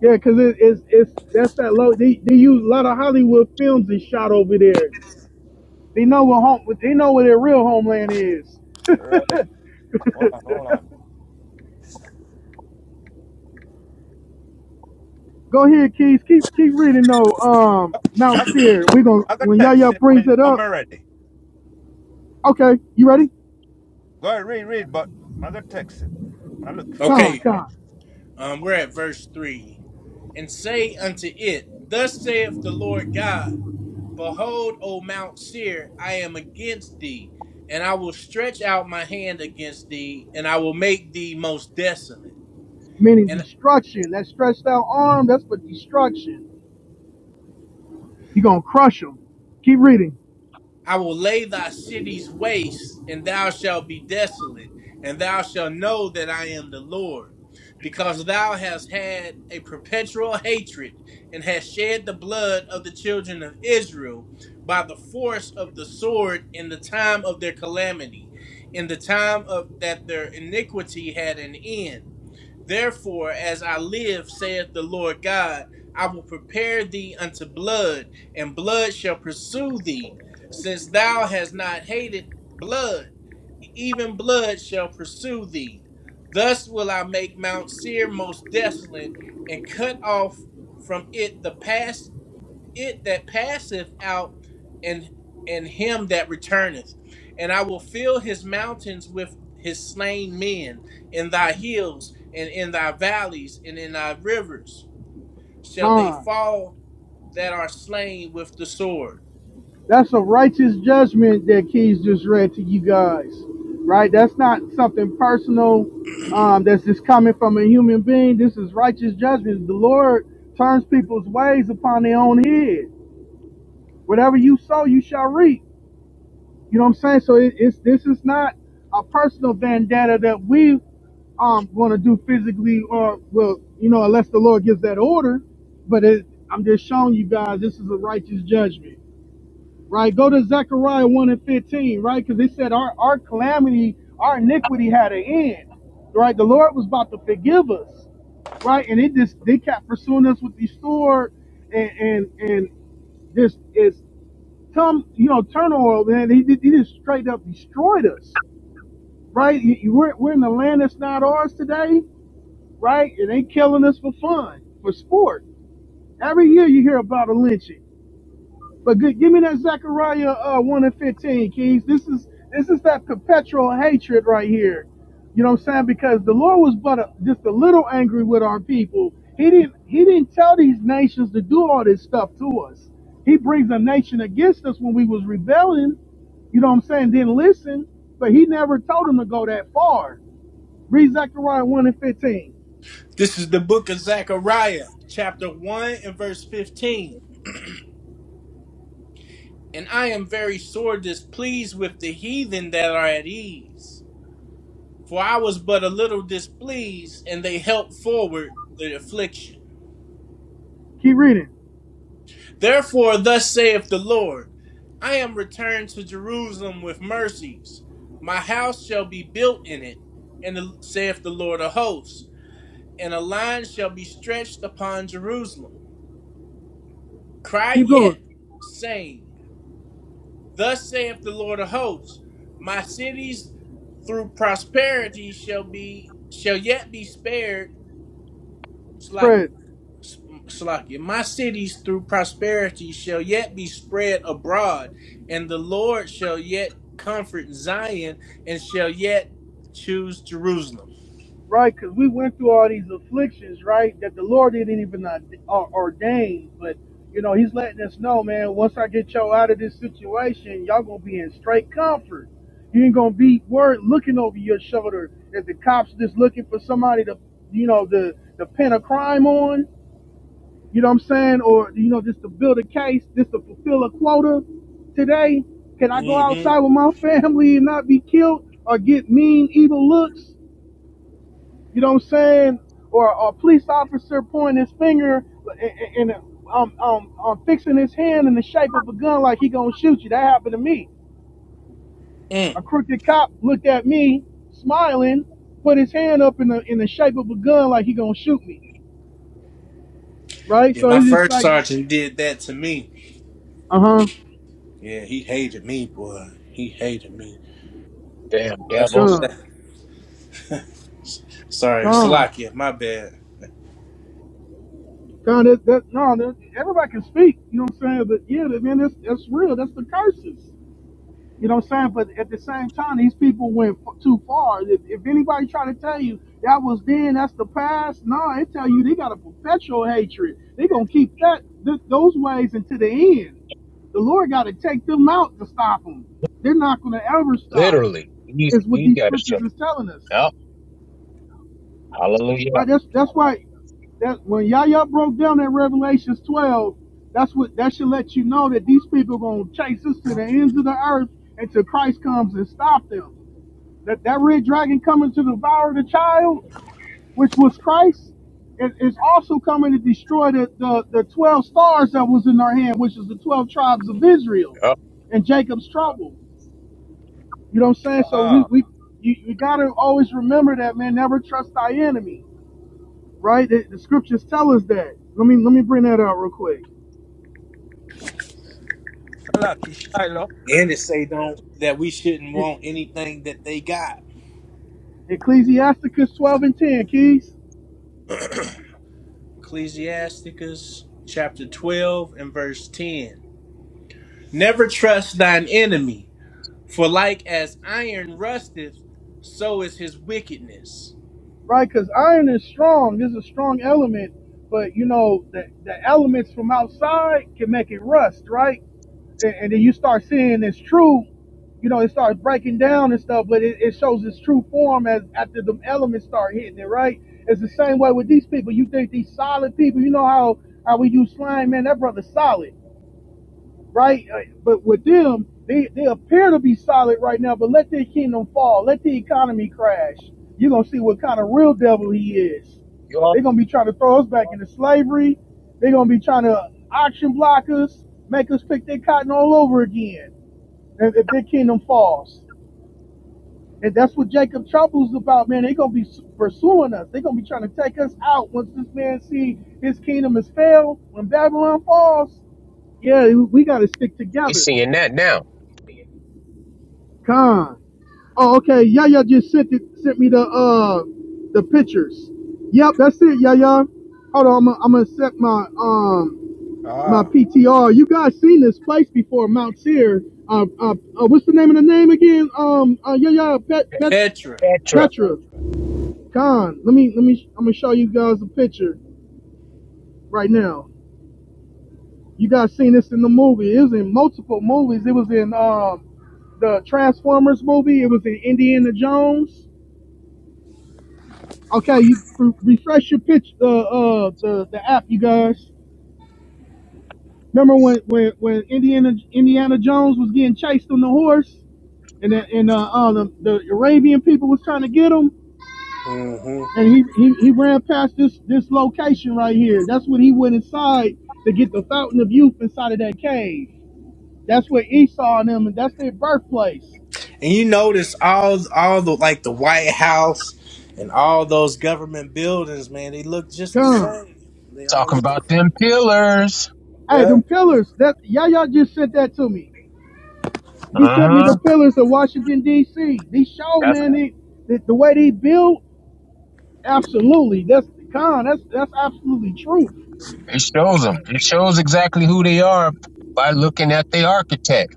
B: Yeah, cause it, it's it's that's that low. They they use a lot of Hollywood films is shot over there. They know what home. They know where their real homeland is.
F: Right. Hold on, hold on.
B: Go ahead, Keys. Keep keep reading though. Um,
F: Ma,
B: Mount
F: ma
B: Seir. We are gonna
F: I got
B: when
F: text
B: Yaya
F: it
B: brings
F: when,
B: it
F: when
B: up.
F: I'm ready.
B: Okay, you ready?
F: Go ahead, read, read, but I got text it. Ma look fit.
B: Con,
C: Okay,
B: con,
C: um, we're at verse 3. And say unto it, Thus saith the Lord God. Behold, O Mount Seir, I am against thee, and I will stretch out my hand against thee, and I will make thee most desolate
B: meaning
C: and.
B: destruction. That stretched out arm, that's for destruction. You're going to crush them. Keep reading.
C: I will lay thy cities waste, and thou shalt be desolate, and thou shalt know that I am the Lord. Because thou hast had a perpetual hatred, and hast shed the blood of the children of Israel by the force of the sword in the time of their calamity, in the time of that their iniquity had an end. Therefore, as I live, saith the Lord God, I will prepare thee unto blood, and blood shall pursue thee, since thou hast not hated blood even blood shall pursue thee. Thus will I make Mount Seir most desolate, and cut off from it the pass it that passeth out and and him that returneth and i will fill his mountains with his slain men in thy hills and in thy valleys and in thy rivers shall they
B: Con.
C: fall that are slain with the sword
B: That's a righteous judgment that Keys just read to you guys, right? That's not something personal um, that's just coming from a human being. This is righteous judgment. The Lord turns people's ways upon their own head. Whatever you sow, you shall reap. You know what I'm saying? So it, it's this is not a personal vendetta that we um going to do physically or well, you know, unless the Lord gives that order. But it, I'm just showing you guys this is a righteous judgment, right? Go to Zechariah one and fifteen, right? Because they said our our calamity, our iniquity had an end, right? The Lord was about to forgive us, right? And it just they kept pursuing us with the sword and and and this is Come, you know, turn oil, man. He, he just straight up destroyed us, right? You- you- We're, we're in the land that's not ours today, right? It ain't killing us for fun, for sport. Every year you hear about a lynching. But good, give me that Zechariah uh, one and fifteen, Keys. This is this is that perpetual hatred right here. You know what I'm saying? Because the Lord was but a, just a little angry with our people. He didn't he didn't tell these nations to do all this stuff to us. He brings a nation against us when we was rebelling. You know what I'm saying? Didn't listen, but he never told them to go that far. Read Zechariah one and fifteen.
C: this is the book of zechariah chapter 1 and verse 15 and i am very sore displeased with the heathen that are at ease for i was but a little displeased and they helped forward the affliction
B: Keep reading.
C: Therefore, thus saith the Lord I am returned to Jerusalem with mercies. My house shall be built in it, and the, saith the Lord of hosts, and a line shall be stretched upon Jerusalem. Cry
B: Keep going.
C: yet, saying, Thus saith the Lord of hosts, My cities through prosperity shall be shall yet be spared. Slack
B: Spread.
C: Salakia. My cities through prosperity shall yet be spread abroad, and the Lord shall yet comfort Zion and shall yet choose Jerusalem.
B: right? Because we went through all these afflictions, right? That the Lord didn't even uh, or- ordain, but you know, He's letting us know, man. Once I get y'all out of this situation, y'all gonna be in straight comfort. You ain't gonna be worried looking over your shoulder if the cops just looking for somebody to, you know, to to pin a crime on. You know what I'm saying? Or you know, just to build a case, just to fulfill a quota. Today, can I go
C: hmm
B: outside with my family and not be killed or get mean, evil looks? You know what I'm saying? Or, or a police officer pointing his finger and, and and um, um, um, fixing his hand in the shape of a gun like he gonna shoot you. That happened to me.
C: Mm.
B: A crooked cop looked at me, smiling, put his hand up in the in the shape of a gun like he gonna shoot me. Right?
C: Yeah,
B: So
C: my
B: it's just
C: first
B: like,
C: sergeant did that to me.
B: uh huh,
C: Yeah, he hated me, boy. He hated me.
I: Damn
C: That's
I: devils.
C: that.
B: gun,
C: Sorry,
B: gun,
C: Salakia, my bad.
B: gun. That, that, no, that, everybody can speak. You know what I'm saying? But yeah, man, that's that's real. That's the curses. You know what I'm saying? But at the same time, these people went f- too far. If, if anybody try to tell you that was then, that's the past, no, they tell you they got a perpetual hatred. They gonna keep that th- those ways until the end. The Lord got to take them out to stop them. They're not gonna ever stop.
I: Literally. He's
B: Is what
I: he
B: these
I: gotta
B: scriptures
I: shut
B: is telling us,
I: up. Hallelujah.
B: right? That's that's why that when Yahya broke down that Revelations 12, that's what that should let you know that these people gonna chase us to the ends of the earth until Christ comes and stop them that that red dragon coming to devour the child, which was Christ, it is also coming to destroy the, the the twelve stars that was in their hand, which is the twelve tribes of Israel,
I: Up.
B: and Jacob's trouble. You know what I'm saying? So we
F: Ah,
B: we you, you gotta always remember that man. Never trust thy enemy, right? The, the scriptures tell us that. Let me let me bring that out real quick.
F: Salaki Shiloh.
C: And it say don't that we shouldn't
B: E-
C: want anything that they got.
B: Ecclesiasticus 12 and 10, keys.
C: Ecclesiasticus chapter twelve and verse ten. Never trust thine enemy, for like as iron rusteth, so is his wickedness.
B: right? Because iron is strong. It's a strong element, but you know the the elements from outside can make it rust, right? And, and then you start seeing it's true. You know, it starts breaking down and stuff, but it, it shows its true form as after the elements start hitting it, right? It's the same way with these people. You think these solid people, you know how how we use slime, man. That brother's solid right? Uh, But with them, they, they appear to be solid right now, but let their kingdom fall. Let the economy crash. You're going to see what kind of real devil he is.
I: You all
B: They're going to be trying to throw us back into slavery. They're going to be trying to auction block us, make us pick their cotton all over again if, if their kingdom falls. And that's what Jacob Trouble's about, man. They're going to be pursuing us. They're going to be trying to take us out once this man see his kingdom has failed. When Babylon falls, yeah, we got to stick
I: we
B: together
I: seeing that now.
B: Con. Oh, okay. Yaya just sent it, sent me the uh the pictures. Yep, that's it, Yaya. Hold on, I'm gonna, I'm gonna set my um my
F: Ah,
B: PTR. You guys seen this place before, Mount Sear. Uh, uh, uh what's the name of the name again? Um, uh, Yaya Pet, Pet,
C: Petra.
I: Petra
B: Petra. Con. Let me let me. I'm gonna show you guys a picture right now. You guys seen this in the movie? It was in multiple movies. It was in um the Transformers movie. It was in Indiana Jones. Okay, you re- refresh your pitch the uh the the app, you guys. Remember when when when Indiana Indiana Jones was getting chased on the horse, and the, and uh, uh the, the Arabian people was trying to get him,
C: hmm
B: and he, he he ran past this this location right here. That's when he went inside to get the fountain of youth inside of that cave. That's where Esau and them, and that's their birthplace.
C: And you notice all all the like the White House and all those government buildings, man, they look just the
B: Come,
C: same. They all
I: talking
C: look
I: about them pillars.
B: hey,
C: Yeah.
B: them pillars. That Yaya just sent that to me He sent me the
I: Uh-huh.
B: pillars of Washington D.C. These show man, they, the, the way they built, absolutely. That's con. That's that's absolutely truth.
I: It shows them. It shows exactly who they are by looking at the architect.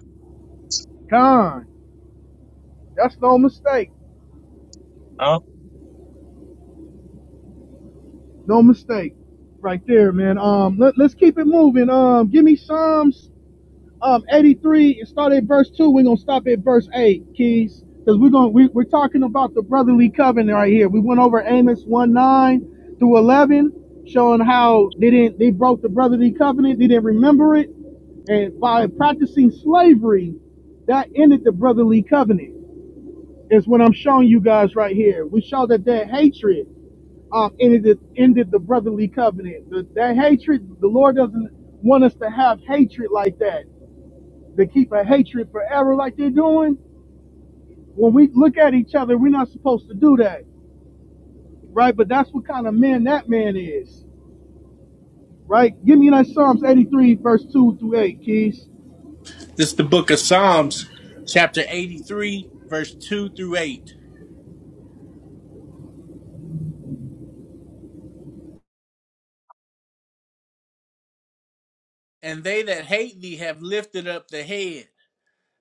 B: Con. That's no mistake.
I: Huh?
B: No mistake, right there, man. Um, let, let's keep it moving. Um, give me Psalms um 83 and start at verse 2 we're gonna stop at verse 8 keys because we're gonna we, we're talking about the brotherly covenant right here we went over amos 1 9 through 11 showing how they didn't they broke the brotherly covenant they didn't remember it and by practicing slavery that ended the brotherly covenant is what i'm showing you guys right here we show that that hatred um, ended the, ended the brotherly covenant the, that hatred the lord doesn't want us to have hatred like that to keep a hatred forever like they're doing, when we look at each other, we're not supposed to do that, right? But that's what kind of man that man is, right? Give me that Psalms 83, verse 2 through 8, Keys.
C: This is the book of Psalms, chapter 83, verse 2 through 8. And they that hate thee have lifted up the head.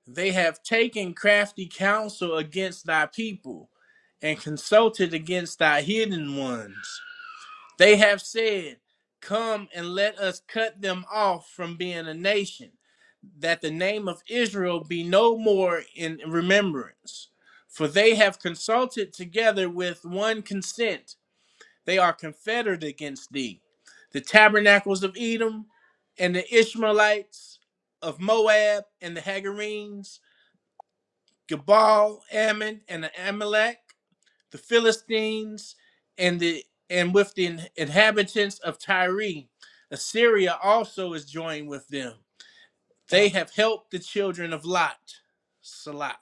C: They have taken crafty counsel against thy people and consulted against thy hidden ones. They have said, Come and let us cut them off from being a nation, that the name of Israel be no more in remembrance. For they have consulted together with one consent. They are confederate against thee. The tabernacles of Edom and the Ishmaelites of Moab and the Hagarenes Gabal, Ammon, and Amalek, the Philistines, and the and with the inhabitants of Tyre. Assyria also is joined with them. They have helped the children of Lot. Salah.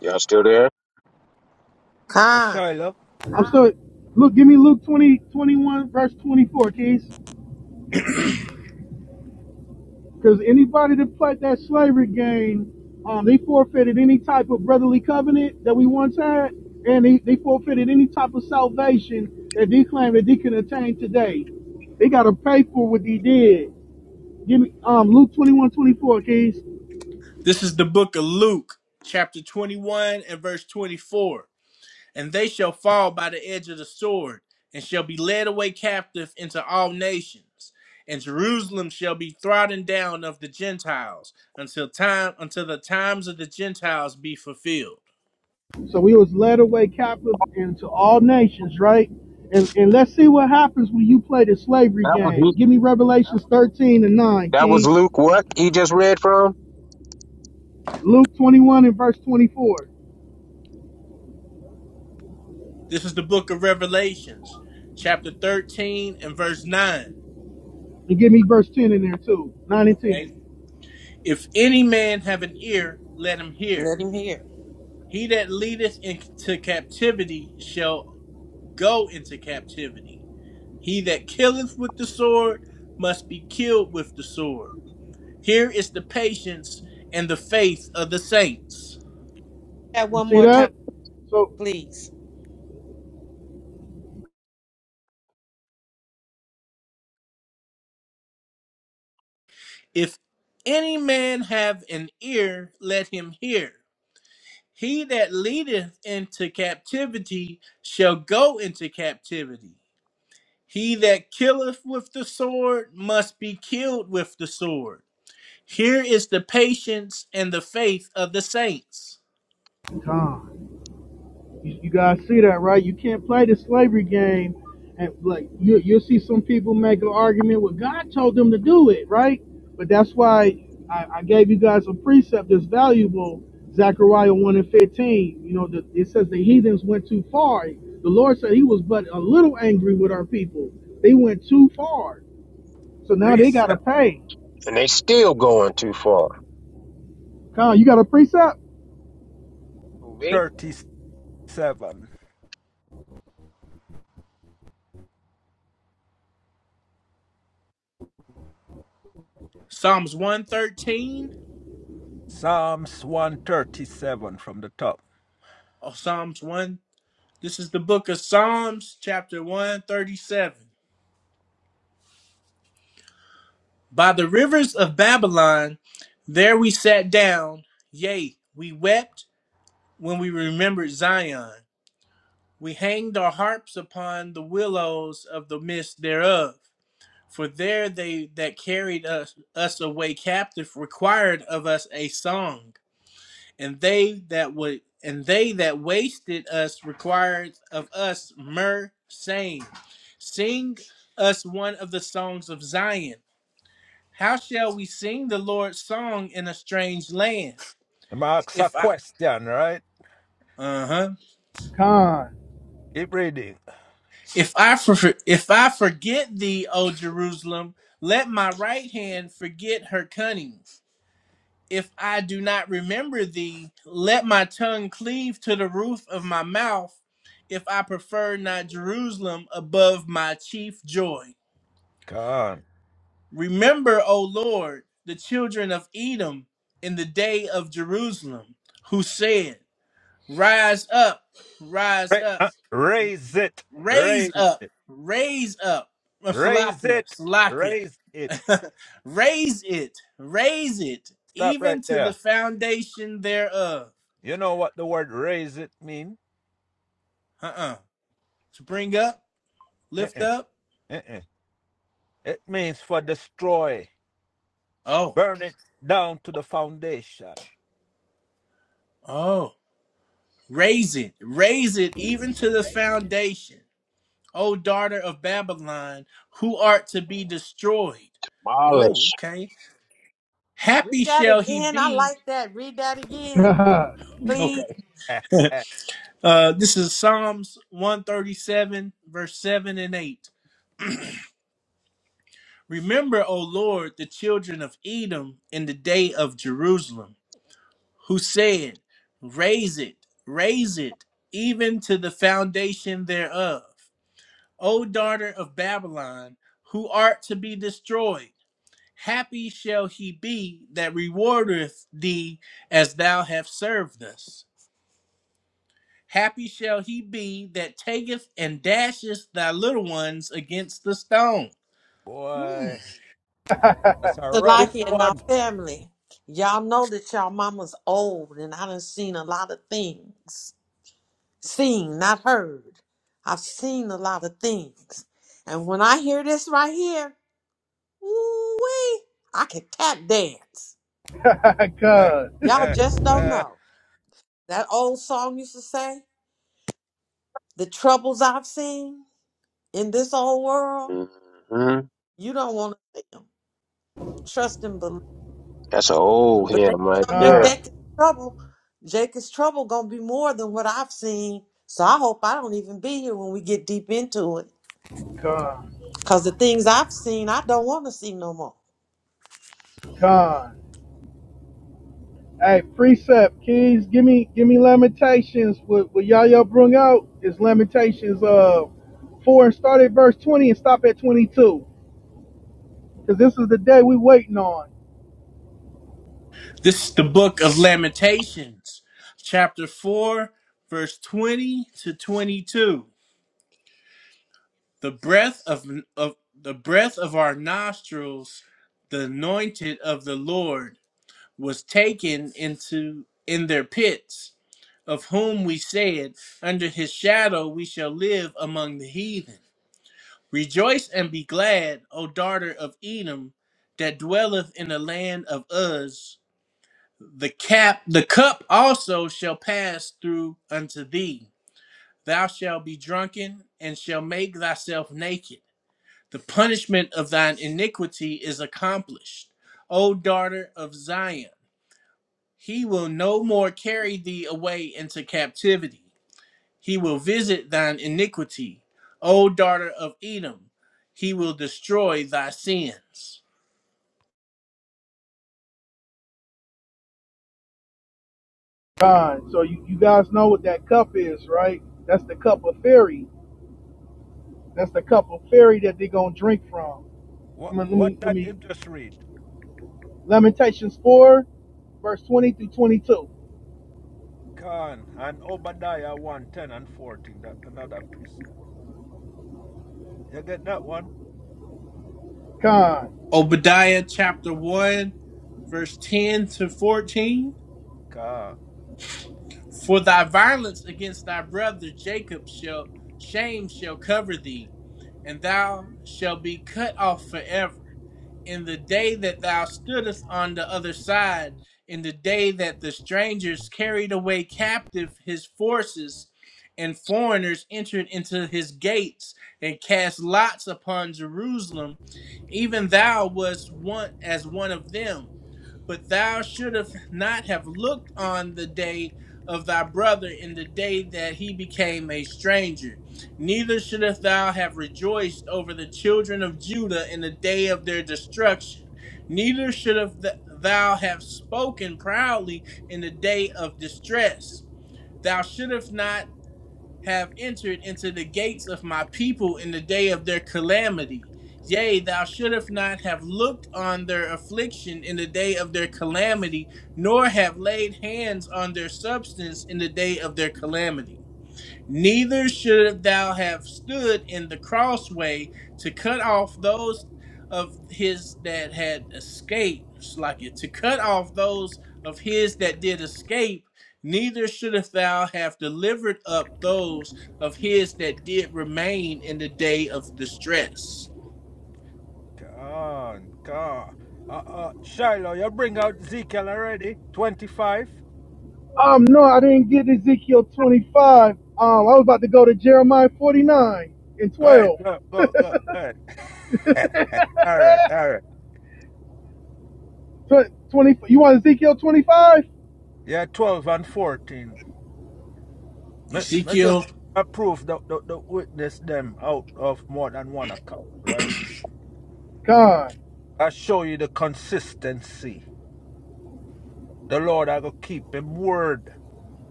I: Y'all still there?
A: con.
F: Shiloh.
B: I'm still, look, give me Luke 20 21, verse 24, Keys. Because anybody that played that slavery game, um, they forfeited any type of brotherly covenant that we once had, and they, they forfeited any type of salvation that they claim that they can attain today. They got to pay for what they did. Give me um Luke 21 24, Keys.
C: This is the book of Luke, chapter 21 and verse 24. and they shall fall by the edge of the sword, and shall be led away captive into all nations. And Jerusalem shall be trodden down of the Gentiles until time until the times of the Gentiles be fulfilled.
B: So we was led away captive into all nations, right? And and let's see what happens when you play the slavery
I: That was
B: game.
I: Luke.
B: Give me Revelations 13 and 9,
I: That was
B: Keys.
I: Luke. What he just read from,
B: Luke 21 and verse 24.
C: This is the book of Revelations, chapter 13 and verse 9.
B: And give me verse 10 in there too. 9 and
C: Okay.
B: 10.
C: If any man have an ear, let him hear.
A: Let him hear.
C: He that leadeth into captivity shall go into captivity He that killeth with the sword must be killed with the sword. Here is the patience and the faith of the saints.
A: That
B: You
A: one
B: see
A: more time,
B: that? So
A: please.
C: If any man have an ear, let him hear. He that leadeth into captivity shall go into captivity. He that killeth with the sword must be killed with the sword. Here is the patience and the faith of the saints.
B: God. You, you guys see that, right? You can't play the slavery game. And like you, you'll see some people make an argument, well, God told them to do it, right? But that's why I, I gave you guys a precept that's valuable. Zechariah 1 and 15, you know, the, it says the heathens went too far. The Lord said he was but a little angry with our people. They went too far. So now they got to
F: Precept
B: pay.
I: and they still going too far.
B: Con, you got a precept?
I: Who, Me?
F: 37.
C: Psalms 113
F: Psalms 137 from the top.
C: or Psalms 1. This is the book of Psalms, chapter 137. By the rivers of Babylon, there we sat down, yea, we wept when we remembered Zion. We hanged our harps upon the willows of the midst thereof. For there they that carried us, us away captive required of us a song. and they that would and they that wasted us required of us myrrh, saying, Sing us one of the songs of Zion. How shall we sing the Lord's song in a strange land?
F: Ma ask a
C: If I
F: question, right?
C: uh-huh.
B: Con.
F: Keep reading.
C: If I for, if I forget thee, O Jerusalem, let my right hand forget her cunning. If I do not remember thee, let my tongue cleave to the roof of my mouth, if I prefer not Jerusalem above my chief joy.
F: Come on.
C: Remember, O Lord, the children of Edom in the day of Jerusalem, who said, Rise up, rise
F: Ra-
C: up,
F: uh, raise it.
C: raise
F: Raise
C: up,
F: it.
C: raise up. Uh,
F: Raise
C: Salakia,
F: it.
C: Salakia.
F: Raise it.
C: raise it, raise it,
F: Stop right
C: even to the
F: there.
C: foundation thereof.
F: You know what the word raise it mean?
C: Uh-uh. to bring up, lift
F: Uh-uh.
C: up.
F: Uh-uh. It means for destroy.
C: Oh,
F: Burn it down to the foundation.
C: oh, raise it, raise it even to the foundation. O daughter of Babylon, who art to be destroyed. Oh,
I: Mileage.
C: okay.
A: Read
C: Happy
A: that
C: shall he
A: again. I
C: be.
A: like that. Read that again,
B: Con.
A: please.
C: Okay.
F: Eh, eh.
C: uh, this is Psalms 137, verse 7 and 8. Remember, O Lord, the children of Edom in the day of Jerusalem who said, Raise it, raise it, even to the foundation thereof. O daughter of Babylon, who art to be destroyed, happy shall he be that rewardeth thee as thou hast served us. Happy shall he be that taketh and dasheth thy little ones against the stone. Hmm.
F: Boy, that's a rough
A: Salakia and our
F: one.
A: family. Y'all know that y'all mama's old, and I done seen a lot of things. seen, not heard. I've seen a lot of things. And when I hear this right here, ooh-wee, I can tap dance.
F: Eh,
A: Y'all
F: eh,
A: just don't
F: eh.
A: know. That old song used to say, the troubles I've seen in this old world,
I: hmm
A: you don't want to see them. Trust and believe.
I: That's an old
A: But
I: Yeah,
A: they
I: I'm like,
A: tell me
I: yeah,
B: Con.
A: Jacob's trouble, Jacob's trouble gonna be more than what I've seen. So I hope I don't even be here when we get deep into it.
B: Con.
A: Cause the things I've seen, I don't want to see no more.
B: Con. Hey, precept keys, give me give me Lamentations. What what Yahya brung out is Lamentations uh four and start at verse twenty and stop at twenty two. Cause this is the day we waiting on.
C: This is the book of Lamentations, chapter 4, verse 20 to 22. The breath of, of the breath of our nostrils, the anointed of the Lord, was taken into in their pits, of whom we said, Under his shadow we shall live among the heathen. Rejoice and be glad, O daughter of Edom, that dwelleth in the land of Uz. The cap the cup also shall pass through unto thee. Thou shalt be drunken and shall make thyself naked the punishment of thine iniquity is accomplished. O daughter of Zion, he will no more carry thee away into captivity. He will visit thine iniquity. O daughter of Edom, he will destroy thy sins.
B: God. So you, you guys know what that cup is, right? That's the cup of fairy. That's the cup of fairy that they gonna drink from.
F: What,
B: I'm let
F: what
B: me let
F: that
B: me
F: him just read?
B: Lamentations four, verse twenty through twenty two.
F: Con and Obadiah one 10 and 14. That another precept. You get that one?
B: Con.
C: Obadiah chapter 1, verse 10 to 14.
F: Con.
C: For thy violence against thy brother Jacob shall shame shall cover thee, and thou shalt be cut off forever. In the day that thou stoodest on the other side, in the day that the strangers carried away captive his forces, and foreigners entered into his gates and cast lots upon Jerusalem, even thou wast one as one of them but thou shouldest not have looked on the day of thy brother in the day that he became a stranger. Neither shouldest thou have rejoiced over the children of Judah in the day of their destruction. Neither shouldest th- thou have spoken proudly in the day of distress. Thou shouldest not have entered into the gates of my people in the day of their calamity. Yea, thou shouldest not have looked on their affliction in the day of their calamity, nor have laid hands on their substance in the day of their calamity. Neither should thou have stood in the crossway to cut off those of his that had escaped, It's like it, to cut off those of his that did escape. Neither shouldest thou have delivered up those of his that did remain in the day of distress.
F: Gone, gone. Uh uh. Shiloh, you bring out Ezekiel already. 25.
B: Um, no, I didn't get Ezekiel 25. Um, I was about to go to Jeremiah 49 and
F: Go ahead,
B: 12.
F: go, go, go, go ahead. all right, all right.
B: Tw- 20, you want Ezekiel 25?
F: Yeah, 12 and 14. Me, me just
C: Ezekiel,
F: approve the, the, the witness them out of more than one account, right?
B: Con,
F: I show you the consistency. The Lord I go keep him word.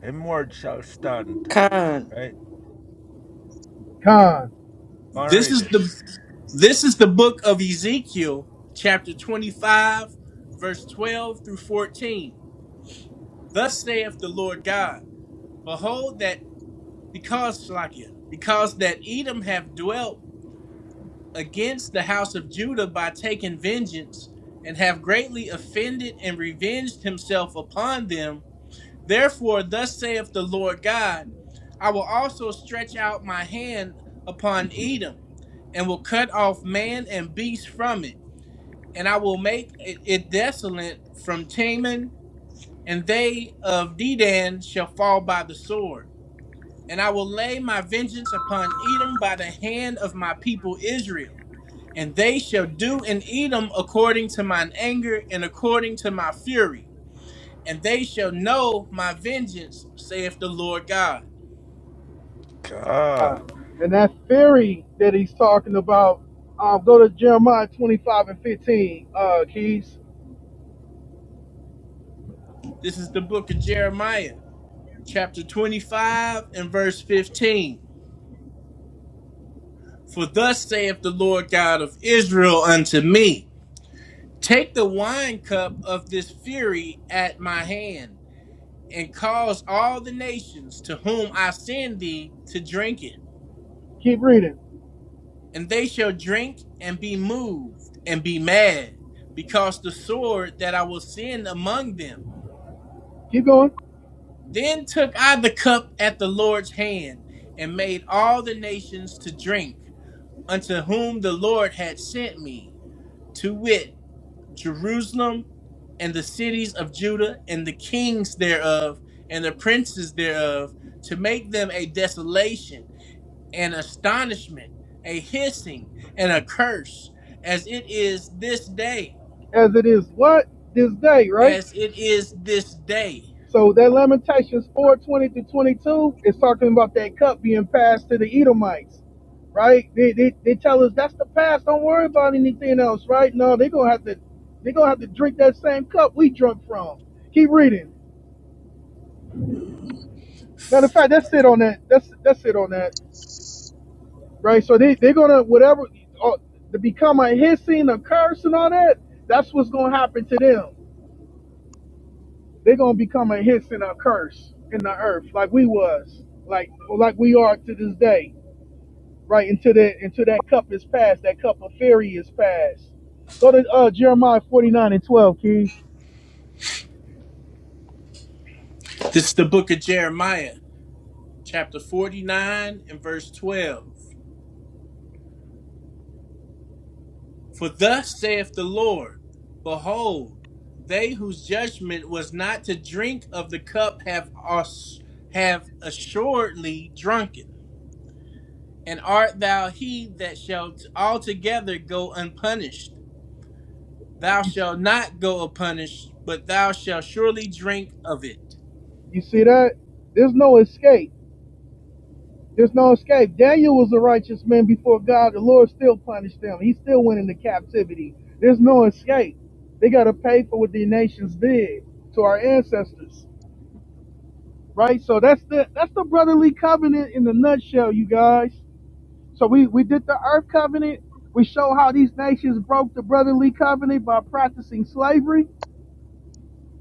F: Him word shall stand.
A: Con,
F: Right?
B: con.
F: Go and
C: this
F: read
C: is
F: it.
C: the this is the book of Ezekiel, chapter 25, verse 12 through 14. Thus saith the Lord God, Behold that because Shlakia, because that Edom have dwelt against the house of Judah by taking vengeance, and have greatly offended and revenged himself upon them, therefore thus saith the Lord God, I will also stretch out my hand upon Edom and will cut off man and beast from it, and I will make it, it desolate from Teman, and they of Dedan shall fall by the sword. And I will lay my vengeance upon Edom by the hand of my people Israel, and they shall do in Edom according to mine anger and according to my fury, and they shall know my vengeance, saith the Lord God.
F: Ah,
B: con. And that theory that he's talking about, um, go to Jeremiah 25 and 15, uh, Keys.
C: This is the book of Jeremiah, chapter 25 and verse 15. For thus saith the Lord God of Israel unto me Take the wine cup of this fury at my hand, and cause all the nations to whom I send thee to drink it.
B: Keep reading.
C: And they shall drink and be moved and be mad, because the sword that I will send among them.
B: Keep going.
C: Then took I the cup at the Lord's hand, and made all the nations to drink, unto whom the Lord had sent me, to wit, Jerusalem and the cities of Judah and the kings thereof and the princes thereof to make them a desolation, an astonishment, a hissing, and a curse, as it is this day,
B: As it is what? This day, right?
C: as it is this day.
B: So that Lamentations four twenty 20 to 22 is talking about that cup being passed to the Edomites, right? They, they, they tell us that's the past. Don't worry about anything else, right? No, they're gonna have to they're gonna have to drink that same cup we drunk from. Keep reading.
C: Uh,
B: Matter of fact, that's it on that. That's that's it on that, right? So they they're gonna whatever uh, to become a hissing, a curse, and all that. That's what's gonna happen to them. They're gonna become a hiss and a curse in the earth, like we was, like like we are to this day right until that until that cup is passed that cup of fury is passed go to uh, jeremiah 49 and 12 keys
C: This is the book of Jeremiah, chapter 49 and verse 12. For thus saith the Lord Behold, they whose judgment was not to drink of the cup have, ass- have assuredly drunken. And art thou he that shall altogether go unpunished? Thou
B: you see,
C: shalt not go unpunished, but thou shalt surely drink of it.
B: you see that there's no escape there's no escape daniel was a righteous man before god the lord still punished them he still went into captivity there's no escape they got to pay for what the nations did to our ancestors right so that's the that's the brotherly covenant in the nutshell you guys So we, we did the earth covenant. We show how these nations broke the brotherly covenant by practicing slavery,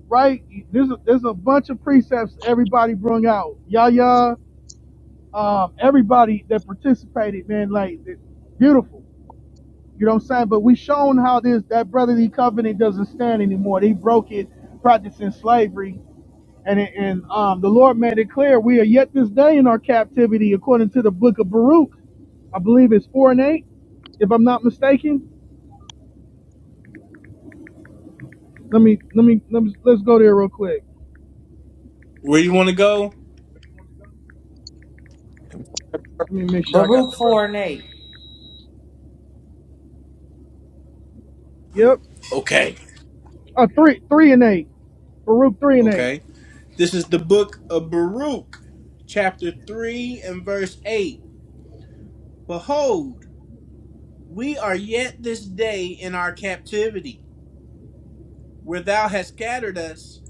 B: right? There's a, there's a bunch of precepts everybody brung out. Yahya, um, everybody that participated, man, like it- beautiful. You know what I'm saying? But we shown how this that brotherly covenant doesn't stand anymore. They broke it practicing slavery and it, and um, the Lord made it clear we are yet this day in our captivity, according to the book of Baruch. I believe it's four and eight, if I'm not mistaken. Let me let me let me let's go there real quick.
C: Where you want to go?
B: Let me make sure I got
D: Baruch
B: the right.
D: four
B: one.
D: and
B: Yep.
C: Okay.
B: Uh, three three and eight. Baruch three and eight.
C: Okay. This is the book of Baruch, chapter 3 and verse 8. Behold, We are yet this day in our captivity, where thou hast scattered us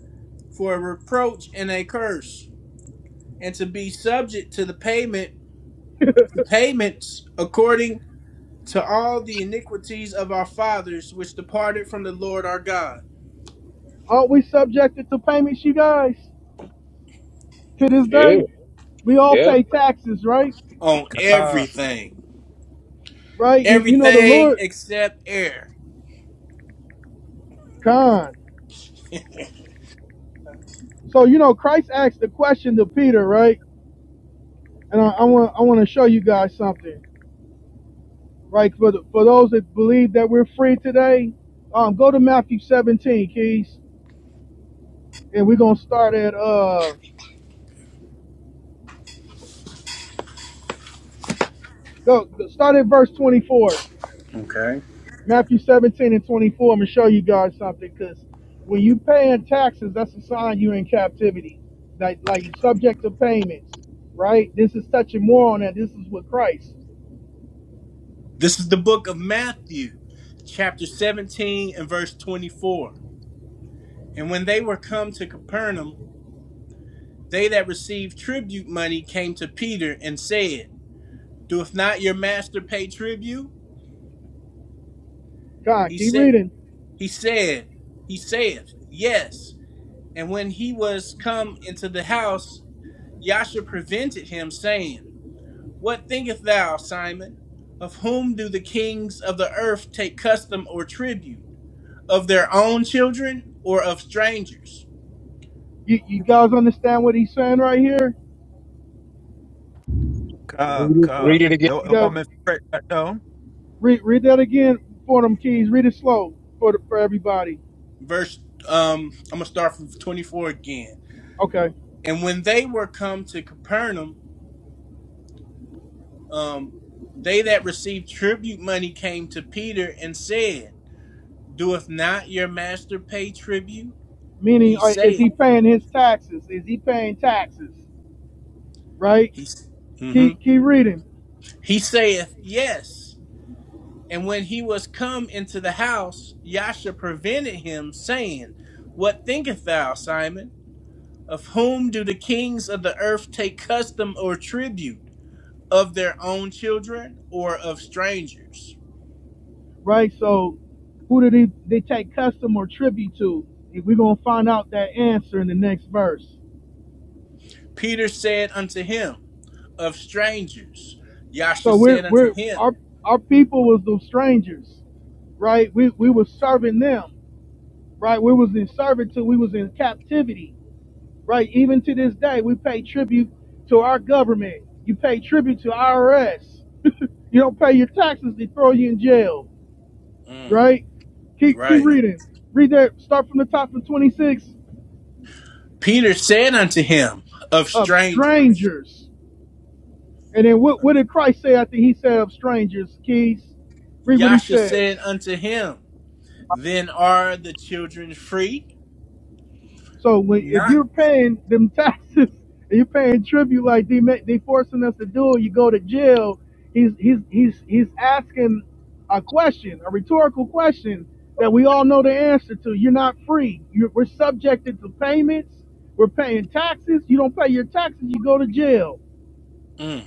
C: for a reproach and a curse, and to be subject to the payment to payments according to all the iniquities of our fathers which departed from the Lord our God
B: Aren't we subjected to payments, you guys? To this
I: yeah,
B: day, we all
I: yep.
B: pay taxes, right?
C: on
F: ah,
C: everything.
B: Right? You, you know the
C: Everything
B: Lord
C: except air.
B: con. So you know Christ asked the question to Peter, right? And I want I want to show you guys something. Right, for, the, for those that believe that we're free today, um, go to Matthew 17, Keys, and we're going to start at uh, go start at verse 24. Matthew 17 and 24. I'm going to show you guys something because when you paying taxes, that's a sign you're in captivity, like like you are subject to payments, right? This is touching more on that. This is with Christ.
C: This is the book of Matthew, chapter 17 and verse 24. And when they were come to Capernaum, They that received tribute money came to Peter and said, Doeth not your master pay tribute?
B: God,
C: He
B: keep
C: said,
B: reading.
C: He said, He saith, Yes. And when he was come into the house, Yasha prevented him, saying, What thinkest thou, Simon? Of whom do the kings of the earth take custom or tribute? Of their own children or of strangers?
B: You, you guys understand what he's saying right here?
F: come,
I: Read it,
F: come.
I: read it again.
F: You,
B: You
F: you
B: guys.
F: want me to break that down?
B: Read read that again for them keys. Read it slow for the, for everybody.
C: Verse um, I'm gonna start from 24 again.
B: Okay.
C: And when they were come to Capernaum, um, they that received tribute money came to Peter and said, Doeth not your master pay tribute?
B: Meaning,
C: He
B: uh, is
C: saith,
B: he paying his taxes? Is he paying taxes? Right.
C: he, mm
B: Keep keep reading.
C: he saith, Yes. And when he was come into the house, Yasha prevented him, saying, What thinkest thou, Simon? Of whom do the kings of the earth take custom or tribute? Of their own children or of strangers?
B: Right. So, who did he they take custom or tribute to? And We're gonna find out that answer in the next verse.
C: Peter said unto him, of strangers. Yasha
B: So we're
C: said unto
B: we're
C: him,
B: our our people was those strangers, right? We we were serving them, right? We was in servitude. We was in captivity right? Even to this day, we pay tribute to our government. You pay tribute to IRS. you don't pay your taxes, they throw you in jail,
C: Mm,
B: right? Keep keep
C: right.
B: reading. Read that. Start from the top of 26
C: Peter said unto him, Of
B: of
C: strangers.
B: strangers. And then what, what did Christ say after he said of strangers? Keys. Read what he
C: Yasha
B: said.
C: said unto him, Then are the children free?
B: So when if
C: Not.
B: you're paying them taxes and you're paying tribute like they ma- they forcing us to do, you go to jail. He's he's he's he's asking a question, a rhetorical question that we all know the answer to. You're not free. You're, we're subjected to payments. We're paying taxes. You don't pay your taxes, you go to jail,
C: Mm,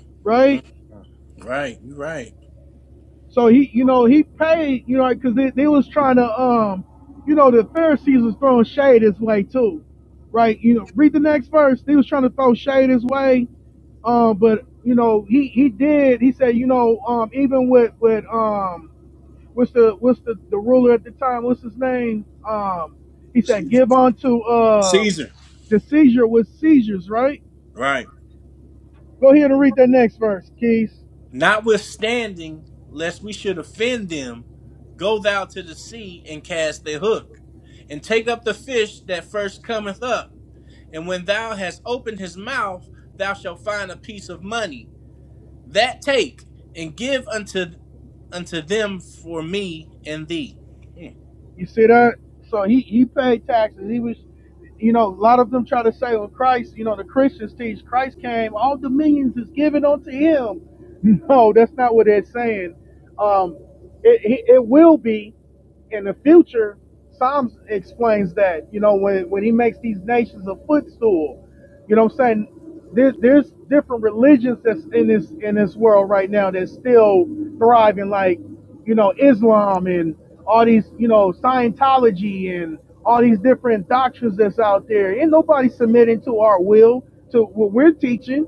C: mm,
B: right?
C: mm. Right, you're right.
B: So he, you know, he paid, you know, because they, they was trying to, um, you know, the Pharisees was throwing shade his way too, right? You know, read the next verse. They was trying to throw shade his way, um, but you know, he he did. He said, you know, um, even with with um, what's the what's the the ruler at the time? What's his name? Um, he said,
C: Caesar.
B: give unto uh
C: Caesar.
B: the seizure with seizures, right?
C: Right.
B: Go ahead and read that next verse, Keys.
C: Notwithstanding, lest we should offend them, go thou to the sea and cast the hook, and take up the fish that first cometh up. And when thou hast opened his mouth, thou shalt find a piece of money. That take and give unto unto them for me and thee. Mm.
B: You see that? So he, he paid taxes. He was, you know, a lot of them try to say, well, Christ, you know, the Christians teach Christ came, all dominions is given unto him. No, that's not what they're saying. Um, it, it, it will be in the future. Psalms explains that, you know, when, when he makes these nations a footstool. You know what I'm saying? There's there's different religions that's in this in this world right now that's still thriving, like you know Islam and all these you know Scientology and all these different doctrines that's out there. Ain't nobody submitting to our will to what we're teaching,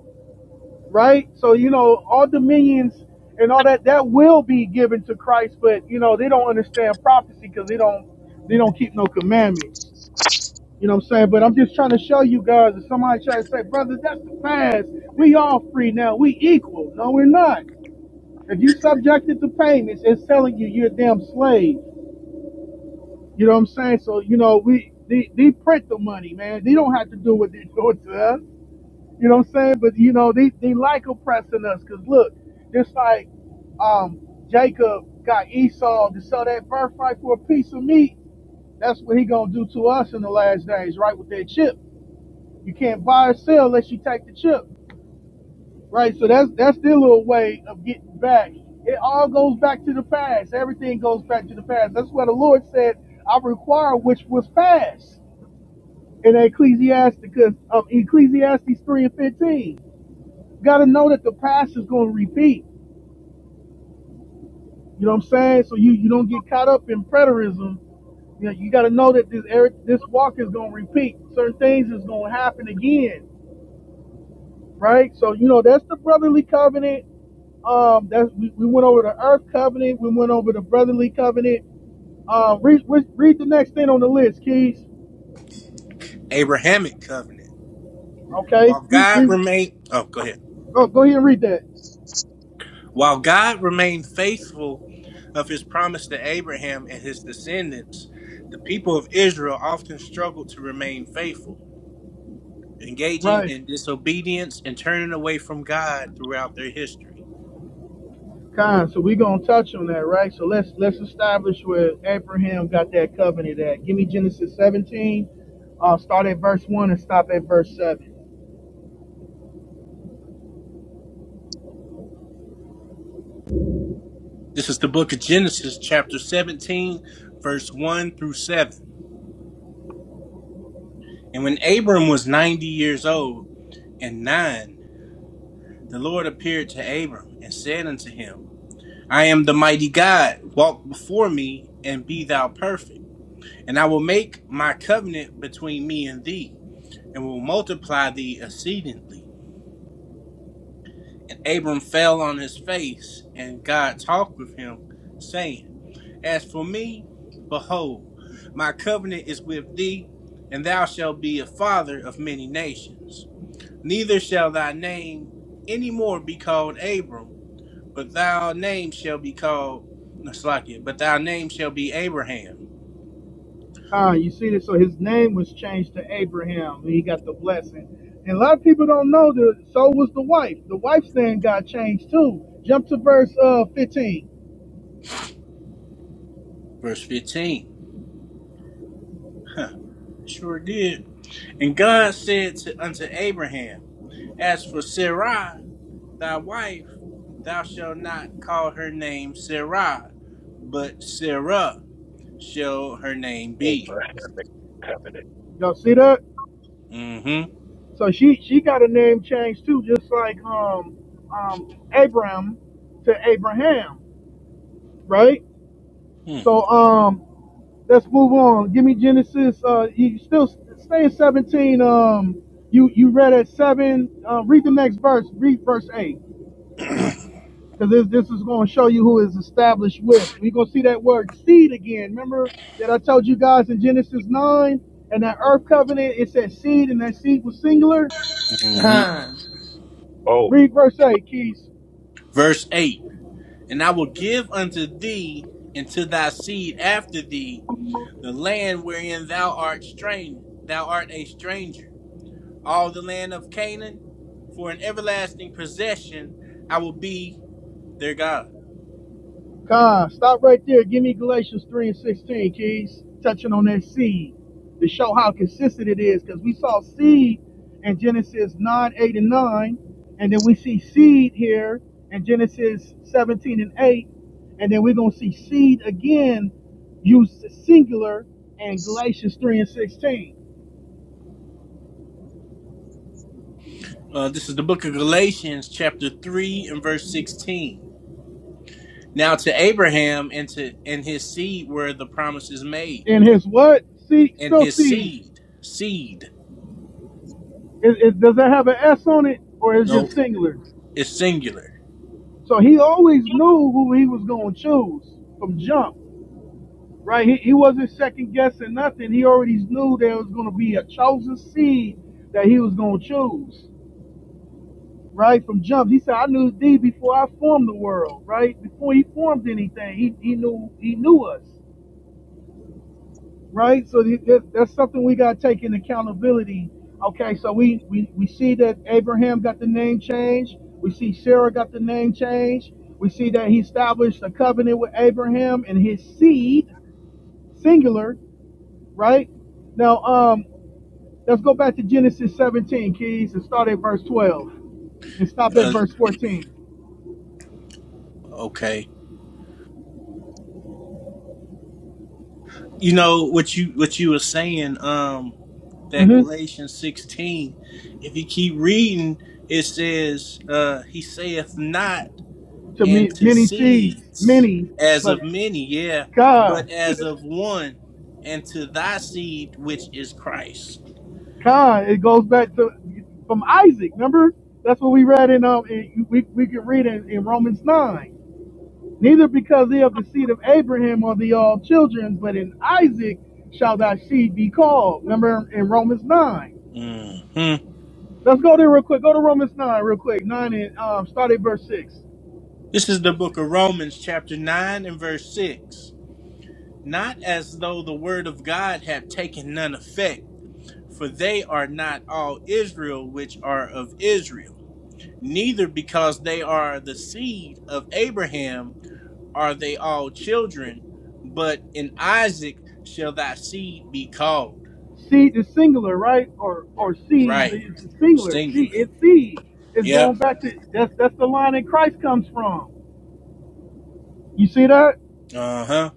B: right? So you know all dominions and all that that will be given to Christ, but you know they don't understand prophecy because they don't they don't keep no commandments. You know what I'm saying? But I'm just trying to show you guys that somebody try to say, brother, that's the past. We all free now. We equal. No, we're not. If you subjected to payments, it's telling you you're a damn slave. You know what I'm saying? So, you know, we they, they print the money, man. They don't have to do what they're doing to us. You know what I'm saying? But you know, they, they like oppressing us because look, just like um Jacob got Esau to sell that birthright for a piece of meat, that's what he gonna do to us in the last days, right? With that chip. You can't buy or sell unless you take the chip, right? So that's that's their little way of getting back. It all goes back to the past. Everything goes back to the past. That's why the Lord said, "I require which was past." In Ecclesiastes, because um, Ecclesiastes three and fifteen, You got to know that the past is going to repeat. You know what I'm saying? So you you don't get caught up in preterism. You know, you got to know that this er- this walk is going to repeat. Certain things is going to happen again, right? So you know that's the brotherly covenant Um, that's we, we went over the Earth Covenant. We went over the Brotherly Covenant. Um, read, read read the next thing on the list, Keys.
C: Abrahamic covenant.
B: Okay,
C: While
B: read,
C: God
B: read
C: remained oh go ahead.
B: go go ahead and read that.
C: While God remained faithful of his promise to Abraham and his descendants, the people of Israel often struggled to remain faithful, engaging
B: Right,
C: in disobedience and turning away from God throughout their history.
B: kind. So we gonna touch on that, right? So let's let's establish where Abraham got that covenant at. Give me Genesis 17. Uh, start at verse one and stop at verse seven.
C: This is the book of Genesis, chapter 17, verse 1 through 7. And when Abram was 90 years old and nine, the Lord appeared to Abram and said unto him, I am the mighty God, walk before me and be thou perfect. And I will make my covenant between me and thee, and will multiply thee exceedingly. And Abram fell on his face, and God talked with him, saying, As for me, behold, my covenant is with thee, and thou shalt be a father of many nations. Neither shall thy name any more be called Abram, but thy name shall be called Slakia, but thy name shall be Abraham.
B: Ah, you see this? So his name was changed to Abraham. and He got the blessing. And a lot of people don't know that so was the wife. The wife's name got changed too. Jump to verse uh 15.
C: Verse 15. Huh, sure did. And God said to, unto Abraham, As for Sarai, thy wife, thou shalt not call her name Sarai, but Sarah shall her name be.
I: Abrahamic covenant.
B: Y'all see that?
C: Mm-hmm.
B: So she she got a name changed too, just like um um Abraham to Abraham, right? So um let's move on. Give me Genesis. Uh you still stay at 17. Um you you read at seven. Uh, read the next verse. Read verse eight. Because this, this is going to show you who is established with. We're going to see that word seed again. Remember that I told you guys in Genesis 9 and that earth covenant, it said seed and that seed was singular?
C: hmm
D: eight.
I: Oh,
B: Read verse 8, Keys.
C: Verse 8 And I will give unto thee and to thy seed after thee the land wherein thou art strange, thou art a stranger, all the land of Canaan, for an everlasting possession I will be their God.
B: God, stop right there. Give me Galatians 3 and 16, Keys. Touching on that seed to show how consistent it is. Because we saw seed in Genesis 9, 8, and 9. And then we see seed here in Genesis 17 and 8. And then we're going to see seed again used singular in Galatians 3 and 16.
C: Uh, this is the book of Galatians, chapter 3, and verse 16. Now to Abraham and to and his seed were the promises made,
B: And his what? Seed,
C: and
B: spell
C: his
B: seed.
C: seed, seed.
B: Is, is, does that have an S on it or is it
C: No,
B: just singular?
C: It's singular.
B: So he always knew who he was going to choose from jump, right? He, he wasn't second guessing nothing. He already knew there was going to be a chosen seed that he was going to choose, right? From jump. He said, I knew thee before I formed the world, right? Before he formed anything, he, he knew he knew us. right? So th- th- that's something we got to take in accountability. Okay, so we, we, we see that Abraham got the name change. We see Sarah got the name change. We see that he established a covenant with Abraham and his seed, singular, right? Now, um, let's go back to Genesis 17, Keys, and start at verse 12 and stop at
C: Uh,
B: verse 14.
C: okay. You know what you what you were saying. Um, that
B: hmm
C: Galatians sixteen. If you keep reading, it says, uh, "He saith not
B: To me,
C: unto
B: many seeds,
C: seeds
B: many,
C: as
B: but
C: of many, yeah, but
B: God.
C: as of one, and to thy seed which is Christ."
B: Con, it goes back to from Isaac. Remember, that's what we read in um, in, we we can read in, in Romans nine. Neither because they of the seed of Abraham are they all children, but in Isaac shall thy seed be called. Remember in Romans nine.
C: hmm
B: Let's go there real quick. Go to Romans nine real quick. Nine and um, start at verse six.
C: This is the book of Romans, chapter nine and verse six. Not as though the word of God had taken none effect for they are not all Israel which are of Israel. Neither because they are the seed of Abraham are they all children, but in Isaac shall thy seed be called.
B: Seed is singular, right? Or
C: Right.
B: or seed
C: Right.
B: is singular. Seed
C: Singular.
B: it's seed. It's
C: Yep.
B: going back to that's that's the line that Christ comes from. You see that?
C: Uh huh.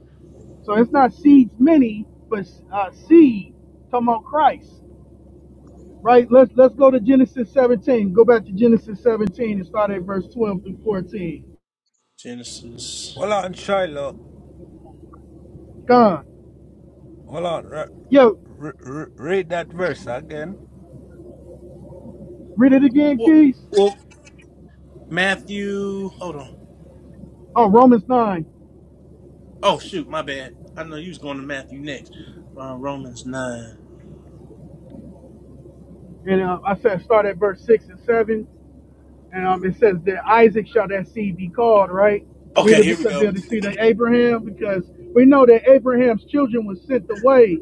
B: So it's not seeds many, but uh, seed. Talking about Christ, right? Let's let's go to Genesis 17. Go back to Genesis 17 and start at verse 12 through 14.
C: Genesis.
F: Hold on, Shiloh.
B: Gone.
F: Hold on. Re-
B: Yo,
F: re- re- read that verse again.
B: read it again,
C: Well,
B: Keys.
C: well, Matthew. Hold on.
B: Oh, Romans 9,
C: Oh, shoot. My bad. I know you was going to Matthew next. Uh, Romans 9.
B: and uh, I said start at verse 6 and 7, and um, it says that Isaac shall that seed be called, right? Neither
C: Okay, here we
B: because
C: go.
B: they're the seed of Abraham, because we know that Abraham's children were sent away.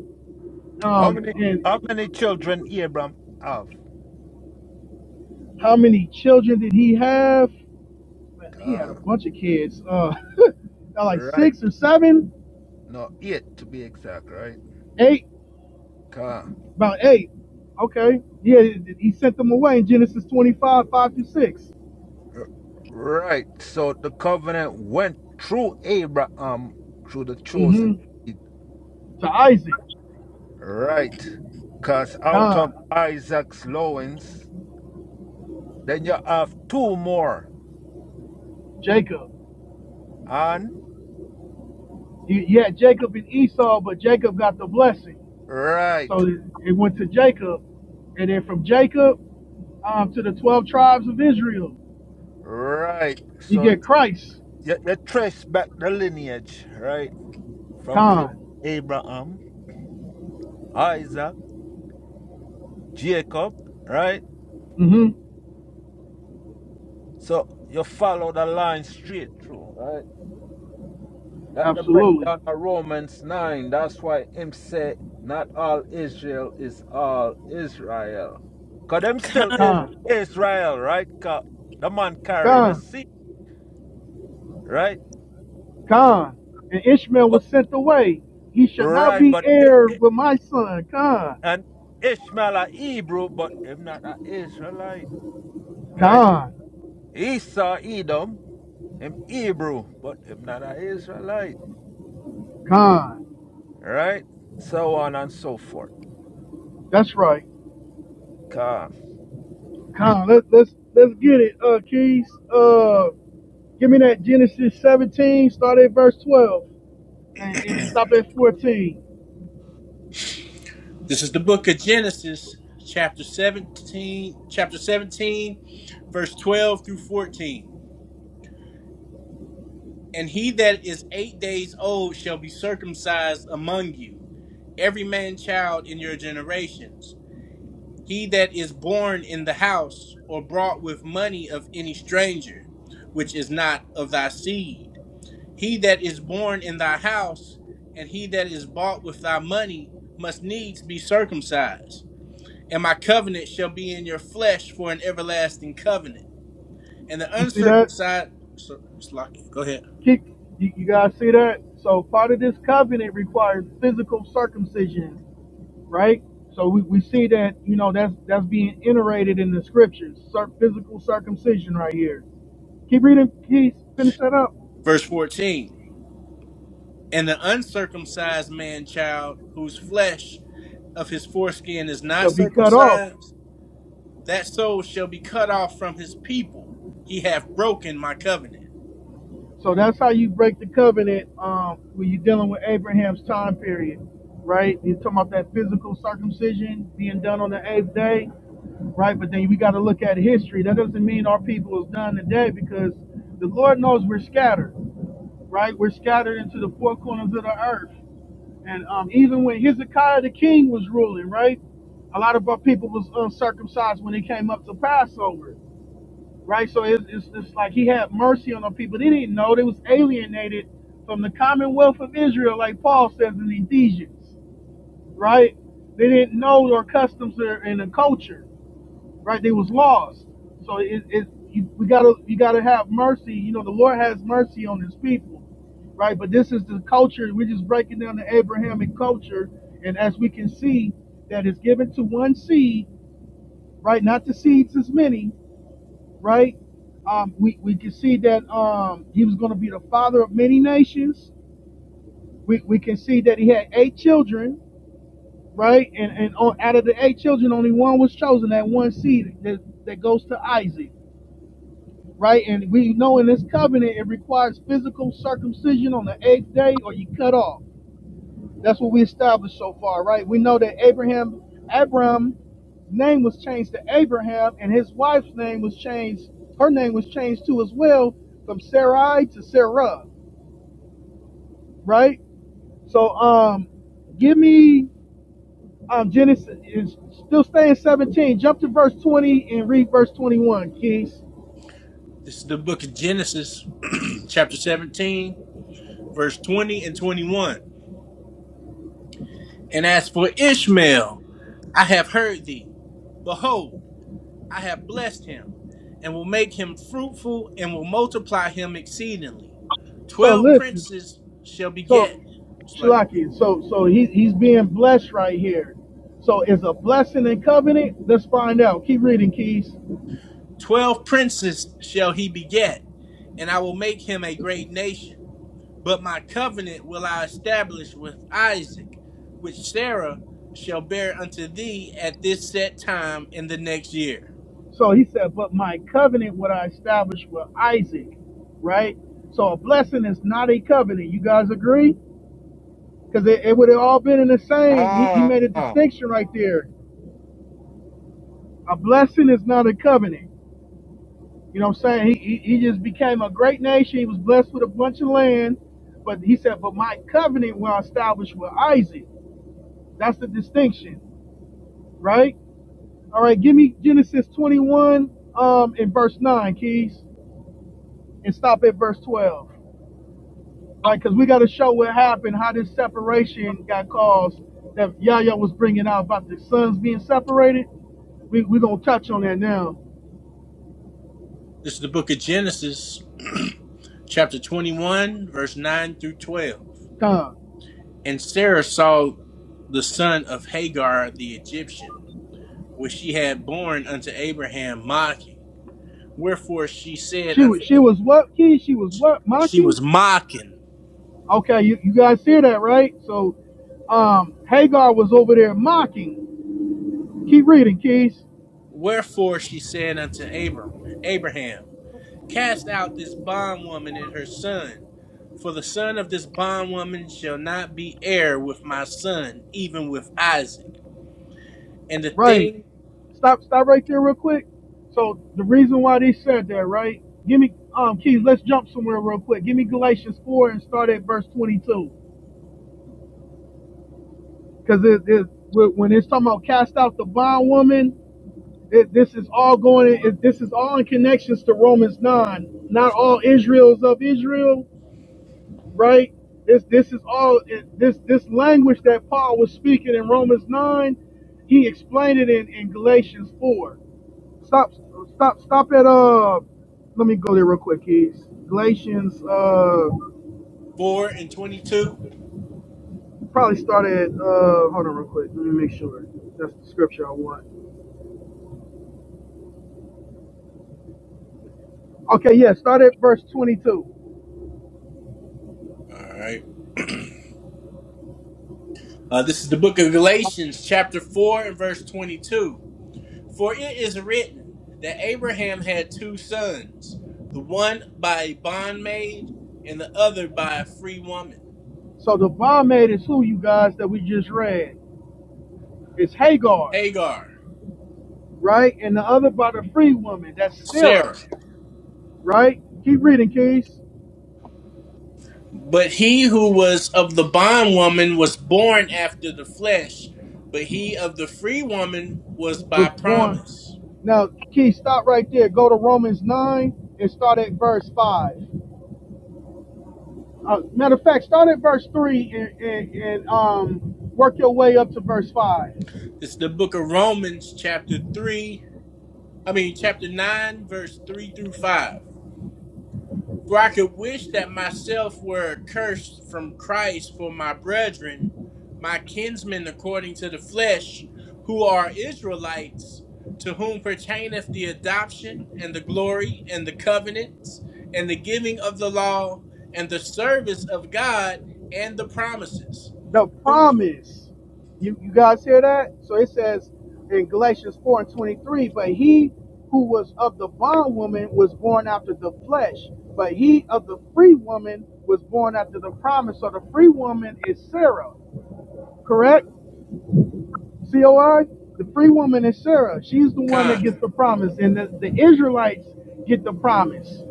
F: How many
B: Um,
F: how
B: and
F: many children Abram have?
B: how many children did he have? Man, he had a
F: Ah,
B: bunch of kids. Uh, like
F: right.
B: six or seven,
F: No, eight to be exact, right?
B: eight,
F: Ah,
B: about eight. Okay. Yeah, he sent them away in Genesis 25, 5 through 6.
F: right. So the covenant went through Abraham, through the
B: mm
F: chosen
B: hmm
F: seed.
B: To Isaac,
F: Right. Because out of
B: Con,
F: Isaac's loins, then you have two more.
B: Jacob.
F: And
B: He, he had Jacob and Esau, but Jacob got the blessing.
F: right,
B: So it it went to Jacob. And then from Jacob um, to the 12 tribes of Israel,
F: right.
B: you
F: So
B: get Christ,
F: you, you trace back the lineage, right? from Ab-
B: Con.
F: Abraham, Isaac, Jacob, right?
B: hmm
F: So you follow the line straight through, right? That the
B: Absolutely.
F: breakdown of Romans 9. That's why him say not all Israel is all Israel. Cause them still
A: con,
F: is
B: Con.
F: Israel, right? 'Cause the man carry the
B: Con.
F: seed, right?
B: Con, and Ishmael
F: But
B: was sent away. He shall not
F: right,
B: be
F: but it,
B: heir
F: it,
B: with my son. Con,
F: and Ishmael a Hebrew, but him not an Israelite, right?
B: con,
F: Esau Edom, am Hebrew, but am not an Israelite.
B: con.
F: Right? So on and so forth.
B: That's right.
F: Ka,
B: Con. Let, let's let's get it. Uh, Keys. Uh, give me that Genesis 17. Start at verse 12 and, and stop at 14.
C: This is the book of Genesis, chapter 17, chapter 17, verse 12 through 14. And he that is eight days old shall be circumcised among you, every man child in your generations. He that is born in the house or brought with money of any stranger, which is not of thy seed. He that is born in thy house, and he that is bought with thy money, must needs be circumcised and my covenant shall be in your flesh for an everlasting covenant. And the
B: You see that?
C: uncircumcised, so- it's lock- go ahead.
B: Keep. You, you guys see that? So part of this covenant requires physical circumcision right? So we, we see that, you know, that's that's being iterated in the scriptures. Cir- physical circumcision right here. Keep reading, please finish that up.
C: Verse 14. And the uncircumcised man child, whose flesh of his foreskin is not
B: Shall be cut off.
C: circumcised, that soul shall be cut off from his people. He hath broken my covenant.
B: So that's how you break the covenant um, when you're dealing with Abraham's time period, right? You're talking about that physical circumcision being done on the eighth day, right? But then we got to look at history. That doesn't mean our people is done today because the Lord knows we're scattered. right? We're scattered into the four corners of the earth. And um, even when Hezekiah the king was ruling, right? A lot of our people was uncircumcised when they came up to Passover, right? So it's, it's, it's like he had mercy on our people. They didn't know they was alienated from the commonwealth of Israel, like Paul says in Ephesians, right? They didn't know their customs or- and the culture right? They was lost. So it, it you, we gotta you gotta have mercy. You know, the Lord has mercy on His people, right? But this is the culture. We're just breaking down the Abrahamic culture, and as we can see, that is given to one seed, right? Not the seeds as many, right? Um, we, we can see that um, he was going to be the father of many nations. We, we can see that he had eight children, right? And and on, out of the eight children, only one was chosen, that one seed that, that goes to Isaac right? And we know in this covenant it requires physical circumcision on the eighth day, or you cut off. That's what we established so far, right? We know that Abraham, Abram's name was changed to Abraham, and his wife's name was changed. Her name was changed too, as well, from Sarai to Sarah, right? So, um, give me um Genesis is still staying 17. Jump to verse 20 and read verse 21, Keys.
C: This is the book of Genesis, chapter 17, verse 20 and 21. And as for Ishmael, I have heard thee. Behold, I have blessed him and will make him fruitful and will multiply him exceedingly.
B: So
C: Twelve
B: listen.
C: princes shall beget.
B: So, Shalaki, so so he, he's being blessed right here. So is a blessing and covenant? Let's find out. Keep reading, Keys.
C: Twelve princes shall he beget, and I will make him a great nation. But my covenant will I establish with Isaac, which Sarah shall bear unto thee at this set time in the next year.
B: So he said, But my covenant would I establish with Isaac, right? So a blessing is not a covenant. You guys agree? Because it, it would have all been in the same. He, he
F: ka,
B: made a distinction right there. A blessing is not a covenant. You know what I'm saying? He, he, he just became a great nation. He was blessed with a bunch of land. But he said, But my covenant will I establish with Isaac. That's the distinction, right? All right, give me Genesis 21 um, and verse 9, Keys, and stop at verse 12, right? Because we got to show what happened, how this separation got caused that Yahya was bringing out about the sons being separated. We're we going to touch on that now.
C: This is the book of Genesis, chapter 21, verse 9 through 12.
B: Come.
C: And Sarah saw the son of Hagar the Egyptian, which she had borne unto Abraham, mocking. Wherefore she said
B: She was,
C: unto
B: she
C: Abraham,
B: was what, Keys? She was what?
C: she was
B: Mocking?
C: mocking.
B: Okay, you, you guys hear that, right? So um, Hagar was over there mocking. Keep reading, Keys.
C: Wherefore she said unto Abram, Abraham, cast out this bondwoman and her son, for the son of this bondwoman shall not be heir with my son, even with Isaac. And the
B: Right.
C: thing
B: Stop stop right there real quick. So the reason why they said that, right? Give me um Keys, let's jump somewhere real quick. Give me Galatians 4 and start at verse 22. Because it, it when it's talking about cast out the bondwoman, it, this is all going it, this is all in connections to Romans 9. Not all Israel is of Israel, right? This this is all it, this this language that Paul was speaking in Romans 9, he explained it in, in Galatians 4 Stop, stop, stop at uh. Let me go there real quick, kids. Galatians, uh,
C: four and twenty-two.
B: probably start at uh. Hold on, real quick. Let me make sure that's the scripture I want. Okay, yeah, start at verse twenty-two.
C: All right. Uh, this is the book of Galatians, chapter four and verse twenty-two For it is written that Abraham had two sons, the one by a bondmaid and the other by a free woman,
B: So the bondmaid is who you guys that we just read. It's Hagar,
C: Hagar,
B: right? And the other by the free woman. That's Sarah,
C: Sarah.
B: right? Keep reading, Keys.
C: But he who was of the bondwoman was born after the flesh, but he of the free woman was by
B: Was born.
C: promise.
B: Now, Keys, stop right there. Go to Romans nine and start at verse five. Uh, matter of fact, start at verse three and, and, and um, work your way up to verse five.
C: It's the book of Romans, chapter 3, I mean, chapter 9, verse 3 through 5. For I could wish that myself were accursed from Christ for my brethren, my kinsmen according to the flesh, who are Israelites, to whom pertaineth the adoption and the glory and the covenants and the giving of the law and the service of God and the promises,
B: The
C: who
B: promise. You, you guys hear that? So it says in Galatians 4 and 23, but he who was of the bondwoman was born after the flesh, but he of the free woman was born after the promise. So the free woman is Sarah, correct? COI, the free woman is Sarah. She's the one that
C: con,
B: gets the promise, and the, the Israelites get the promise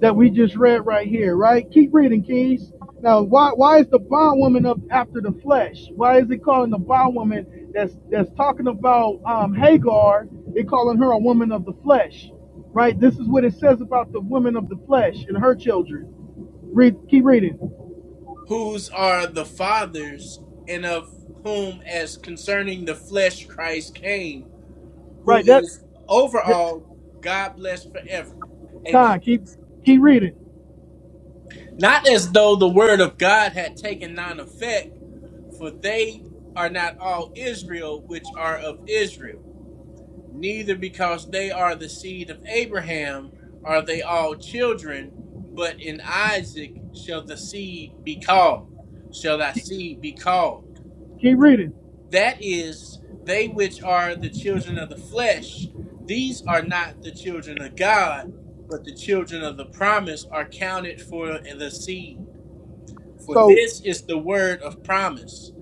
B: that we just read right here, right? Keep reading, Keys. Now, why why is the bondwoman up after the flesh? Why is it calling the bondwoman that's that's talking about um, Hagar? It calling her a woman of the flesh, right? This is what it says about the woman of the flesh and her children. Read, keep reading,
C: whose are the fathers and of whom as concerning the flesh Christ came who
B: right? That,
C: is over
B: that
C: all, God bless forever. Amen.
B: Con, keep keep reading,
C: Not as though the word of God had taken none effect, for they are not all Israel which are of Israel. Neither because they are the seed of Abraham are they all children, but in Isaac shall the seed be called, shall thy
B: keep
C: seed be called.
B: keep reading.
C: That is, they which are the children of the flesh, these are not the children of God, but the children of the promise are counted for the seed. For
B: So
C: this is the word of promise.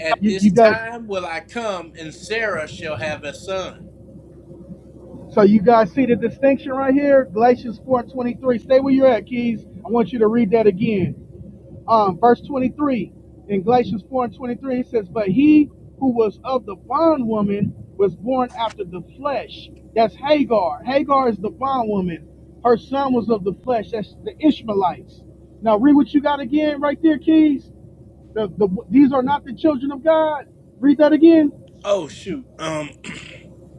C: At
B: you, you
C: this
B: guys
C: time will I come, and Sarah shall have a son.
B: so you guys see the distinction right here? Galatians 4 23. Stay where you're at, Keys. I want you to read that again. Um, verse 23 in Galatians 4 and 23, it says, But he who was of the bondwoman was born after the flesh. That's Hagar. Hagar is the bondwoman. Her son was of the flesh. That's the Ishmaelites. Now read what you got again right there, Keys. The, the, these are not the children of God. Read that again.
C: Oh, shoot. Um,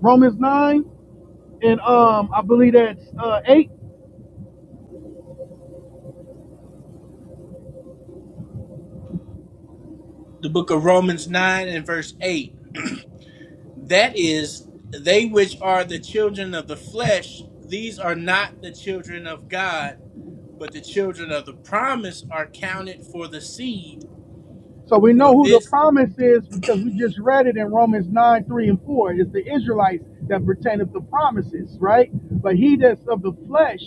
B: Romans 9. and um, I believe that's uh, eight.
C: the book of Romans 9 and verse 8. That is, they which are the children of the flesh, these are not the children of God but the children of the promise are counted for the seed.
B: So we
C: For
B: know who the
C: this,
B: promise is because we just read it in Romans nine, three, and four. It's the Israelites that pertaineth the promises, right? But he that's of the flesh,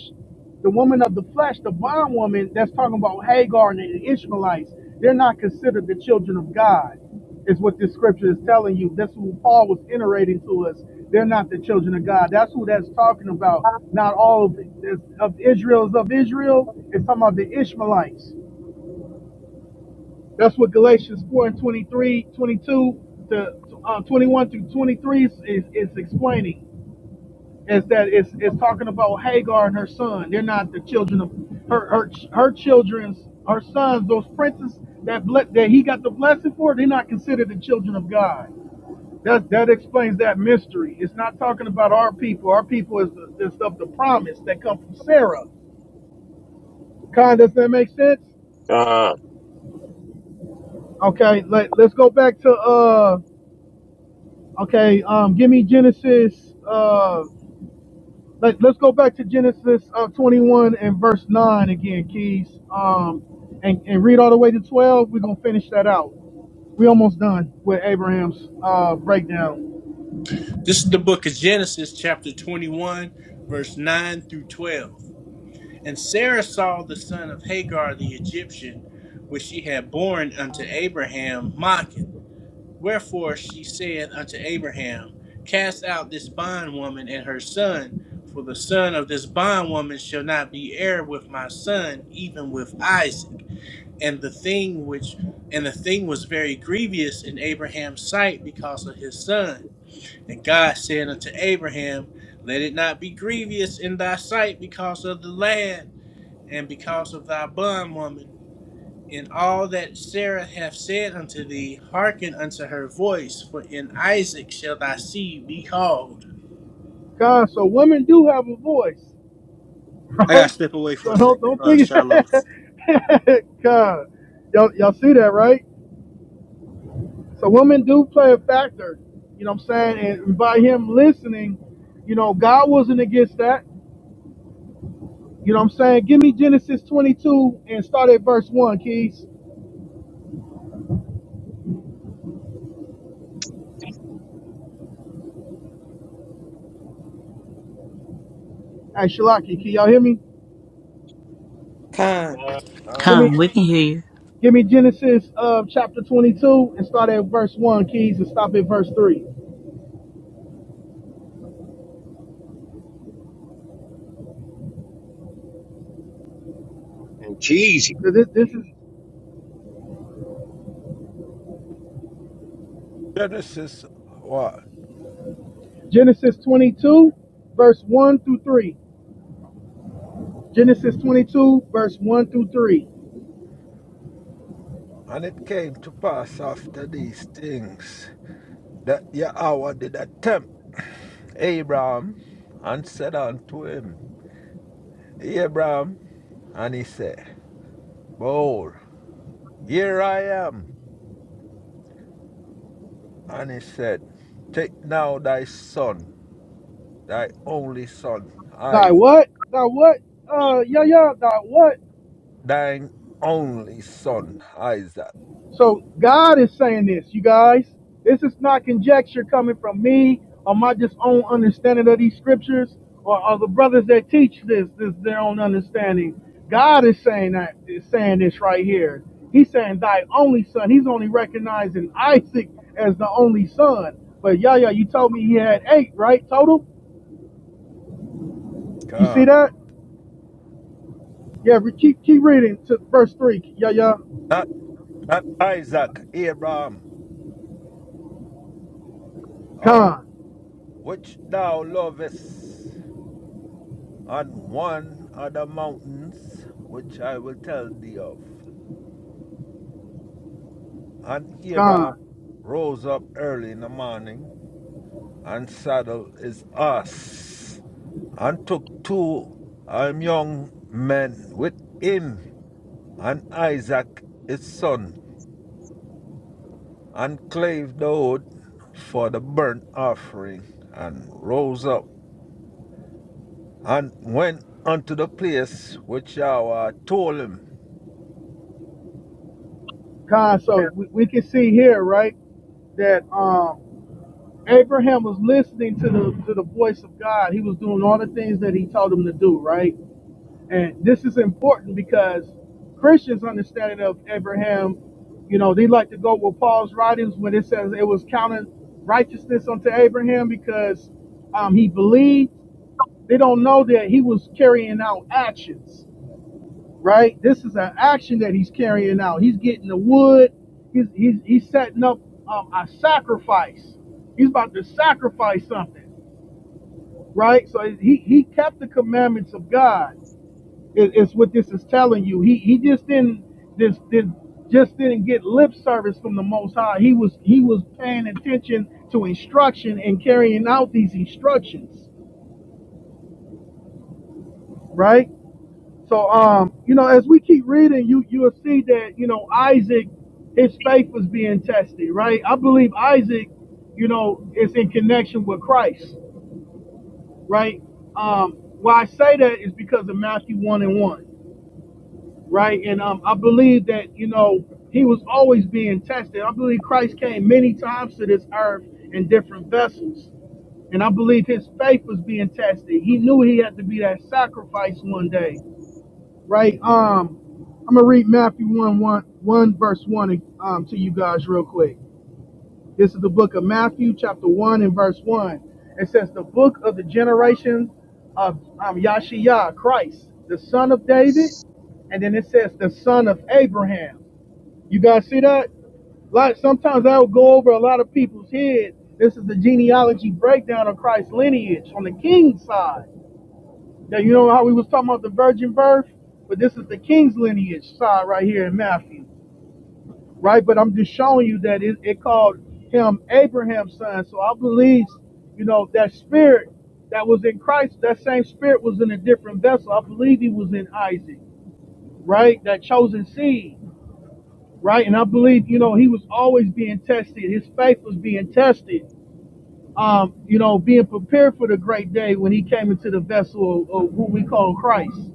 B: the woman of the flesh, the bondwoman, that's talking about Hagar and the Ishmaelites. They're not considered the children of God, is what this scripture is telling you. That's what Paul was iterating to us. They're not the children of God. That's who that's talking about. Not all of, of Israel is of Israel. It's talking about the Ishmaelites That's what Galatians 4 and 23, 22 to uh, 21 through 23 is, is, is explaining. Is that it's, it's talking about Hagar and her son. They're not the children of her her, her children's her sons, those princes that ble- that he got the blessing for, they're not considered the children of God. That that explains that mystery. It's not talking about our people. Our people is the is of the promise that come from Sarah. Kind, does that make sense?
I: uh,
B: Okay, let, let's go back to uh Okay, um, give me Genesis. Uh, let, let's go back to Genesis uh, 21 and verse 9 again, Keys. Um, and, and read all the way to 12. We're going to finish that out. we almost done with Abraham's uh, breakdown.
C: this is the book of Genesis, chapter 21, verse 9 through 12. And Sarah saw the son of Hagar the Egyptian, which she had borne unto Abraham, mocking. Wherefore she said unto Abraham, Cast out this bondwoman and her son, for the son of this bondwoman shall not be heir with my son, even with Isaac. and the thing which and the thing was very grievous in Abraham's sight because of his son. And God said unto Abraham, Let it not be grievous in thy sight because of the lad and because of thy bondwoman. In all that Sarah hath said unto thee, hearken unto her voice, for in Isaac shall thy seed be called.
B: God, so women do have a voice,
C: I gotta
B: right?
C: step away for a
B: So don't
C: second,
B: don't
C: uh,
B: think
C: Shiloh.
B: God, y'all y'all see that right? So women do play a factor, you know what I'm saying? And by him listening, you know, God wasn't against that. You know what I'm saying? Give me Genesis 22 and start at verse 1, Keys. Hey, Shalaki, can y'all hear me?
A: con,
I: uh,
B: Give
F: ka.
H: Huh?
B: me
H: We can hear you.
B: give me Genesis uh, chapter 22 and start at verse 1, Keys, and stop at verse three. Cause
I: and cheesy.
B: This, this is
F: Genesis 1.
B: Genesis 22, verse 1 through 3. Genesis 22, verse 1 through 3.
F: And it came to pass after these things that Yahweh did attempt Abraham and said unto him, Abraham, and he said, Behold, here I am. And he said, Take now thy son, thy only son,
B: Thy
F: Isaac.
B: what? Thy what? Uh, yeah, yeah, thy what?
F: thine only son Isaac.
B: So God is saying this, you guys. This is not conjecture coming from me or my just own understanding of these scriptures or, or the brothers that teach this, this their own understanding. God is saying that is saying this right here. He's saying thy only son. He's only recognizing Isaac as the only son. But Yahya, you told me he had eight, right? Total? You see
F: Ah,
B: that? Yeah, re- keep keep reading to verse three, Yahya.
F: not not Isaac, Abraham, ah,
B: Con,
F: which thou lovest, on one of the mountains which I will tell thee of. And
B: con.
F: Abraham rose up early in the morning and saddled his ass and took two um, young men with him and Isaac his son and clave the wood for the burnt offering, and rose up and went unto the place which Yahweh told him.
B: Con,
F: Then
B: so we, we can see here, right, that um, Abraham was listening to the to the voice of God. He was doing all the things that He told him to do, right? And this is important because Christians' understanding of Abraham, you know, they like to go with Paul's writings when it says it was counted righteousness unto Abraham because um, he believed. They don't know that he was carrying out actions right? This is an action that he's carrying out. He's getting the wood. He's he's, he's setting up um, a sacrifice. He's about to sacrifice something, right? So he he kept the commandments of God. Is is what this is telling you. He he just didn't this did just didn't get lip service from the Most High. He was he was paying attention to instruction and carrying out these instructions, right? So, um, you know, as we keep reading, you you'll see that you know Isaac, his faith was being tested, right? I believe Isaac, you know, is in connection with Christ, right? Um, why I say that is because of Matthew one and one, right? And um, I believe that you know he was always being tested. I believe Christ came many times to this earth in different vessels, and I believe his faith was being tested. He knew he had to be that sacrifice one day right? Um, I'm gonna read Matthew one one one verse 1 um, to you guys real quick. This is the book of Matthew, chapter 1 and verse 1. It says, The book of the generation of um, Yahshua, Christ, the son of David. And then it says, The son of Abraham. You guys see that? Like sometimes I'll go over a lot of people's heads. This is the genealogy breakdown of Christ's lineage on the king's side. Now you know how we was talking about the virgin birth, but this is the king's lineage side right here in Matthew, right? But I'm just showing you that it, it called him Abraham's son. So I believe, you know, that spirit that was in Christ, that same spirit was in a different vessel. I believe he was in Isaac, right? That chosen seed, right? And I believe, you know, he was always being tested. His faith was being tested. Um, you know, being prepared for the great day when he came into the vessel of, of who we call Christ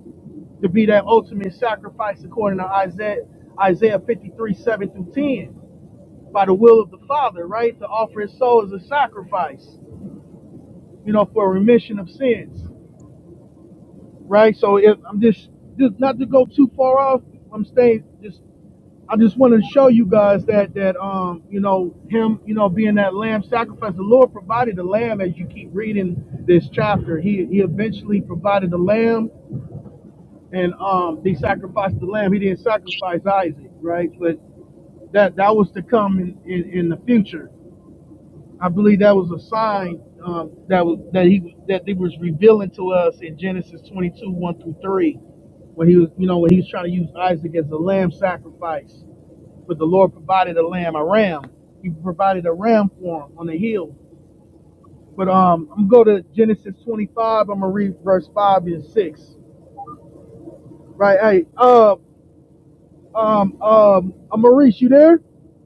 B: to be that ultimate sacrifice according to Isaiah Isaiah 53, 7 through 10, by the will of the Father, right? To offer his soul as a sacrifice, you know, for remission of sins. Right? So if I'm just just not to go too far off, I'm staying just I just want to show you guys that that um you know him you know being that lamb sacrifice the Lord provided the lamb as you keep reading this chapter he he eventually provided the lamb and um, they sacrificed the lamb. He didn't sacrifice Isaac, right? But that that was to come in, in, in the future. I believe that was a sign um, that was that he that he was revealing to us in Genesis 22 1 through 3 when he was you know when he was trying to use Isaac as a lamb sacrifice. But the Lord provided a lamb, a ram. He provided a ram for him on the hill. But um, I'm gonna go to Genesis 25. I'm gonna read verse five and six. Right? Hey, uh, Um, um, uh, Maurice, you there?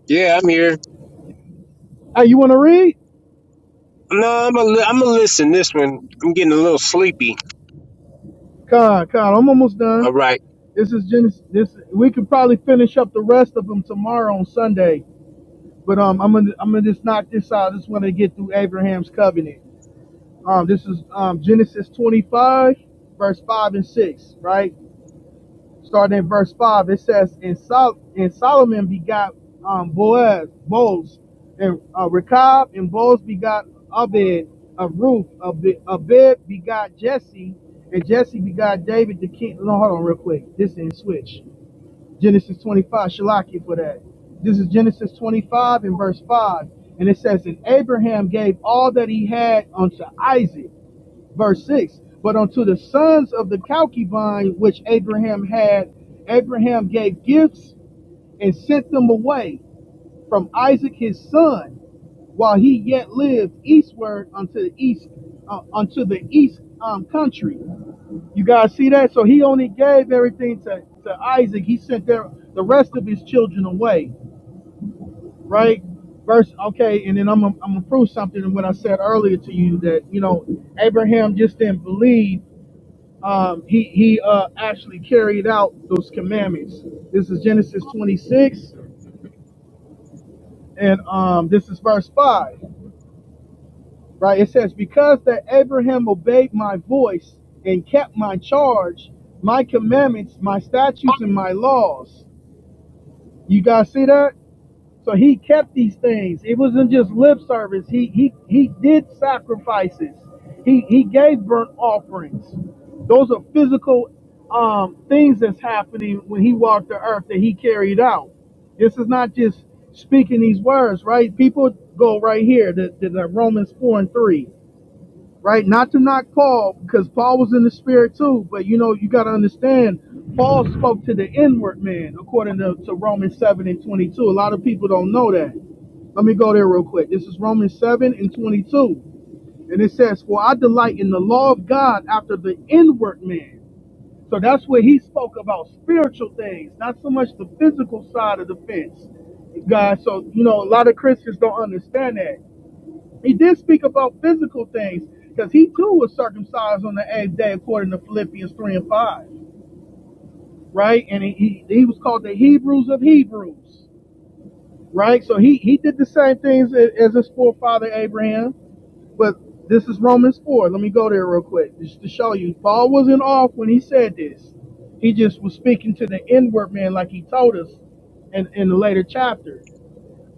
I: Yeah, I'm here.
B: Hey, you want to read?
I: No, I'm gonna li- I'm gonna listen this one. I'm getting a little sleepy.
B: God, God, I'm almost done.
I: All right,
B: This is Genesis. This we could probably finish up the rest of them tomorrow on Sunday. But um, I'm gonna I'm gonna just knock this out. I just want to get through Abraham's covenant. Um, this is um Genesis 25, verse five and six, right? starting in verse five, it says, "And, Sol- and Solomon begot um, Boaz, Boaz, and uh, Rechab, and Boaz begot Abed of Ruth. Abed, Abed begot Jesse, and Jesse begot David the king." No, hold on, real quick. This and switch. Genesis twenty-five. Shalaki for that. This is Genesis twenty-five and verse five, and it says, "And Abraham gave all that he had unto Isaac." verse 6 but unto the sons of the concubine which abraham had abraham gave gifts and sent them away from isaac his son while he yet lived eastward unto the east uh, unto the east um, country you guys see that so he only gave everything to, to isaac he sent their, the rest of his children away right verse okay and then i'm I'm gonna prove something in what i said earlier to you that you know abraham just didn't believe um, he he uh, actually carried out those commandments. This is Genesis 26, and um, this is verse 5, right? It says, Because that Abraham obeyed my voice and kept my charge, my commandments, my statutes, and my laws. You guys see that? So he kept these things. It wasn't just lip service. He he he did sacrifices. He he gave burnt offerings. Those are physical um, things that's happening when he walked the earth that he carried out. This is not just speaking these words, right? People go right here to, to the Romans four and three right? Not to knock Paul, because Paul was in the spirit too, but you know, you got to understand, Paul spoke to the inward man, according to, to Romans 7 and 22. A lot of people don't know that. Let me go there real quick. This is Romans 7 and 22. And it says, For I delight in the law of God after the inward man. So that's where he spoke about spiritual things, not so much the physical side of the fence. guys. so you know, a lot of Christians don't understand that. He did speak about physical things because he too was circumcised on the eighth day according to Philippians 3 and 5, right? And he, he, he was called the Hebrews of Hebrews, right? So he, he did the same things a- as his forefather Abraham, but this is Romans 4. Let me go there real quick just to show you. Paul wasn't off when he said this. He just was speaking to the inward man like he told us in, in the later chapter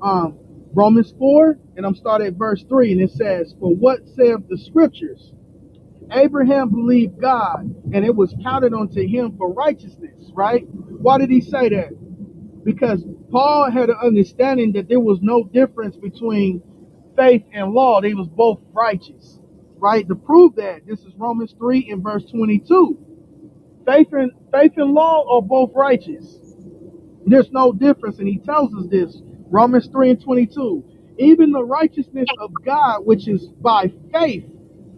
B: um, Romans 4, and I'm starting at verse 3, and it says, For what saith the scriptures? Abraham believed God, and it was counted unto him for righteousness, right? Why did he say that? Because Paul had an understanding that there was no difference between faith and law. They was both righteous, right? To prove that, this is Romans 3 and verse 22. Faith and, faith and law are both righteous there's no difference, and he tells us this Romans 3 and 22. Even the righteousness of God, which is by faith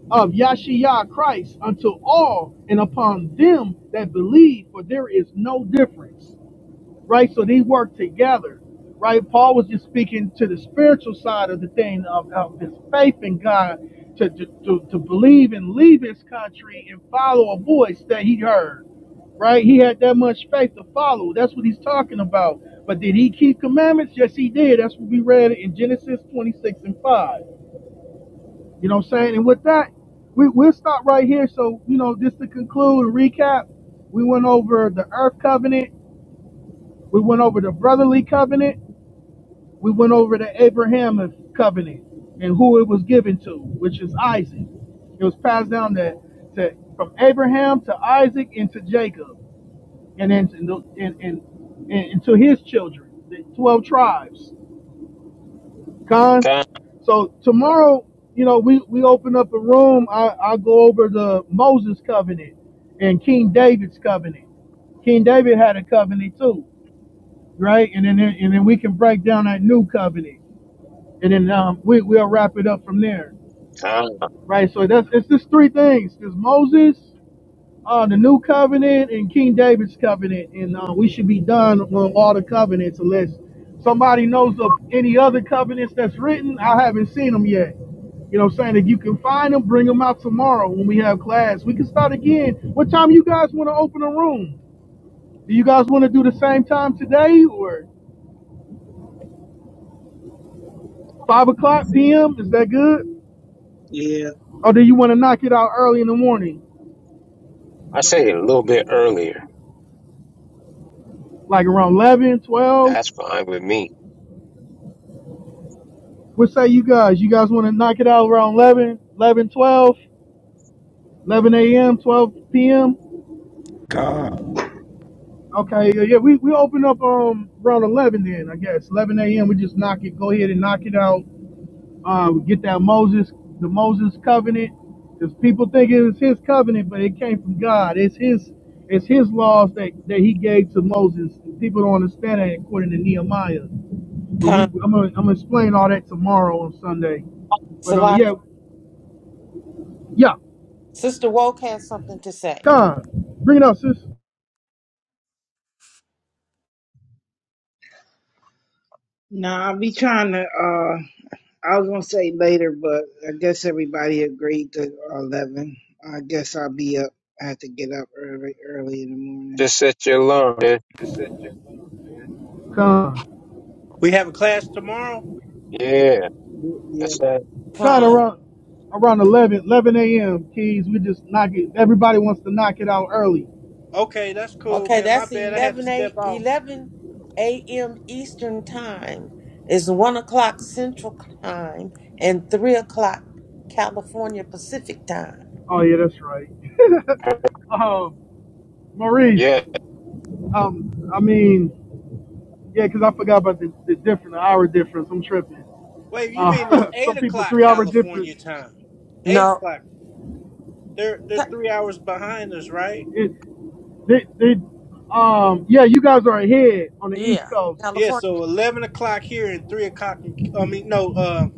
B: of Yahshua Christ, unto all and upon them that believe, for there is no difference right? So they work together, right? Paul was just speaking to the spiritual side of the thing of, of his faith in God to, to, to, believe and leave his country and follow a voice that he heard, right? He had that much faith to follow. That's what he's talking about. But did he keep commandments? Yes, he did. That's what we read in Genesis 26 and 5. You know what I'm saying? And with that, we, we'll stop right here. So, you know, just to conclude and recap, we went over the earth covenant, we went over the brotherly covenant, we went over the Abrahamic covenant and who it was given to, which is Isaac. It was passed down to, to from Abraham to Isaac and to Jacob, and then to, and, and, and, to his children, the twelve tribes. Con.
I: God,
B: So tomorrow, you know, we we open up a room. I I go over the Moses covenant and King David's covenant. King David had a covenant too, right? And then and then we can break down that new covenant and then um, we we'll wrap it up from there,
I: God.
B: right? So that's it's just three things: it's Moses, uh, the New Covenant, and King David's covenant, and uh, we should be done on all the covenants unless somebody knows of any other covenants that's written. I haven't seen them yet. You know what I'm saying? If you can find them, bring them out tomorrow when we have class. We can start again. What time you guys want to open a room? Do you guys want to do the same time today or 5 o'clock p.m.? Is that good?
J: Yeah.
B: Or do you want to knock it out early in the morning?
I: I say it a little bit earlier.
B: like around eleven, twelve. 12.
I: That's fine with me.
B: What say you guys? You guys want to knock it out around 11, 11, 12, 11 a.m., 12 p.m.?
F: Ka,
B: Okay, yeah, yeah, we, we open up um around 11 then, I guess. 11 a.m., we just knock it, go ahead and knock it out. Um, get that Moses, the Moses covenant, because people think it was his covenant, but it came from God. It's his it's his laws that, that he gave to Moses. People don't understand that according to Nehemiah. But we,
A: con.
B: I'm gonna, I'm gonna explain all that tomorrow on Sunday. But uh, yeah,
A: Salaki.
B: yeah.
A: Sister Woke has something to say.
B: Con, bring it up, sis.
J: No, I'll be trying to. Uh, I was gonna say later, but I guess everybody agreed to uh, eleven. I guess I'll be up. I have to get up early, early in the morning.
I: Just set your alarm. man.
B: Con,
C: We have a class tomorrow.
I: Yeah,
J: Y-
I: that's
J: Yeah,
I: that.
B: con
A: Con.
C: Oh,
B: around around 11 11 a.m. Keys, we just knock it. Everybody wants to knock it out early.
C: okay, that's cool,
A: Okay,
C: man. My
A: that's
C: bad. I had to
A: 11, a,
C: step off.
A: 11 a.m. Eastern Time. It's 1 o'clock Central Time and 3 o'clock California Pacific Time.
B: Oh yeah, that's right. um, Maurice.
I: Yeah.
B: Um, I mean, yeah, 'cause I forgot about the, the different the hour difference. I'm tripping.
C: Wait, you mean it's
B: Uh,
C: eight
B: some people
C: o'clock
B: three hour difference.
C: California time? Eight
A: No.
C: o'clock. They're they're
A: Ca-
C: three hours behind us, right?
B: It, they, they, um, yeah, you guys are ahead on the East
A: yeah,
B: Coast.
C: Yeah.
A: California.
C: So eleven o'clock here and three o'clock. In, I mean, no, uh,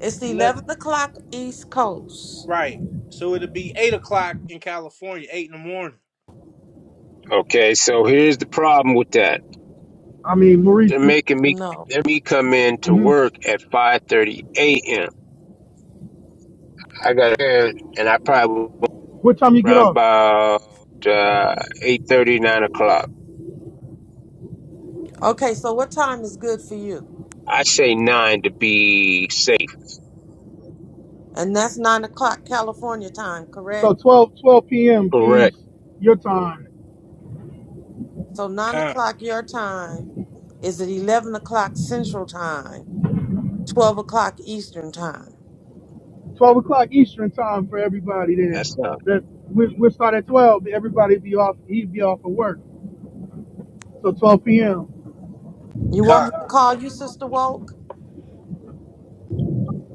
A: It's
C: eleven.
A: 11 o'clock East Coast.
C: Right. So it'll be eight o'clock in California, eight in the morning.
I: Okay. So here's the problem with that.
B: I mean, Maurice,
I: They're
B: do,
I: making me
A: No.
I: they're me come in to
B: hmm
I: work at 5:30 a.m. I got there and I probably went
B: what time you get
I: around
B: off?
I: about uh, 8:30 o'clock.
A: Okay, so what time is good for you?
I: I say nine to be safe.
A: And that's 9 o'clock California time, correct?
B: So 12, 12 p.m.
I: Correct.
B: Keys, your time.
A: So nine
C: Con,
A: o'clock your time is at eleven o'clock Central Time, twelve o'clock Eastern Time.
B: 12 o'clock Eastern time for everybody then.
I: That's not.
B: That we, we'll start at 12. Everybody be off, he'd be off of work. So 12 p.m.
A: You want
C: con.
A: me to call you Sister Woke?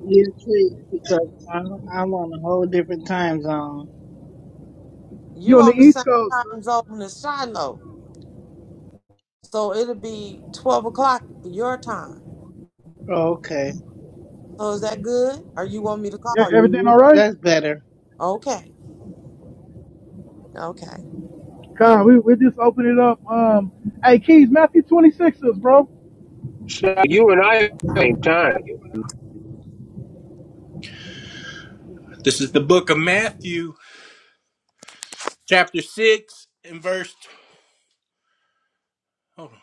J: you too, because I'm, I'm on a whole different time zone.
B: You
A: You
B: on the
A: on the
B: East
A: same
B: Coast, sir.
A: time zone as Shiloh, so it'll be twelve o'clock your time.
J: Oh, okay,
A: So is that good? Or you want me to
B: E-
A: call you?
B: Everything all right?
J: that's better.
A: Okay, okay.
B: Con, we, we just open it up. Um, hey, Keys, Matthew twenty sixes, bro.
I: So you and I at the same time.
C: This is the book of Matthew, chapter six, and verse. Hold on.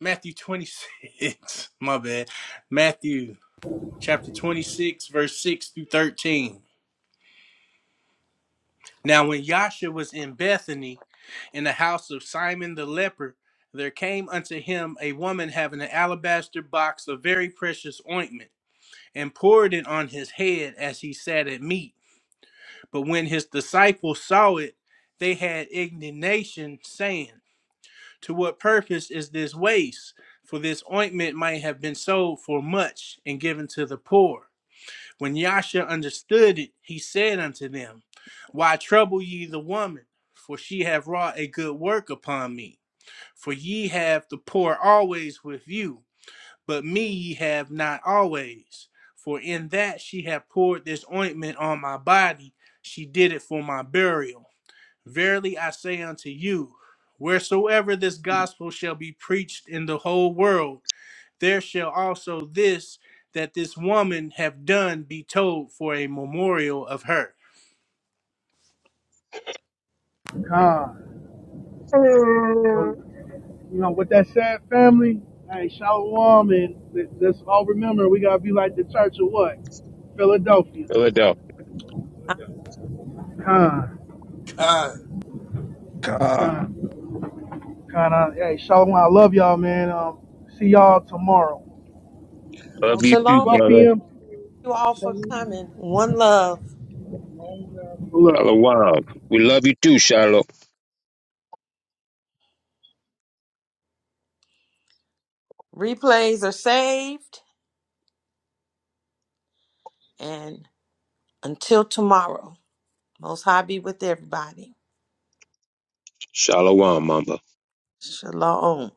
C: Matthew twenty six. My bad. Matthew chapter twenty six, verse six through thirteen. Now, when Yasha was in Bethany in the house of Simon the leper, there came unto him a woman having an alabaster box of very precious ointment, and poured it on his head as he sat at meat. But when his disciples saw it, they had indignation, saying, To what purpose is this waste? For this ointment might have been sold for much and given to the poor. When Yasha understood it, he said unto them, Why trouble ye the woman? For she hath wrought a good work upon me. For ye have the poor always with you, but me ye have not always. For in that she hath poured this ointment on my body, she did it for my burial. Verily I say unto you, wheresoever this gospel shall be preached in the whole world, there shall also this that this woman have done be told for a memorial of her.
B: Con. So,
I: Mm.
B: you know, with that said, family, hey, shalom, and let- let's all remember we gotta be like the church of what? Philadelphia.
I: Philadelphia.
A: Uh,
B: Con,
C: God.
F: Ka,
B: con, con. uh, Hey, shalom. I love y'all, man. Um, see y'all tomorrow,
I: Love
B: 12
I: you too,
B: o'clock,
A: Shalom,
J: Okay,
A: thank
B: 12
I: brother.
B: p.m.
A: you all for
J: Shalom.
A: coming. One love.
B: Love.
I: Shalom. We love you too, Shiloh.
A: Replays are saved, and until tomorrow, Most High be with everybody.
I: Shalom, Mamba.
A: Shalom.